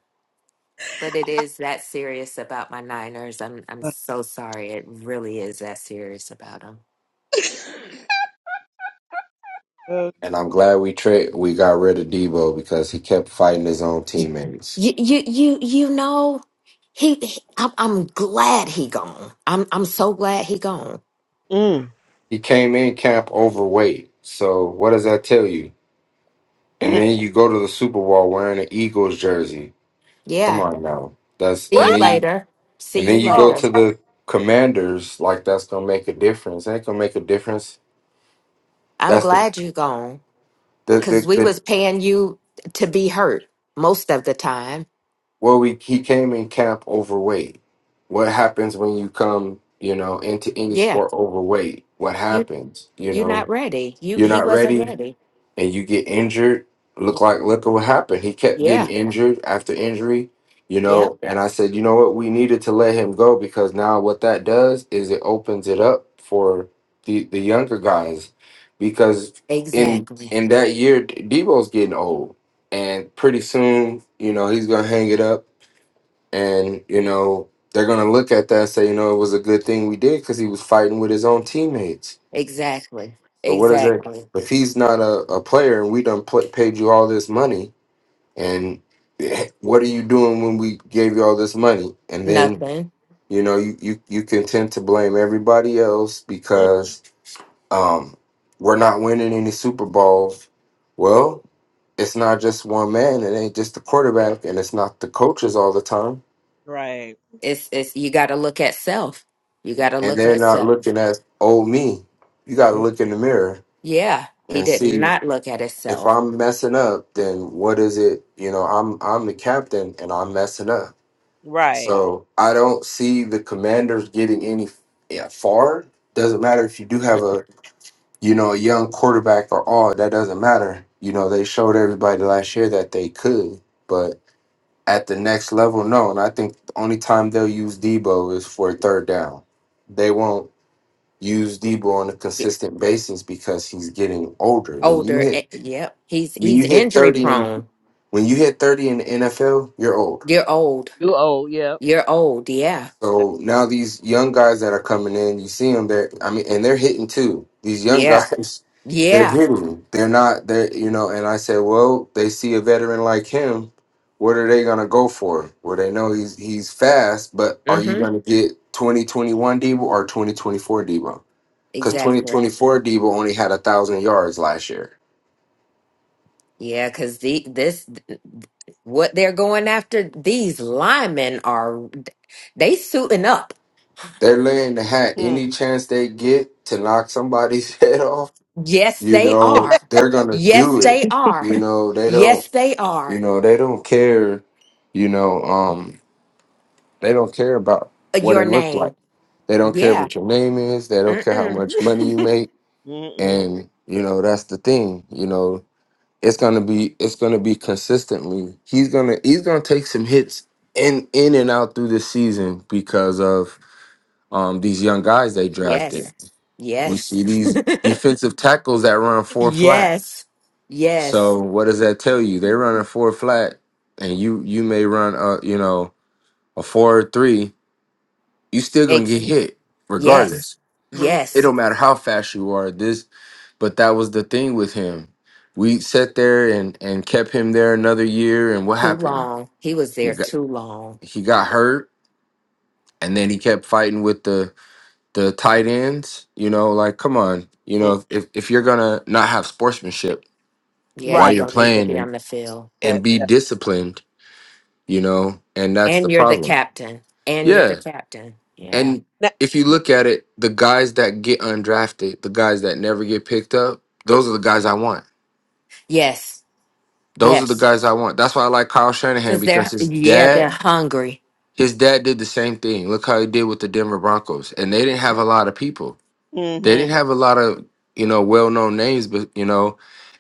S2: But it is that serious about my Niners. I'm I'm
S1: But,
S2: so sorry. It really is that serious about them.
S1: uh,
S5: And I'm glad we tra- we got rid of Debo because he kept fighting his own
S2: You
S5: teammates.
S2: you you you, you know he, he- I'm, I'm glad he gone. I'm I'm so glad he gone.
S1: mm,
S5: He came in camp overweight. So what does that tell you? And
S1: mm.
S5: then you go to the Super Bowl wearing an Eagles jersey. Come
S2: Yeah.
S5: on now. That's
S2: See
S5: and
S2: you
S1: What?
S5: then you
S2: later. See
S5: and then
S2: you
S5: you go
S2: later.
S1: Oh,
S5: to the Commanders like that's gonna make a difference. That ain't gonna make a difference.
S2: I'm
S5: That's the
S2: glad you gone
S5: the
S2: because
S5: the,
S2: we
S5: the
S2: was paying you to be hurt most of the time.
S5: well we he came in camp overweight. What happens when you come, you know, into any
S2: Yeah,
S5: sport overweight? What
S2: you
S5: happens? You
S2: you're not
S5: know,
S2: ready. You
S5: you're
S2: he
S5: not
S2: wasn't
S5: ready
S2: ready.
S5: and you get injured, look like look at what happened. He kept getting
S2: Yeah,
S5: injured after injury, you
S2: yep,
S5: know. And I said, you know what, we needed to let him go because now what that does is it opens it up for the the younger guys, because in
S2: exactly,
S5: in that year Debo's getting old, and pretty soon you know he's gonna hang it up, and you know they're gonna look at that and say, you know, it was a good thing we did because he was fighting with his own teammates
S2: exactly,
S5: so what is it?
S2: exactly.
S5: If he's not a, a player and we done pl- paid you all this money, and what are you doing when we gave you all this money? And then
S2: Nothing.
S5: you know you you you can tend to blame everybody else
S1: Mm,
S5: because um we're not winning any Super Bowls. Well, it's not just one man. It ain't just the quarterback, and it's not the coaches all the time.
S1: Right.
S2: It's it's you got to look at self. You got
S1: Mm,
S2: to
S5: And
S2: look
S5: they're
S2: at
S5: not
S2: self.
S5: looking at oh me. You got to
S2: Mm,
S5: look in the mirror
S2: Yeah, he
S5: and
S2: did
S5: see
S2: not look at
S5: if
S2: himself.
S5: I'm messing up, then what is it? You know, I'm I'm the captain and I'm messing up.
S1: Right.
S5: So I don't see the commanders getting any yeah, far. Doesn't matter if you do have
S2: Mm,
S5: a you know a young quarterback or all. That doesn't matter. You know, they showed everybody last year that they could, but at the next level, no. And I think the only time they'll use Debo is for a third down. They won't use Debo on a
S2: yeah,
S5: consistent basis because he's getting older. When you
S2: Older, eh,
S5: hit
S2: yep. He's
S5: when you
S2: he's
S5: hit
S2: injury
S5: thirty and
S2: prone.
S5: when you hit 30 in the NFL, you're old.
S2: You're old.
S1: You old, yeah.
S2: You're old. Yeah,
S1: That-
S5: So now these young guys that are coming in, you see them there. I mean, and they're hitting too. These young
S2: yeah,
S5: guys, they're
S2: yeah.
S5: hitting. They're not. They're you know. And I said, well, they see a veteran like him. What are they gonna go for? Well, they know he's he's fast, but are
S2: Mm-hmm.
S5: you gonna get 2021 Debo or 2024 Debo? Because
S1: mm,
S2: Exactly.
S5: 2024 Debo only had a thousand yards last year.
S2: Yeah, because the this what they're going after, these linemen are they suiting up.
S5: They're laying the hat
S1: mm,
S5: any chance they get to knock somebody's head off
S2: Yes,
S5: you
S2: they
S5: know
S2: are.
S5: they're gonna
S2: Yes,
S5: do it
S2: they are.
S5: you know they don't
S2: Yes, they
S5: you
S2: are.
S5: know they don't care you know um they don't care about what
S2: Your
S5: it looked like
S2: name.
S5: they don't care
S2: Yeah.
S5: what your name is they don't care how
S2: Mm-mm.
S5: much money you make
S1: mm, mm,
S5: and you know that's the thing you know it's gonna be it's gonna be consistently he's gonna he's gonna take some hits in in and out through the season because of um these young guys they drafted
S2: Yes.
S5: we
S2: Yes.
S5: see these defensive tackles that run four flat
S2: yes. Yes.
S5: So what does that tell you? They're running four flat, and you you may run a you know a four three. You still gonna get
S2: Ex-
S5: hit
S2: yes.
S5: regardless.
S1: mm,
S5: It
S2: Yes.
S5: don't matter how fast you are. This, but that was the thing with him. We sat there and and kept him there another year, and what
S2: Too
S5: happened?
S2: long. He was
S5: He
S2: there
S5: got
S2: too long.
S5: he got hurt, and then he kept fighting with the the tight ends. You know, like come on, you
S1: mm.
S5: know if if you're gonna not have sportsmanship
S2: Yeah,
S5: while
S1: Right.
S2: you
S5: you're
S2: don't need to
S5: playing
S2: be on
S5: and
S2: the field.
S5: and
S1: That,
S5: be
S1: that,
S5: disciplined you know, and that's the
S2: And you're the
S5: problem.
S2: captain. And you're the
S5: Yeah.
S2: captain. Yeah.
S5: And if you look at it, the guys that get undrafted, the guys that never get picked up, those are the guys I want.
S2: Yes.
S5: Those are the
S2: Yes.
S5: guys I want. That's why I like Kyle Shanahan
S2: Because
S5: because
S2: they're,
S5: his
S2: yeah, they're
S5: dad,
S2: hungry.
S5: his dad did the same thing. Look how he did with the Denver Broncos. And they didn't have a
S2: Yep.
S5: lot of people. They
S1: mhm.
S5: didn't have a lot of, you know, well-known names, but you know,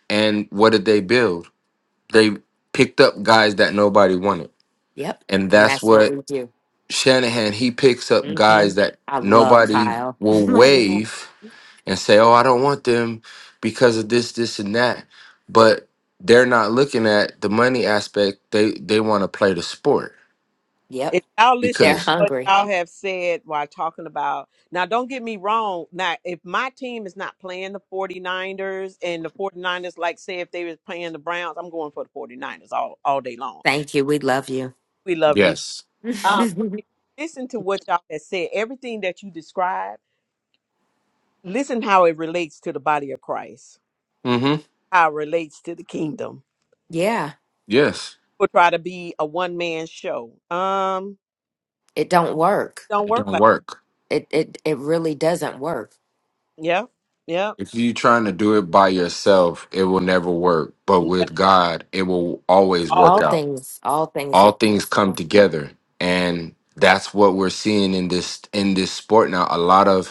S5: and what did they build? They picked up guys that nobody wanted.
S2: Yep.
S5: And
S2: And
S5: that's
S2: that's what
S5: what
S2: we do.
S5: Shanahan, he picks up
S2: hmm
S5: guys that
S2: I love
S5: nobody
S2: Kyle. I
S5: will
S2: love-
S5: waive and say, "Oh, I don't want them because of this, this, and that," but they're not looking at the money aspect. They they want to play the sport
S2: yep.
S1: If y'all listen to
S2: They're
S5: because
S1: what
S2: hungry.
S1: y'all have said while talking about now, don't get me wrong. Now, if my team is not playing the 49ers and the 49ers, like say if they was playing the Browns, I'm going for the 49ers all, all day long.
S2: Thank you. We love you.
S1: We love you.
S5: yes,
S1: Um, if you listen to what y'all have said. Everything that you described, listen how it relates to the body of Christ,
S5: mm-hmm,
S1: how it relates to the kingdom.
S2: yeah.
S5: yes,
S1: People try to be a one man show. Um,
S2: It don't work.
S1: don't
S5: it
S1: work
S5: don't
S1: like
S5: work.
S2: It, it, it really doesn't work.
S1: yeah, yeah,
S5: If you're trying to do it by yourself, it will never work. But
S1: Never,
S5: with God, it will always work
S2: All
S1: always
S5: out.
S2: things, all things
S5: All
S2: are
S5: things come
S2: possible.
S5: together, and that's what we're seeing in this in this sport now. A lot of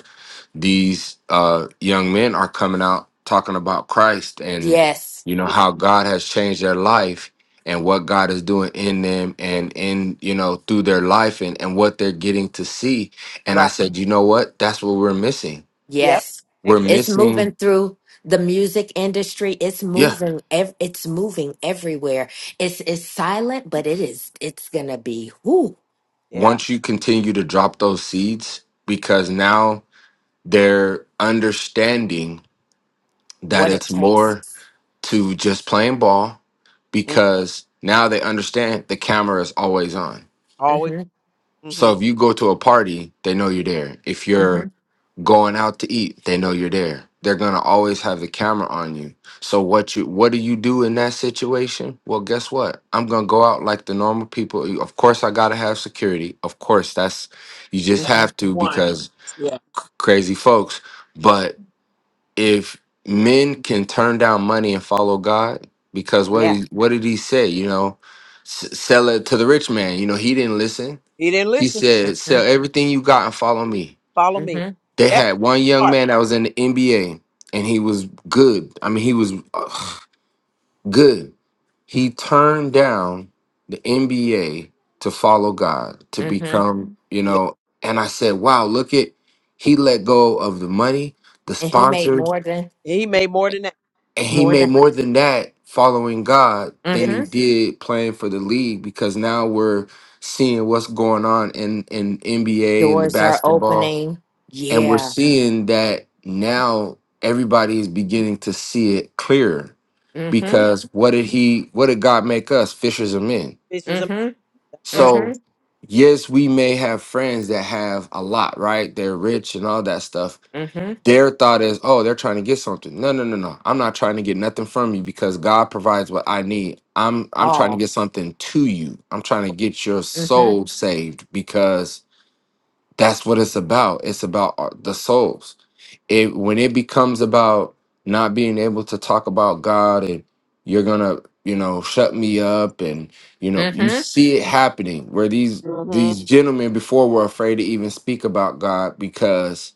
S5: these uh, young men are coming out talking about Christ and
S2: Yes.
S5: you know how God has changed their life and what God is doing in them and in you know through their life and and what they're getting to see. And I
S1: right.
S5: said, you know what? That's what we're missing.
S1: Yep,
S2: Yes.
S5: We're
S1: exactly.
S2: It's moving
S5: missing,
S2: through the music industry. It's
S5: yeah.
S2: moving ev- it's moving everywhere. It's it's silent, but it is it's going to be whoo
S1: Yeah,
S5: Once you continue to drop those seeds, because now they're understanding that
S2: what it
S5: it's
S2: takes.
S5: more to just playing ball
S1: Mm,
S5: because now they understand the camera is always on
S1: always
S2: Mhm.
S1: hmm
S5: So if you go to a party, they know you're there. If you're
S2: Mhm.
S5: going out to eat, they know you're there. They're gonna always have the camera on you. So what you what do you do in that situation? Well, guess what? I'm gonna go out like the normal people. You- Of course, I gotta have security. Of course, that's you just
S2: Mhm.
S5: have to
S1: one.
S5: because
S1: Yeah,
S5: c- crazy folks. But if men can turn down money and follow God, because what
S2: Yeah.
S5: he, what did he say? You know, s- sell it to the rich man. You know, he didn't listen
S1: he didn't
S5: she
S1: listen.
S5: said, Sell
S2: Mhm.
S5: everything you got and follow me.
S1: Follow me.
S2: Mhm.
S5: They
S1: That
S5: had one young
S1: part.
S5: man that was in the NBA and he was good. I mean, he was ugh, good. He turned down the NBA to follow God, to
S2: Mhm.
S5: become, you
S1: Yeah,
S5: know. And I said, Wow, look at, he let go of the money, the
S2: And he made
S5: sponsors,
S2: more than
S1: he made more than that.
S5: and he
S2: more
S5: made
S2: than
S5: more than that following God
S1: Yeah,
S5: than he
S2: Mhm.
S5: did playing for the league because now we're seeing what's going on in, in NBA and the
S2: Doors are
S5: basketball
S2: opening.
S5: and we're
S2: Yeah.
S5: seeing that now everybody is beginning to see it clearer
S2: Mhm.
S5: because what did he what did god make us fishers of men
S1: this is a
S2: Mhm.
S1: right.
S5: so
S2: Mhm.
S5: yes we may have friends that have a lot right they're rich and all that stuff
S2: Mhm.
S5: their thought is oh they're trying to get something no no no no i'm not trying to get nothing from you because god provides what i need i'm i'm trying to
S2: All.
S5: get something to you i'm trying to get your
S2: Mhm.
S5: soul saved because that's what it's about. It's about our- the souls. It when it becomes about not being able to talk about God and you're gonna, you know, shut me up and you know, you
S2: Mhm.
S5: see it happening where these
S1: Mm-hmm.
S5: these gentlemen before were afraid to even speak about God because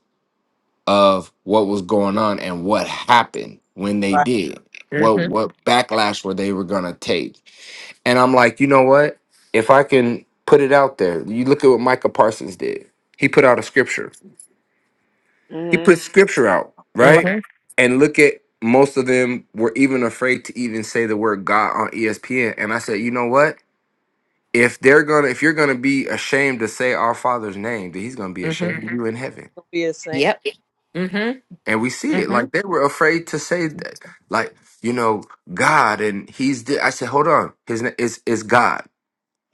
S5: of what was going on and what happened when they
S1: Right.
S5: did. What
S2: Mhm.
S5: what backlash were they were gonna take? And I'm like, you know what? If I can put it out there, you look at what Micah Parsons did. He put out a scripture. He
S1: Mm-hmm.
S5: put scripture out,
S1: Right.
S5: right?
S2: Mhm.
S5: And look at most of them were even afraid to even say the word God on ESPN. And I said, you know what? If they're gonna, if you're gonna be ashamed to say our Father's name, then He's gonna be
S2: Mhm.
S5: ashamed of you in heaven.
S1: Don't be a saint.
S2: Yep. Mhm.
S5: And we see it.
S2: Mhm.
S5: Like they were afraid to say that, like you know, God, and He's. The, I said, hold on, His name is is God.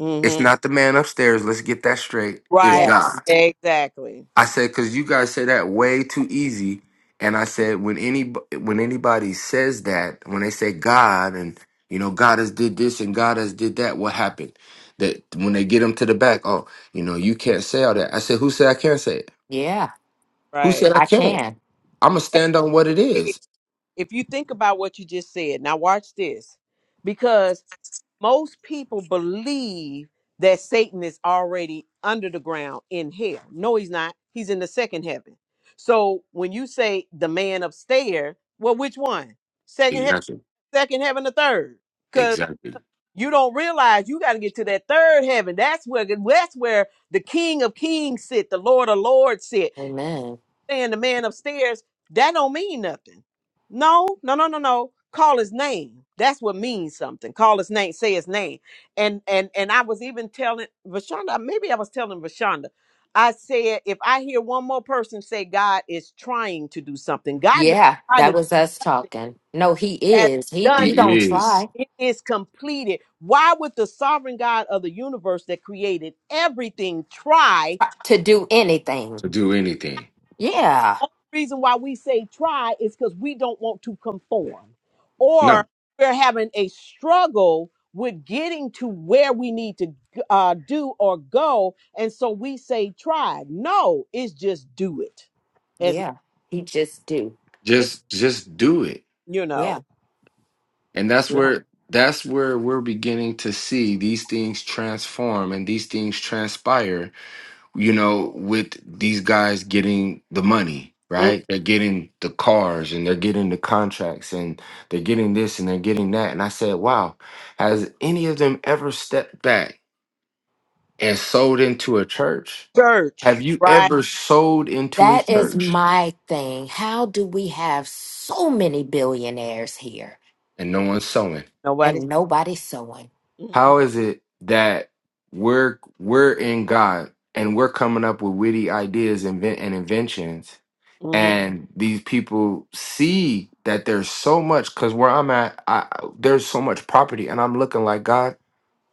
S1: Mm-hmm.
S5: It's not the man upstairs. Let's get that straight. It's
S1: Right.
S2: Yes.
S5: God.
S1: Exactly.
S5: I said because you guys say that way too easy, and I said when any when anybody says that when they say God and you know God has did this and God has did that, what happened? That when they get them to the back, oh, you know you can't say all that. I said who said I can't say it?
S2: Yeah,
S5: Who
S1: Right.
S5: said I
S2: I
S5: can't?
S2: can.
S5: I'm gonna
S1: And
S5: stand on what it
S1: hey,
S5: is.
S1: If you think about what you just said, now watch this. Because most people believe that Satan is already under the ground in hell. No, he's not. He's in the second heaven. So when you say the man upstairs, well, which one? Second heaven,
S5: Exactly.
S1: second heaven, the third. Because
S5: Exactly.
S1: you don't realize you got to get to that third heaven. That's where that's where the King of Kings sit, the Lord of Lords sit.
S2: Amen.
S1: saying the man upstairs, that don't mean nothing. No, no, no, no, no. Call his name. That's what means something. Call his name, say his name. And and and I was even telling Vashonda, maybe I was telling Vashonda, I said, if I hear one more person say God is trying to do something, God don't
S2: Yeah,
S1: try
S2: that
S1: to
S2: was us talking. No, he
S1: has
S2: is. He
S1: done
S2: he
S5: He
S2: don't
S5: is
S2: try
S1: it is completed. Why would the sovereign God of the universe that created everything try?
S2: to do anything.
S5: to do
S2: Yeah.
S1: reason why we say try is because we don't want to conform
S5: no.
S1: or we're having a struggle with getting to where we need to uh, do or go and so we say try no it's just do it as
S2: Yeah. He just do.
S1: it's,
S5: Just just do it.
S1: you know
S2: Yeah.
S5: and that's
S2: Yeah.
S5: where that's where we're beginning to see these things transform and these things transpire you know with these guys getting the money
S1: mm,
S5: right they're getting the cars and they're getting the contracts and they're getting this and they're getting that and i said wow has any of them ever stepped back and sold into a church have
S1: church
S5: you
S1: right
S5: ever sold into a
S2: That is
S5: church
S2: my thing. How do we have so many billionaires here
S5: and no one's sowing
S1: nobody
S2: and nobody sewing?
S1: mm-mm,
S5: How is it that we're we're in God and we're coming up with witty ideas and, vin- and inventions,
S1: mhm,
S5: and these people see that there's so much? Because where I'm at, I, I- there's so much property, and I'm looking like God.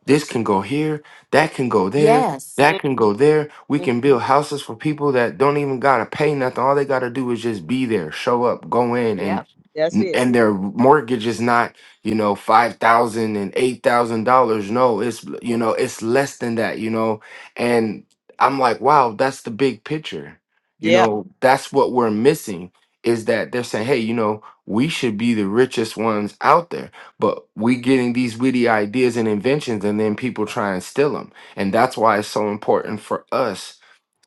S5: This can go here, that can go there,
S2: Yes.
S5: that can go there. We
S1: mhm.
S5: can build houses for people that don't even gotta pay nothing. All they gotta do is just be there, show up, go in, and
S2: Yep.
S1: that's it
S5: and their mortgage is not, you know, five thousand and eight thousand dollars. No, it's you know, it's less than that, you know. And I'm like, wow, that's the big picture. You
S1: yeah
S5: know, that's what we're missing is that they're saying, hey, you know, we should be the richest ones out there but we getting these witty ideas and inventions, and then people try and steal them. And that's why it's so important for us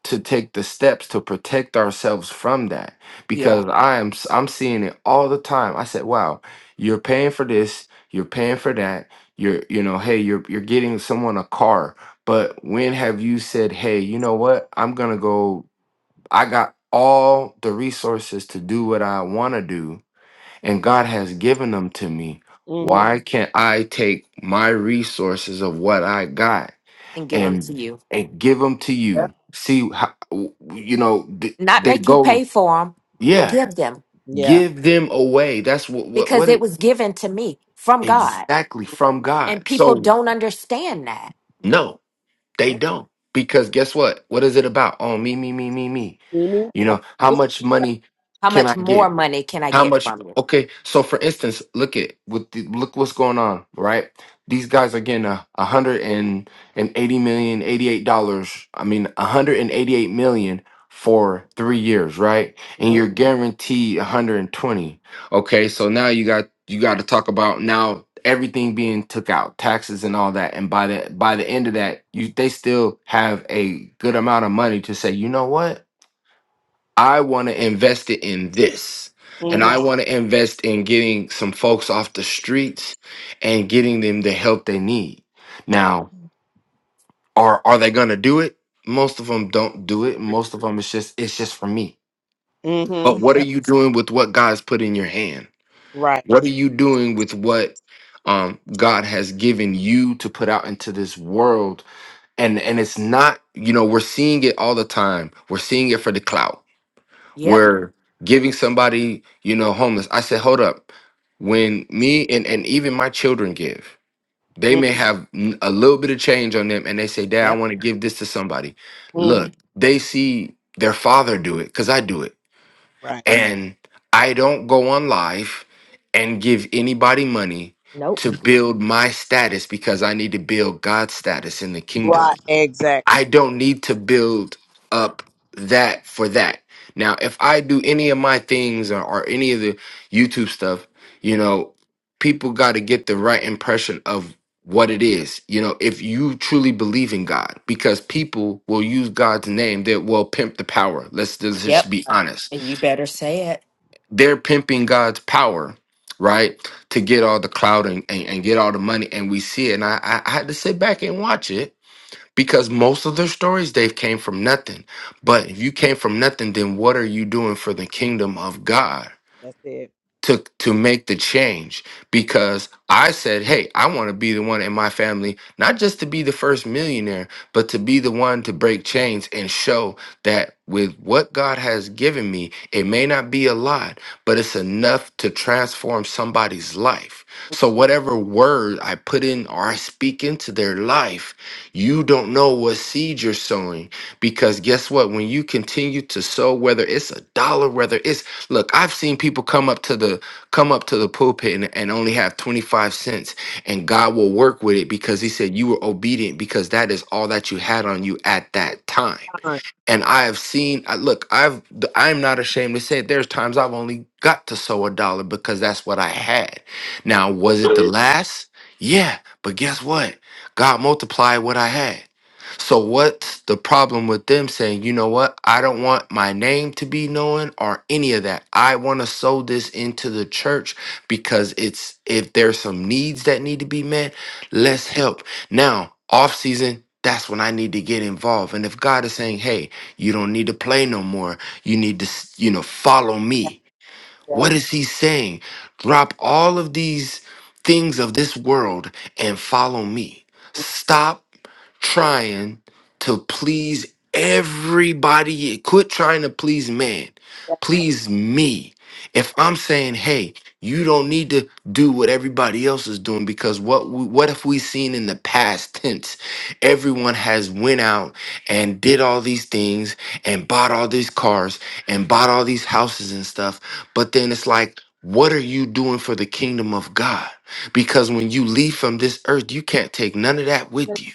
S5: to take the steps to protect ourselves from that.
S2: Yeah.
S5: Because I am s- I'm seeing it all the time. I said, "Wow, you're paying for this, you're paying for that, you're you know, hey, you're you're getting someone a car, but when have you said, hey, you know what? I'm gonna go. I got all the resources to do what I want to do." and God has given them to me.
S1: hmm
S5: Why can't I take my resources of what I got
S2: And give them to
S5: and
S2: you.
S5: and give them to
S1: yeah
S5: you? See, how, you know th-
S2: Not
S5: they
S2: make you
S5: go.
S2: pay for them.
S5: Yeah,
S2: Give them
S1: yeah
S5: give them away. That's what what
S2: because
S5: what
S2: it
S5: it
S2: was given to me from God.
S5: exactly from
S2: And
S5: God.
S2: people
S5: So
S2: don't understand that.
S5: no, they don't because guess what? What is it about? Oh, me, me, me, me, me.
S1: Oh, mhm.
S5: You
S1: I-
S5: know how
S1: this-
S5: much money
S2: How
S1: this-
S5: can I
S2: much
S5: get?
S2: more money can I
S5: How
S2: get
S5: much?
S2: from you?
S5: Okay, so for instance, look at with the, look what's going on, right? These guys are getting a a hundred and and eighty million, eighty eight dollars. I mean, a hundred and eighty eight million for three years, right? And you're guaranteed a hundred and twenty. Okay, so now you got you got to talk about now everything being took out, taxes and all that, and by the by the end of that, you they still have a good amount of money to say, you know what? I want to invest it in this. And
S1: mhm,
S5: I want to invest in getting some folks off the streets and getting them the help they need. Now, are are they going to do it? Most of them don't do it. Most of them it's just it's just for me. But
S1: mhm,
S5: what are
S2: Yep.
S5: you doing with what God's put in your hand?
S1: right
S5: What are you doing with what um, God has given you to put out into this world? And and it's not, you know, we're seeing it all the time. We're seeing it for the clout.
S2: Yep.
S5: were giving somebody, you know, homeless. I said, hold up. When me and, and even my children give, they
S1: Mm,
S5: may have n- a little bit of change on them and they say, Dad, I
S2: Yep.
S5: want to give this to somebody.
S1: mhm,
S5: Look, they see their father do it because I do it.
S1: right
S5: And I don't go on live and give anybody money
S2: Nope.
S5: to build my status because I need to build God's status in the kingdom
S1: Right. Exactly.
S5: I don't need to build up that for that. Now, if I do any of my things or, or any of the YouTube stuff, you know, people got to get the right impression of what it is. You know, if you truly believe in God, because people will use God's name that will pimp the power. Let's let's
S1: That's
S5: just
S2: Yep.
S5: be
S1: right.
S5: honest.
S2: And you better say it.
S5: They're pimping God's power, right, to get all the clout and, and, and get all the money. And we see it. And I, I I had to sit back and watch it because most of their stories they've came from nothing but if you came from nothing then what are you doing for the kingdom of god
S1: That's it.
S5: to to make the change because I said, "Hey, I want to be the one in my family not just to be the first millionaire, but to be the one to break chains and show that with what God has given me, it may not be a lot, but it's enough to transform somebody's life." So whatever word I put in or I speak into their life, you don't know what seed you're sowing because guess what, when you continue to sow whether it's a dollar, whether it's Look, I've seen people come up to the come up to the pulpit and, and only have 25 cents and God will work with it because he said you were obedient because that is all that you had on you at that time
S1: Fine.
S5: and I have seen. I, look, I've I'm not ashamed to say it. there's times I've only got to sow a dollar because that's what I had. Now, was it the last? Yeah, but guess what? God multiplied what I had. So what's the problem with them saying, you know what? I don't want my name to be known or any of that. I want to sow this into the church because it's if there's some needs that need to be met, let's help. Now, off season, that's when I need to get involved. And if God is saying, hey, you don't need to play no more. You need to, s- you know, follow me.
S1: Yep.
S5: What is he saying? Drop all of these things of this world and follow me. Stop trying to please everybody. Quit trying to please man. Please me. If I'm saying, hey, you don't need to do what everybody else is doing because what we, what have we seen in the past tense? Everyone has went out and did all these things and bought all these cars and bought all these houses and stuff. But then it's like, what are you doing for the kingdom of God? Because when you leave from this earth, you can't take none of that with
S1: Thank
S5: you.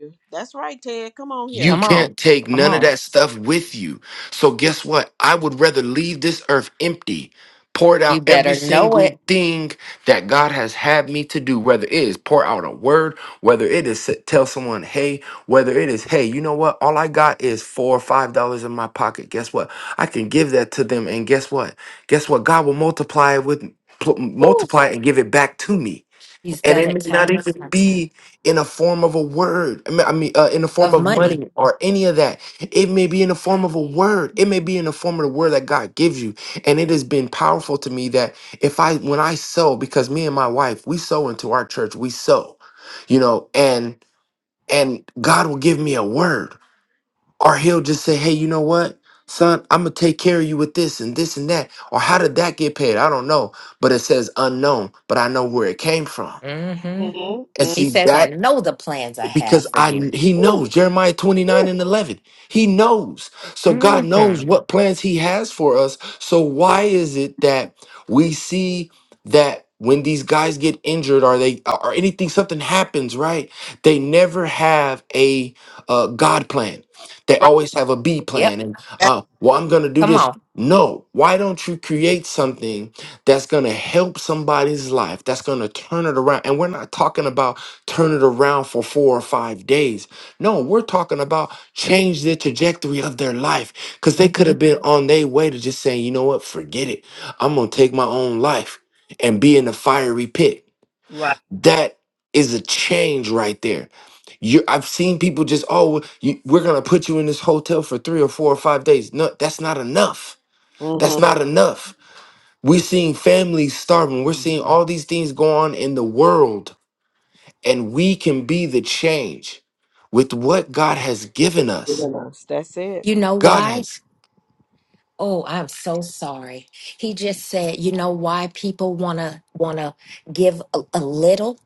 S1: you. That's right, Ted. Come on here.
S5: You
S2: Come on.
S5: can't take
S2: Come
S5: none of
S2: on.
S5: that stuff with you. So, guess what? I would rather leave this earth empty, poured
S2: You
S5: out every
S2: better know
S5: single
S2: it.
S5: thing that God has had me to do, whether it is pour out a word, whether it is s- tell someone, hey, whether it is, hey, you know what? All I got is four or five dollars in my pocket. Guess what? I can give that to them. And guess what? Guess what? God will multiply it with. pl-
S2: Oof.
S5: Multiply it and give it back to me
S2: He's
S5: and
S2: done
S5: it
S2: it
S5: may not
S2: time and
S5: even
S2: time
S5: be in a form of a word i mean I mean, uh, in the form
S2: of
S5: of
S2: money.
S5: money or any of that it may be in the form of a word it may be in the form of the word that god gives you and it has been powerful to me that if i when i sow because me and my wife we sow into our church we sow you know and and god will give me a word or he'll just say hey you know what son i'm gonna take care of you with this and this and that or how did that get paid i don't know but it says unknown but i know where it came from
S2: hmm
S1: Mm-hmm.
S5: and
S1: Mm-hmm.
S2: He
S5: see
S2: says, I
S5: that
S2: know the plans I
S5: because
S2: have for
S5: I
S2: you.
S5: he
S2: Ooh,
S5: knows Jeremiah 29
S2: ooh.
S5: and 11. He knows. So God
S2: Mm-hmm.
S5: knows what plans he has for us. So why is it that we see that when these guys get injured or they or anything something happens, right? They never have a uh, God plan. They
S1: Right.
S5: always have a B
S2: Yep.
S5: plan and
S1: That's
S5: uh well I'm going to do
S2: Come
S5: this.
S2: on.
S5: No, why don't you create something that's going to help somebody's life, that's going to turn it around? And we're not talking about turn it around for four or five days. No, we're talking about change the trajectory of their life because they could
S2: hmm
S5: have been on their way to just saying, you know what, forget it. I'm going to take my own life and be in the fiery pit.
S1: right.
S5: That is a change right there. You, I've seen people just, oh, well, you, we're going to put you in this hotel for three or four or five days. No, that's not enough. That's
S1: Mm-hmm.
S5: not enough. We're seeing families starving. We're seeing all these things go on in the world and we can be the change with what God has given
S1: Good
S5: us.
S1: enough. That's it.
S2: You know
S5: God
S2: why?
S5: has,
S2: Oh, I'm so sorry. He just said, you know why people want to want to give a, a little?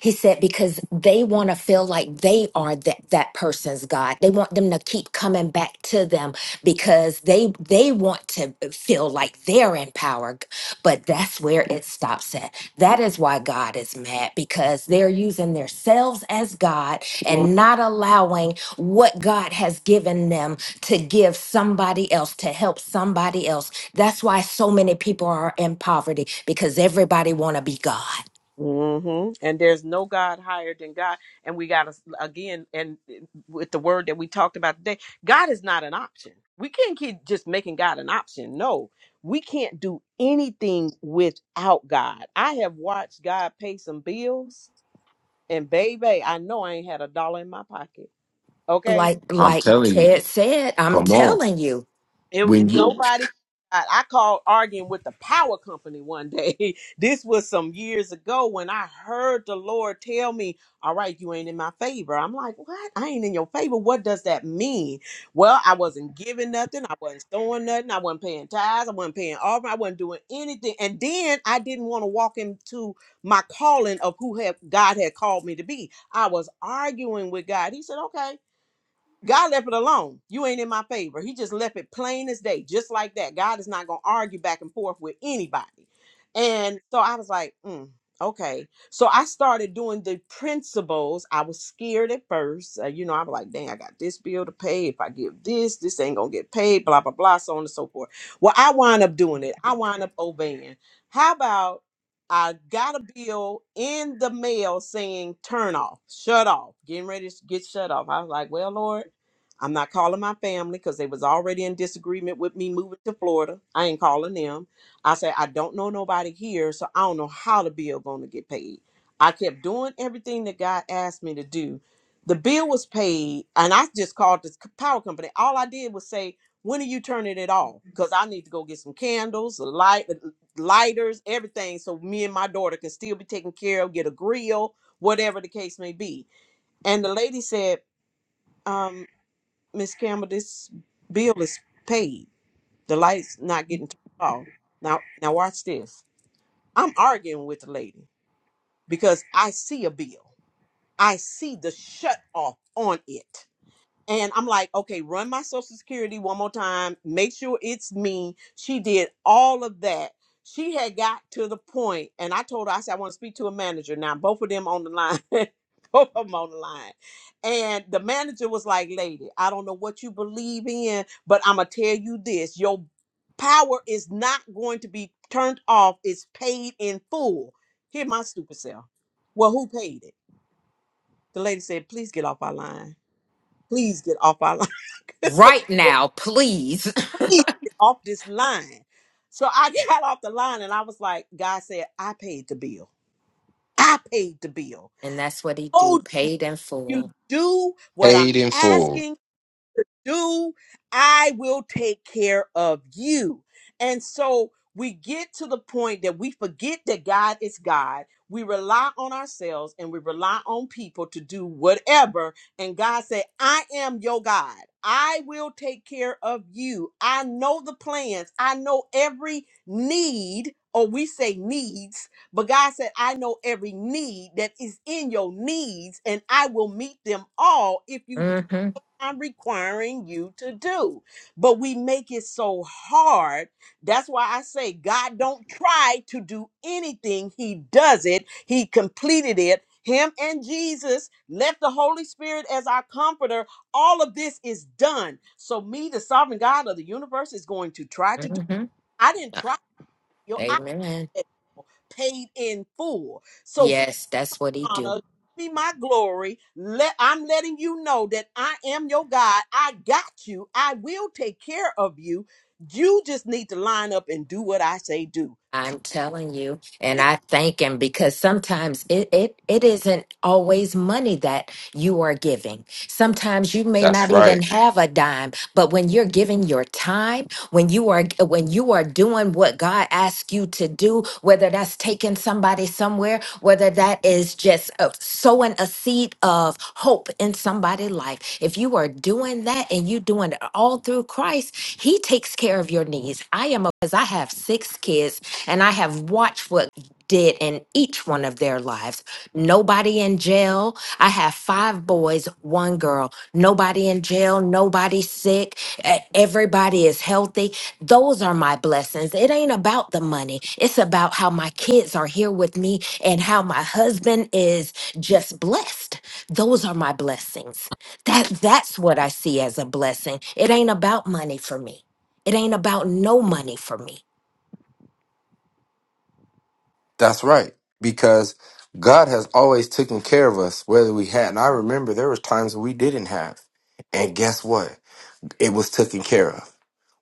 S2: He said because they want to feel like they are that that person's God. They want them to keep coming back to them because they they want to feel like they're in power. G- But that's where it stops at. That is why God is mad because they're using themselves as God and not allowing what God has given them to give somebody else, to help somebody else. That's why so many people are in poverty because everybody want to be God.
S1: Mm-hmm. And there's no God higher than God. And we got to, again, and eh, with the word that we talked about today, God is not an option. We can't keep just making God an option. No, we can't do anything without God. I have watched God pay some bills And baby, I know I ain't had a dollar in my pocket. Okay.
S2: Like
S5: I'm
S2: like
S5: telling you,
S2: Ted said, I'm
S5: come on.
S2: telling you
S1: It was
S5: When you
S1: nobody. I, I called arguing with the power company one day. this was some years ago when I heard the Lord tell me, All right, you ain't in my favor. I'm like, What? I ain't in your favor. What does that mean? Well, I wasn't giving nothing. I wasn't sowing nothing. I wasn't paying tithes. I wasn't paying offering. I wasn't doing anything. And then I didn't want to walk into my calling of who have, God had called me to be. I was arguing with God. He said, Okay God left it alone. You ain't in my favor. He just left it plain as day, just like that. God is not going to argue back and forth with anybody. And so I was like, mm, okay. So I started doing the principles. I was scared at first. Uh, you know, I was like, dang, I got this bill to pay. If I give this, this ain't going to get paid, blah, blah, blah, so on and so forth. Well, I wind up doing it. I wind up obeying. How about I got a bill in the mail saying turn off, shut off, getting ready to get shut off. I was like, well, Lord. I'm not calling my family because they was already in disagreement with me moving to Florida. I ain't calling them. I said, I don't know nobody here, so I don't know how the bill gonna get paid. I kept doing everything that God asked me to do. The bill was paid, and I just called the c- power company. All I did was say, when are you turning it off? Because I need to go get some candles, a light, lighters, everything, so me and my daughter can still be taken care of, get a grill, whatever the case may be. And the lady said, um, Miss Campbell, this bill is paid. The light's not getting turned off. Now, now watch this. I'm arguing with the lady because I see a bill. I see the shut off on it. And I'm like, okay, run my social security one more time. Make sure it's me. She did all of that. She had got to the point, and I told her, I said, I want to speak to a manager. Now, both of them on the line. both of them on the line. And the manager was like, lady, I don't know what you believe in, but I'm going to tell you this your power is not going to be turned off. It's paid in full. Hear my stupid self. Well, who paid it? The lady said, please get off our line please get off our line. I said,
S2: right now, please.
S1: please get off this line. So I got off the line and I was like, God said, I paid the bill. I paid the bill.
S2: And that's what he do,
S1: Oh,
S2: paid in
S1: you
S2: full.
S1: do what I'm
S5: paid in full,
S1: asking. do, I will take care of you. And so we get to the point that we forget that God is God. We rely on ourselves and we rely on people to do whatever. And God said, I am your God. I will take care of you. I know the plans. I know every need, or we say needs, but God said, I know every need that is in your needs, and I will meet them all if you
S2: Mhm.
S1: I'm requiring you to do. But we make it so hard. That's why I say God don't try to do anything. He does it. He completed it. Him and Jesus left the Holy Spirit as our comforter. All of this is done. So me, the sovereign God of the universe, is going to try to do.
S2: Mhm.
S1: I didn't try.
S2: Ah,
S1: Yo, I
S2: Amen.
S1: paid in full. So
S2: Yes, that's what he do.
S1: honor, be my glory. Let I'm letting you know that I am your God. I got you. I will take care of you. You just need to line up and do what I say do.
S2: I'm telling you, and I thank him because sometimes it, it it isn't always money that you are giving. Sometimes you may
S5: that's
S2: not
S5: right.
S2: even have a dime, but when you're giving your time, when you are when you are doing what God asks you to do, whether that's taking somebody somewhere, whether that is just uh, sowing a seed of hope in somebody's life, if you are doing that and you doing it all through Christ, He takes care of your needs. I am a because I have six kids and I have watched what did in each one of their lives. Nobody in jail. I have five boys, one girl. Nobody in jail, nobody sick. e- Everybody is healthy. Those are my blessings. It ain't about the money. It's about how my kids are here with me and how my husband is just blessed. Those are my blessings. That that's what I see as a blessing. It ain't about money for me. It ain't about no money for me.
S5: That's right. Because God has always taken care of us, whether we had. And I remember there was times we didn't have. And guess what? It was taken care of.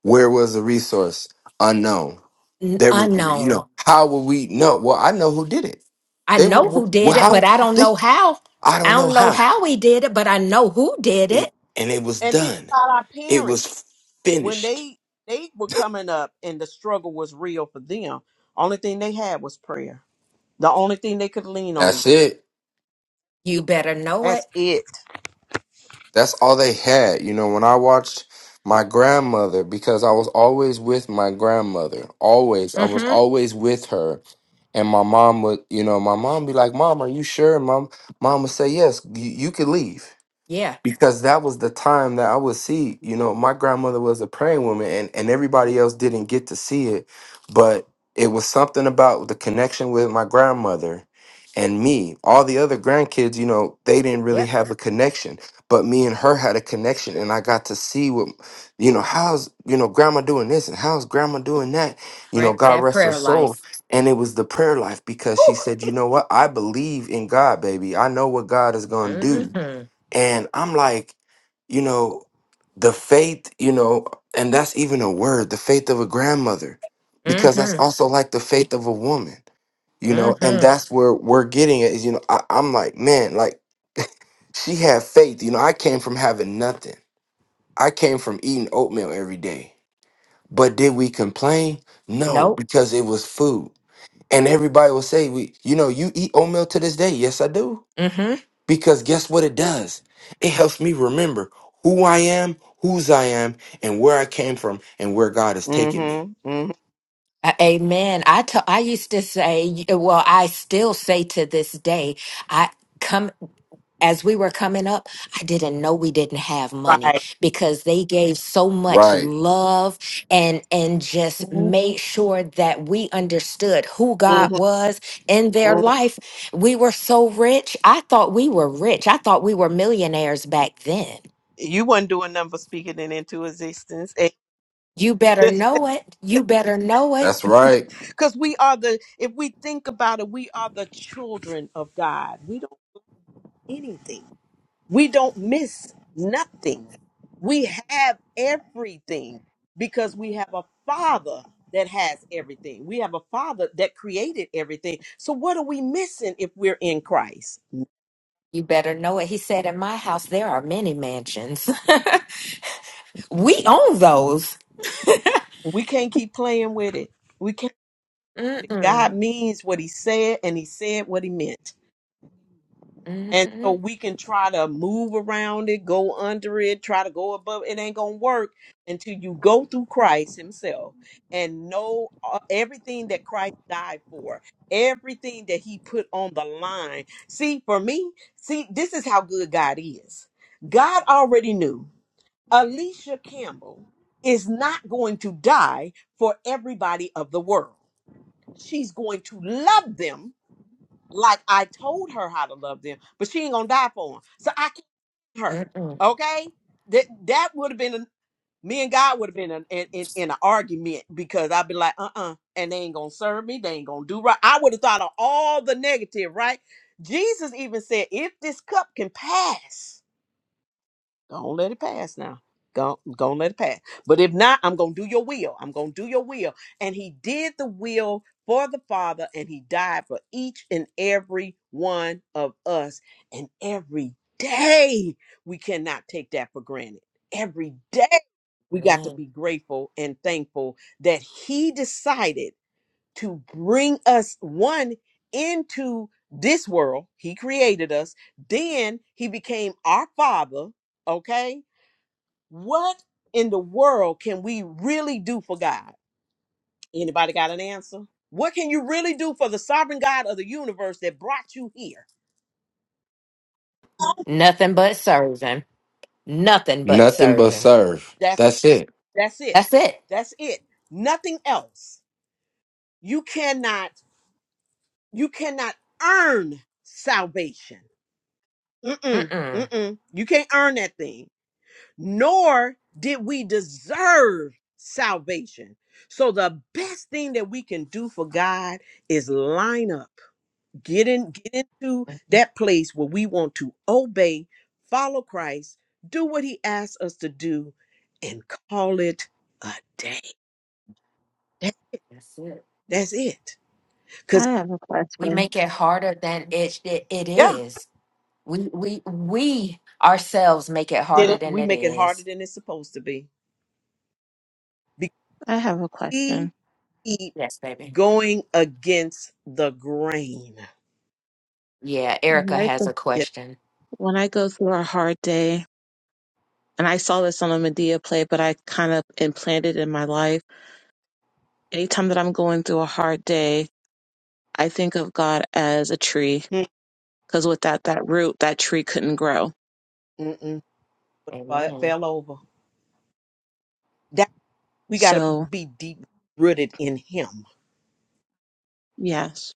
S5: Where was the resource? Unknown.
S2: N-
S5: There were, you
S2: unknown.
S5: know, how will we know? Well, I know who did it.
S2: I
S5: They
S2: know
S5: were,
S2: who did
S5: well,
S2: it,
S5: how?
S2: but I don't
S5: They,
S2: know how.
S5: I
S2: I
S5: don't know
S2: don't know
S5: how.
S2: how he did it, but I know who did
S5: It,
S2: it.
S5: and it was
S1: And think
S5: done.
S1: about our
S5: It
S1: parents
S5: was
S1: when
S5: finished.
S1: they they were coming up and the struggle was real for them. Only thing they had was prayer. The only thing they could lean on.
S5: That's it.
S2: You better know it.
S1: That's it.
S5: That's all they had. You know, when I watched my grandmother, because I was always with my grandmother, always, I was
S2: Mm-hmm.
S5: always with her. And my mom would, you know, my mom be like, Mom, are you sure? And mom, mom would say, Yes, you, you could leave.
S2: Yeah.
S5: because that was the time that I would see, you know, my grandmother was a praying woman and, and everybody else didn't get to see it. But it was something about the connection with my grandmother and me. All the other grandkids, you know, they didn't really
S2: Yep.
S5: have a connection. But me and her had a connection and I got to see what you know, how's you know grandma doing this and how's grandma doing that? You know,
S2: Brett,
S5: God
S2: that
S5: rest her
S2: prayer
S5: soul.
S2: life.
S5: And it was the prayer life because
S2: Woo.
S5: she said, you know what, I believe in God, baby. I know what God is gonna do
S2: Mm-hmm.
S5: and I'm like, you know, the faith, you know, and that's even a word, the faith of a grandmother, because that's
S2: Mm-hmm.
S5: also like the faith of a woman, you know, and
S2: Mm-hmm.
S5: that's where we're getting it is, you know, I, I'm like, man, like she had faith. You know, I came from having nothing. I came from eating oatmeal every day. But did we complain? No,
S2: Nope.
S5: because it was food. And everybody will say, we, you know, you eat oatmeal to this day. Yes, I do.
S2: Mm-hmm.
S5: Because guess what it does? It helps me remember who I am, whose I am, and where I came from and where God has taken me.
S1: Mm-hmm. hmm
S2: Uh, amen. I to- I used to say, well, I still say to this day, I come. as we were coming up, I didn't know we didn't have money
S1: Right.
S2: because they gave so much
S5: Right.
S2: love and and just
S3: Well,
S2: made sure that we understood who God
S1: hmm
S2: was in their
S1: hmm
S2: life. We were so rich. I thought we were rich. I thought we were millionaires back then.
S1: You wasn't doing nothing but speaking it into existence.
S2: You better know it. You better know it.
S5: That's right.
S1: Because we are the, if we think about it, we are the children of God. We don't do anything. We don't miss nothing. We have everything because we have a father that has everything. We have a father that created everything. So what are we missing if we're in Christ?
S2: You better know it. He said, "In my house there are many mansions. we own those."
S1: We can't keep playing with it. We can't
S2: Mm-mm.
S1: God means what he said and he said what he meant. And so
S2: Mm-hmm.
S1: we can try to move around it, go under it, try to go above. It ain't going to work until you go through Christ Himself and know uh, everything that Christ died for, everything that He put on the line. See, for me, see, this is how good God is. God already knew Alicia Campbell is not going to die for everybody of the world, she's going to love them like I told her how to love them, but she ain't gonna die for them. So I killed her.
S2: Mm-mm.
S1: Okay, that that would have been a, me and God would have been in in, in in an argument because I'd be like, uh uh and they ain't gonna serve me. They ain't gonna do right. I would have thought of all the negative, right? Jesus even said, if this cup can pass. Don't let it pass now. Go, don't let it pass. But if not, I'm gonna do your will. I'm gonna do your will. And he did the will for the Father, and he died for each and every one of us. And every day we cannot take that for granted. Every day we got
S2: Man.
S1: to be grateful and thankful that he decided to bring us one into this world. He created us. Then he became our father. Okay. What in the world can we really do for God? Anybody got an answer? What can you really do for the sovereign God of the universe that brought you here?
S2: Nothing but serving. Nothing but
S5: Nothing but
S2: serving.
S5: serve.
S1: That's
S5: That's it.
S1: that's it.
S2: That's it.
S1: That's it. Nothing else. You cannot you cannot earn salvation. Mm-mm.
S2: Mm-mm.
S1: Mm-mm. You can't earn that thing. nor did we deserve salvation. So the best thing that we can do for God is line up, get in, get into that place where we want to obey, follow Christ, do what He asks us to do, and call it a day. That-
S2: That's it.
S1: that's it.
S3: I
S1: Because
S3: have a
S2: We
S3: question.
S2: make it harder than it, it it
S1: yeah,
S2: is. We we we ourselves make it harder
S1: then
S2: than
S1: we
S2: it
S1: make it harder
S2: is.
S1: than it's supposed to be. Because
S3: I have a
S1: we
S3: question.
S1: keep
S2: Yes, baby.
S1: going against the grain.
S2: Yeah,
S3: When
S2: Erica
S3: I
S2: has
S3: go,
S2: a
S1: Yes.
S2: question.
S3: when I go through a hard day, and I saw this on a Medea play, but I kind of implanted it in my life. Anytime that I'm going through a hard day, I think of God as a tree,
S1: Mm,
S3: because without that root, that tree couldn't grow.
S1: mm, mm. Fa-
S2: Amen.
S1: fell over. That we got to
S3: So
S1: be deep rooted in Him.
S3: yes.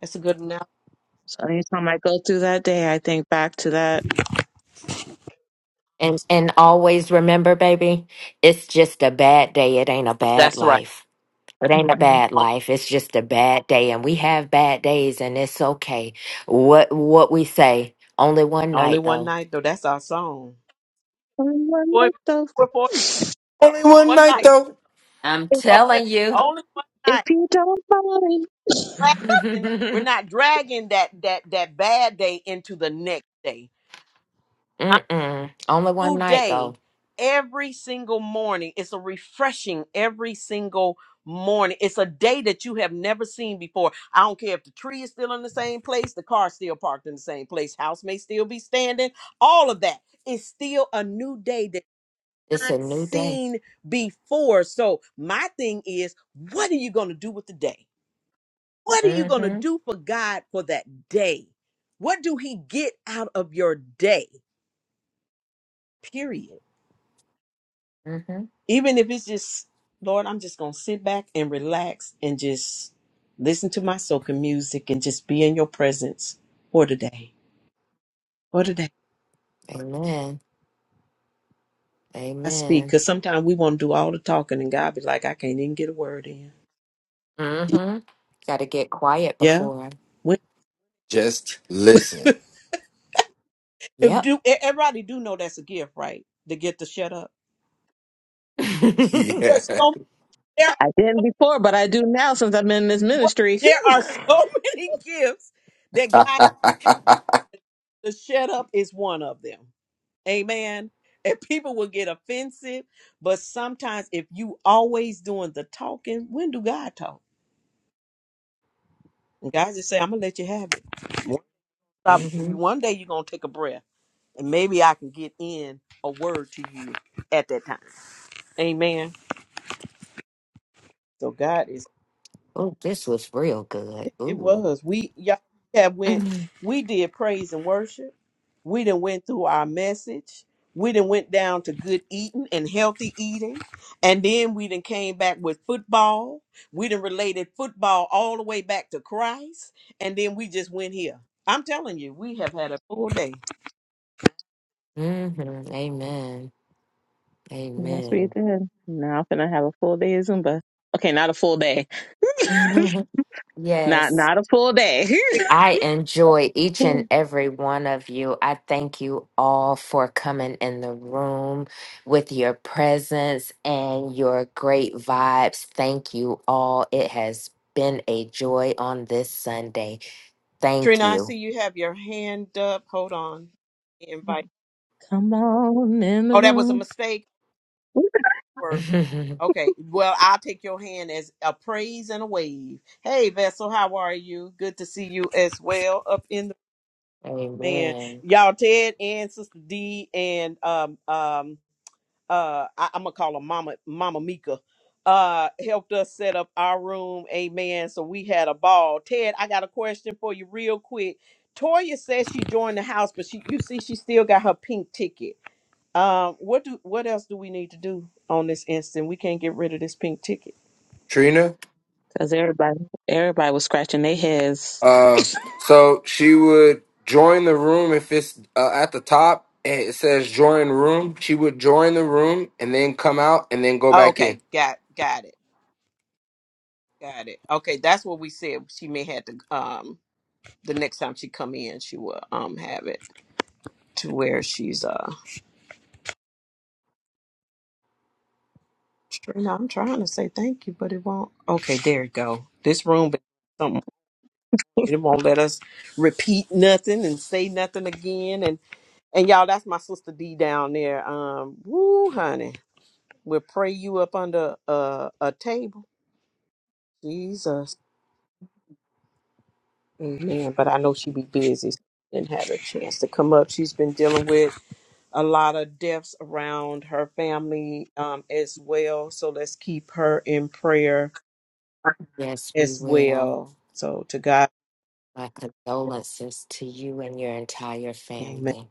S1: That's a good enough.
S3: So anytime I go through that day, I think back to that.
S2: And and always remember, baby, it's just a bad day. It ain't a bad
S1: That's right.
S2: life. It ain't a
S3: Mhm.
S2: bad life. It's just a bad day. And we have bad days and it's okay. What what we say, only one
S1: Only
S2: night
S1: one
S2: though.
S1: night though. That's our song.
S3: Oh,
S1: Boy,
S3: like those.
S1: we're for- uh,
S5: Only one
S1: one
S5: night
S1: night.
S5: though.
S2: I'm
S1: Only,
S2: telling you.
S1: only one
S3: If
S1: night.
S3: you don't mind,
S1: Dragging- we're not dragging that that that bad day into the next day.
S2: Mm-mm. Only one
S1: new
S2: night,
S1: day
S2: though.
S1: every single morning. It's a refreshing every single morning. It's a day that you have never seen before. I don't care if the tree is still in the same place, the car still parked in the same place, house may still be standing, all of that. It's still a new day that
S2: It's
S1: not
S2: a new day.
S1: seen before. So my thing is, what are you gonna do with the day? What are you gonna
S2: Mm-hmm.
S1: do for God for that day? What do He get out of your day? Period.
S2: Mm-hmm.
S1: even if it's just lord i'm just gonna sit back and relax and just listen to my soca music and just be in your presence for today for today
S2: Amen.
S1: i speak
S2: Amen.
S1: because sometimes we want to do all the talking and god be like i can't even get a word in
S2: Mm-hmm. Got to get quiet
S1: yeah
S2: before. I-
S1: we,
S5: Just listen.
S1: if
S2: Yep.
S1: do e- everybody do know that's a gift right to get to shut up
S2: mm-hmm.
S5: Yeah.
S1: There's so, there,
S3: I didn't before, but I do now since I've been in this ministry.
S1: there are so many gifts that god the shut up is one of them Amen. And people will get offensive. But sometimes if you always doing the talking, when do God talk? And God just say, I'm gonna let you have it. Um, one day you're gonna take a breath and maybe I can get in a word to you at that time. Amen. So God is
S2: Oh, this was real good.
S1: It, it
S2: Ooh.
S1: was. We y'all have went.
S2: Mm-hmm.
S1: We did praise and worship. We done went through our message. We done went down to good eating and healthy eating, and then we done came back with football. We done related football all the way back to Christ, and then we just went here. I'm telling you, we have had a full day.
S2: Amen.
S3: yes, we
S2: Amen.
S3: did. Now I'm gonna have a full day of Zumba. Okay, not a full day. not
S2: yes.
S3: not a full day.
S2: I enjoy each and every one of you. I thank you all for coming in the room with your presence and your great vibes. Thank you all. It has been a joy on this Sunday. Thank
S1: Trina, I
S2: you.
S1: see you have your hand up. Hold on, invite.
S3: Come on in the
S1: Oh, that was a
S3: room.
S1: mistake.
S2: Amen.
S1: Okay. Well, I'll take your hand as a praise and a wave. Hey, Vessel, how are you? Good to see you as well up in the man. Y'all, Ted and Sister D and um um uh I, I'm gonna call her Mama Mama Mika uh helped us set up our room. Amen. So we had a ball. Ted, I got a question for you real quick. Toya says she joined the house, but she you see she still got her pink ticket. Um, what do what else do we need to do on this instant? We can't get rid of this pink ticket.
S5: Trina.
S3: Because everybody everybody was scratching their heads.
S5: Uh so she would join the room if it's uh, at the top and it says join room. She would join the room and then come out and then go
S1: Oh,
S5: back in.
S1: okay, got got it, got it. Okay, that's what we said. She may have to um the next time she come in, she will um have it to where she's uh. You know, I'm trying to say thank you, but it won't. Okay, there you go. This room, been something it won't let us repeat nothing and say nothing again. And and y'all, that's my sister D down there. Um, woo, honey, we'll pray you up under a a table. Jesus. Amen. But I know she be busy and had a chance to come up. She's been dealing with a lot of deaths around her family um, as well. So let's keep her in prayer
S2: Yes, we
S1: as
S2: will.
S1: well. So to God,
S2: My condolences to you and your entire
S1: Amen.
S2: family.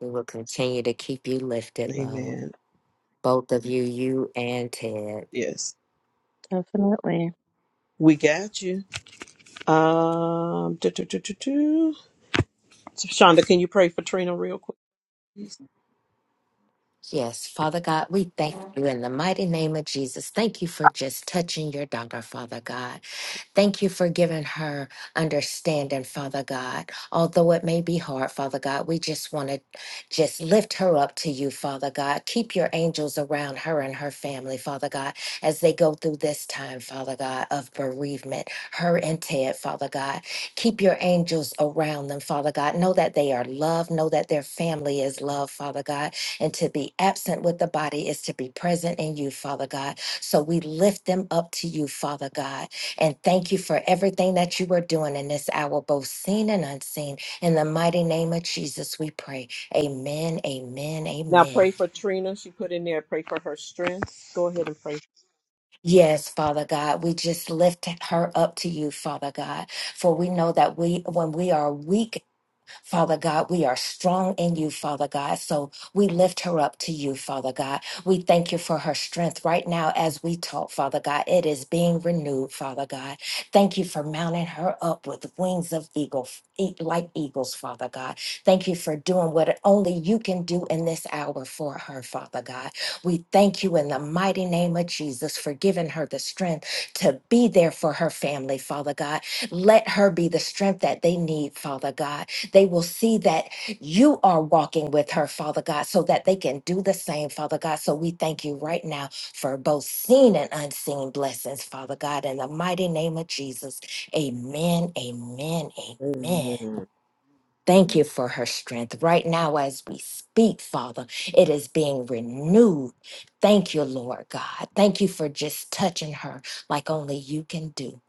S2: We will continue to keep you lifted, love.
S1: Amen.
S2: Both of you, you and Ted.
S1: Yes,
S3: Definitely.
S1: we got you. Um, do, do, do, do, do. Shonda, can you pray for Trina real quick? please?
S2: Yes, Father God, we thank you in the mighty name of Jesus. Thank you for just touching your daughter, Father God. Thank you for giving her understanding, Father God. Although it may be hard, Father God, we just want to just lift her up to you, Father God. Keep your angels around her and her family, Father God, as they go through this time, Father God, of bereavement, her and Ted, Father God. Keep your angels around them, Father God. Know that they are loved. Know that their family is loved, Father God. And to be absent with the body is to be present in you, Father God. So we lift them up to you, Father God. And thank you for everything that you are doing in this hour, both seen and unseen. In the mighty name of Jesus, we pray. Amen, amen,
S1: Now
S2: amen.
S1: pray for Trina. She put in there. Pray for her strength. Go ahead and pray.
S2: Yes, Father God, we just lift her up to you, Father God, for we know that we, when we are weak Father God, we are strong in you, Father God. So we lift her up to you, Father God. We thank you for her strength right now as we talk, Father God. It is being renewed, Father God. Thank you for mounting her up with wings of eagle, e- like eagles, Father God. Thank you for doing what only you can do in this hour for her, Father God. We thank you in the mighty name of Jesus for giving her the strength to be there for her family, Father God. Let her be the strength that they need, Father God. They will see that you are walking with her, Father God, so that they can do the same, Father God. So we thank you right now for both seen and unseen blessings, Father God, in the mighty name of Jesus. Amen, amen, amen.
S1: Amen.
S2: Thank you for her strength. Right now, as we speak, Father, it is being renewed. Thank you, Lord God. Thank you for just touching her like only you can do.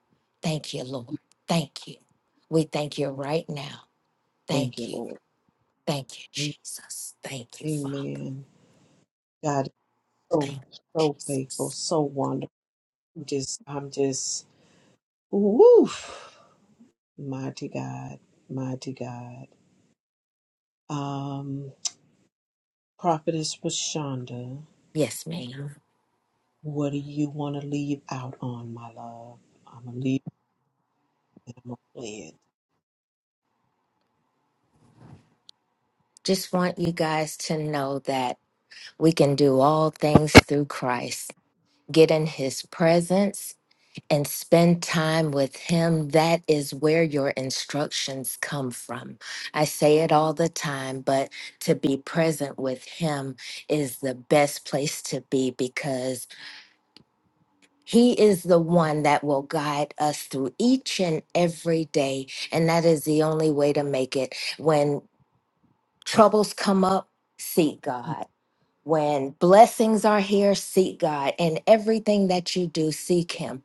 S2: Thank you, Lord. Thank you. We thank you right now.
S1: Thank you,
S2: Thank you.
S1: Lord.
S2: Thank you, Jesus. Thank you, Father.
S1: Amen. so
S2: Thank you,
S1: so faithful,
S2: Jesus.
S1: so wonderful. I'm just I'm just woof mighty God, mighty God. Um Prophetess Rashonda,
S2: Yes, ma'am.
S1: what do you want to leave out on, my love? I'm gonna leave it and I'm gonna play it.
S2: Just want you guys to know that we can do all things through Christ. Get in his presence and spend time with him. That is where your instructions come from. I say it all the time, but to be present with him is the best place to be because He is the one that will guide us through each and every day. And that is the only way to make it. When troubles come up, seek God. When blessings are here, seek God. And everything that you do, seek Him.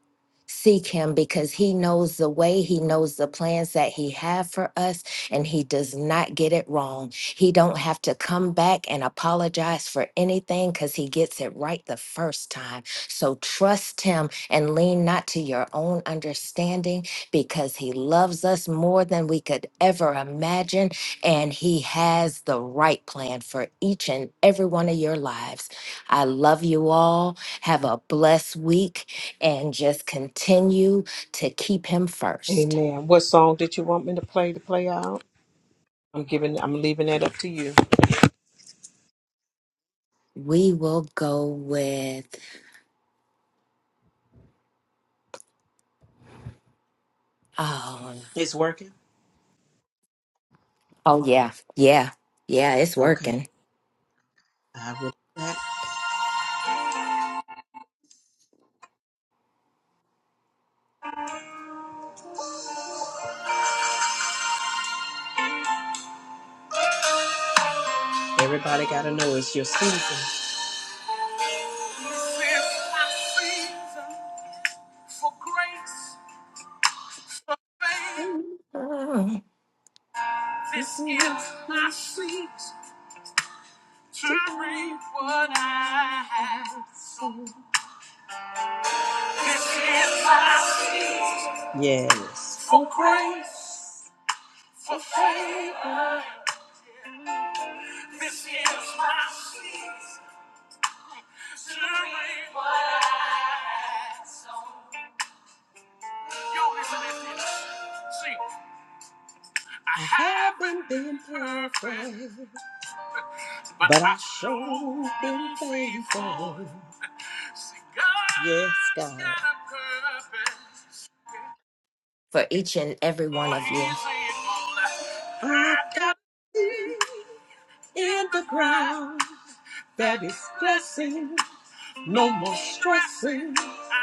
S2: Seek Him because He knows the way. He knows the plans that He have for us, and He does not get it wrong. He don't have to come back and apologize for anything because He gets it right the first time. So trust Him and lean not to your own understanding because He loves us more than we could ever imagine and he has the right plan for each and every one of your lives. I love you all. Have a blessed week and just continue to keep him first.
S1: Amen. What song did you want me to play to play out? I'm giving I'm leaving that up to you.
S2: We will go with oh,
S1: It's working?
S2: oh yeah. Yeah. Yeah, it's
S1: Okay.
S2: working.
S1: I will Everybody gotta know it's your season. It's my season for grace, for favor.
S2: Oh,
S1: This is my season to reap what I have sown. This is my season. Yes. For grace, for favor. This is my season to reap what I have sown. Yo, listen to See, I haven't been perfect. But I sure been faithful. Yes, God.
S2: For each and every one of you.
S1: I've got seed in the ground that is blessing. No more stressing.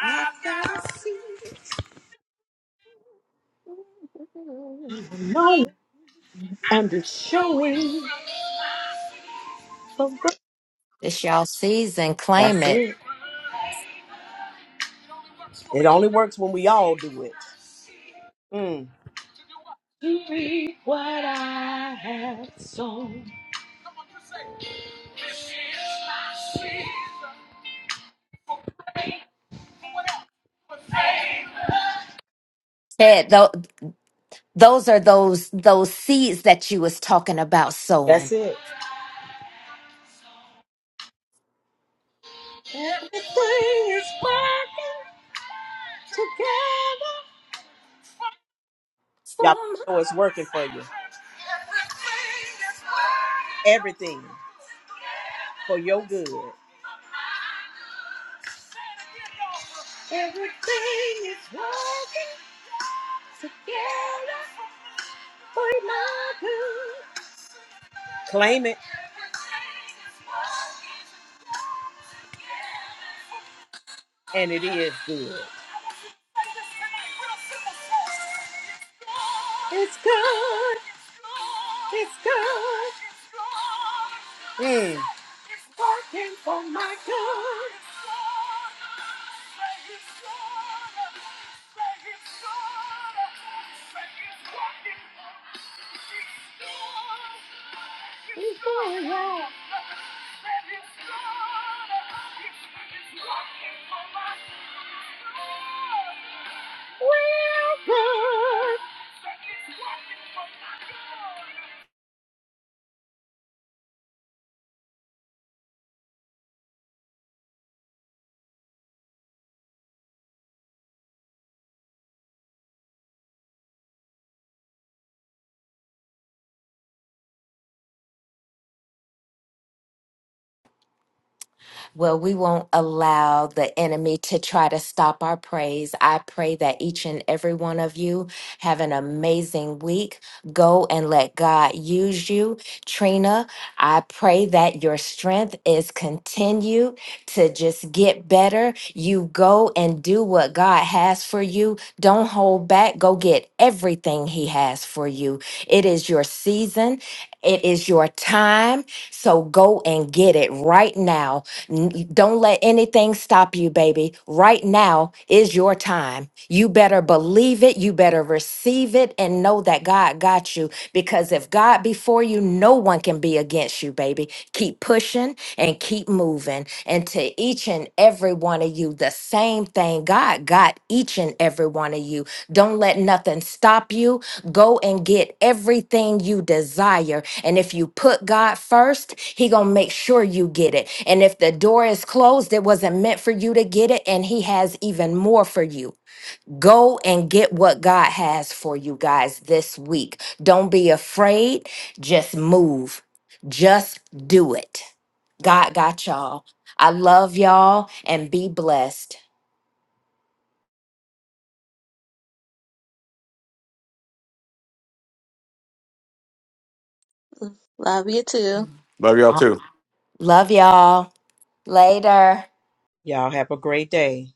S1: I've got a seed. No, and it's showing. for growth.
S2: This y'all season, claim
S1: That's
S2: it.
S1: it. It only works when we all do it. Mm. To reap what I have sown.
S2: Ted, tho- those are those those seeds that you was talking about
S1: That's
S2: sowing.
S1: it. Y'all better know it's working for you. Everything for your good. Claim it. and it is good. It's good. It's good. Mm. It's working for my good. It's going on.
S2: Well, we won't allow the enemy to try to stop our praise. I pray that each and every one of you have an amazing week. Go and let God use you. Trina, I pray that your strength is continued to just get better. You go and do what God has for you. Don't hold back. Go get everything He has for you. It is your season, it is your time. So go and get it right now N- Don't let anything stop you, baby. Right now is your time. You better believe it. You better receive it and know that God got you. Because if God before you, no one can be against you, baby. Keep pushing and keep moving. And to each and every one of you, the same thing. God got each and every one of you. Don't let nothing stop you go and get everything you desire and if you put god first he gonna make sure you get it and if the door is closed it wasn't meant for you to get it and he has even more for you go and get what god has for you guys this week don't be afraid just move just do it god got y'all i love y'all and be blessed
S3: Love you too.
S5: Love y'all
S2: Uh,
S5: too.
S2: love y'all later
S1: Y'all have a great day.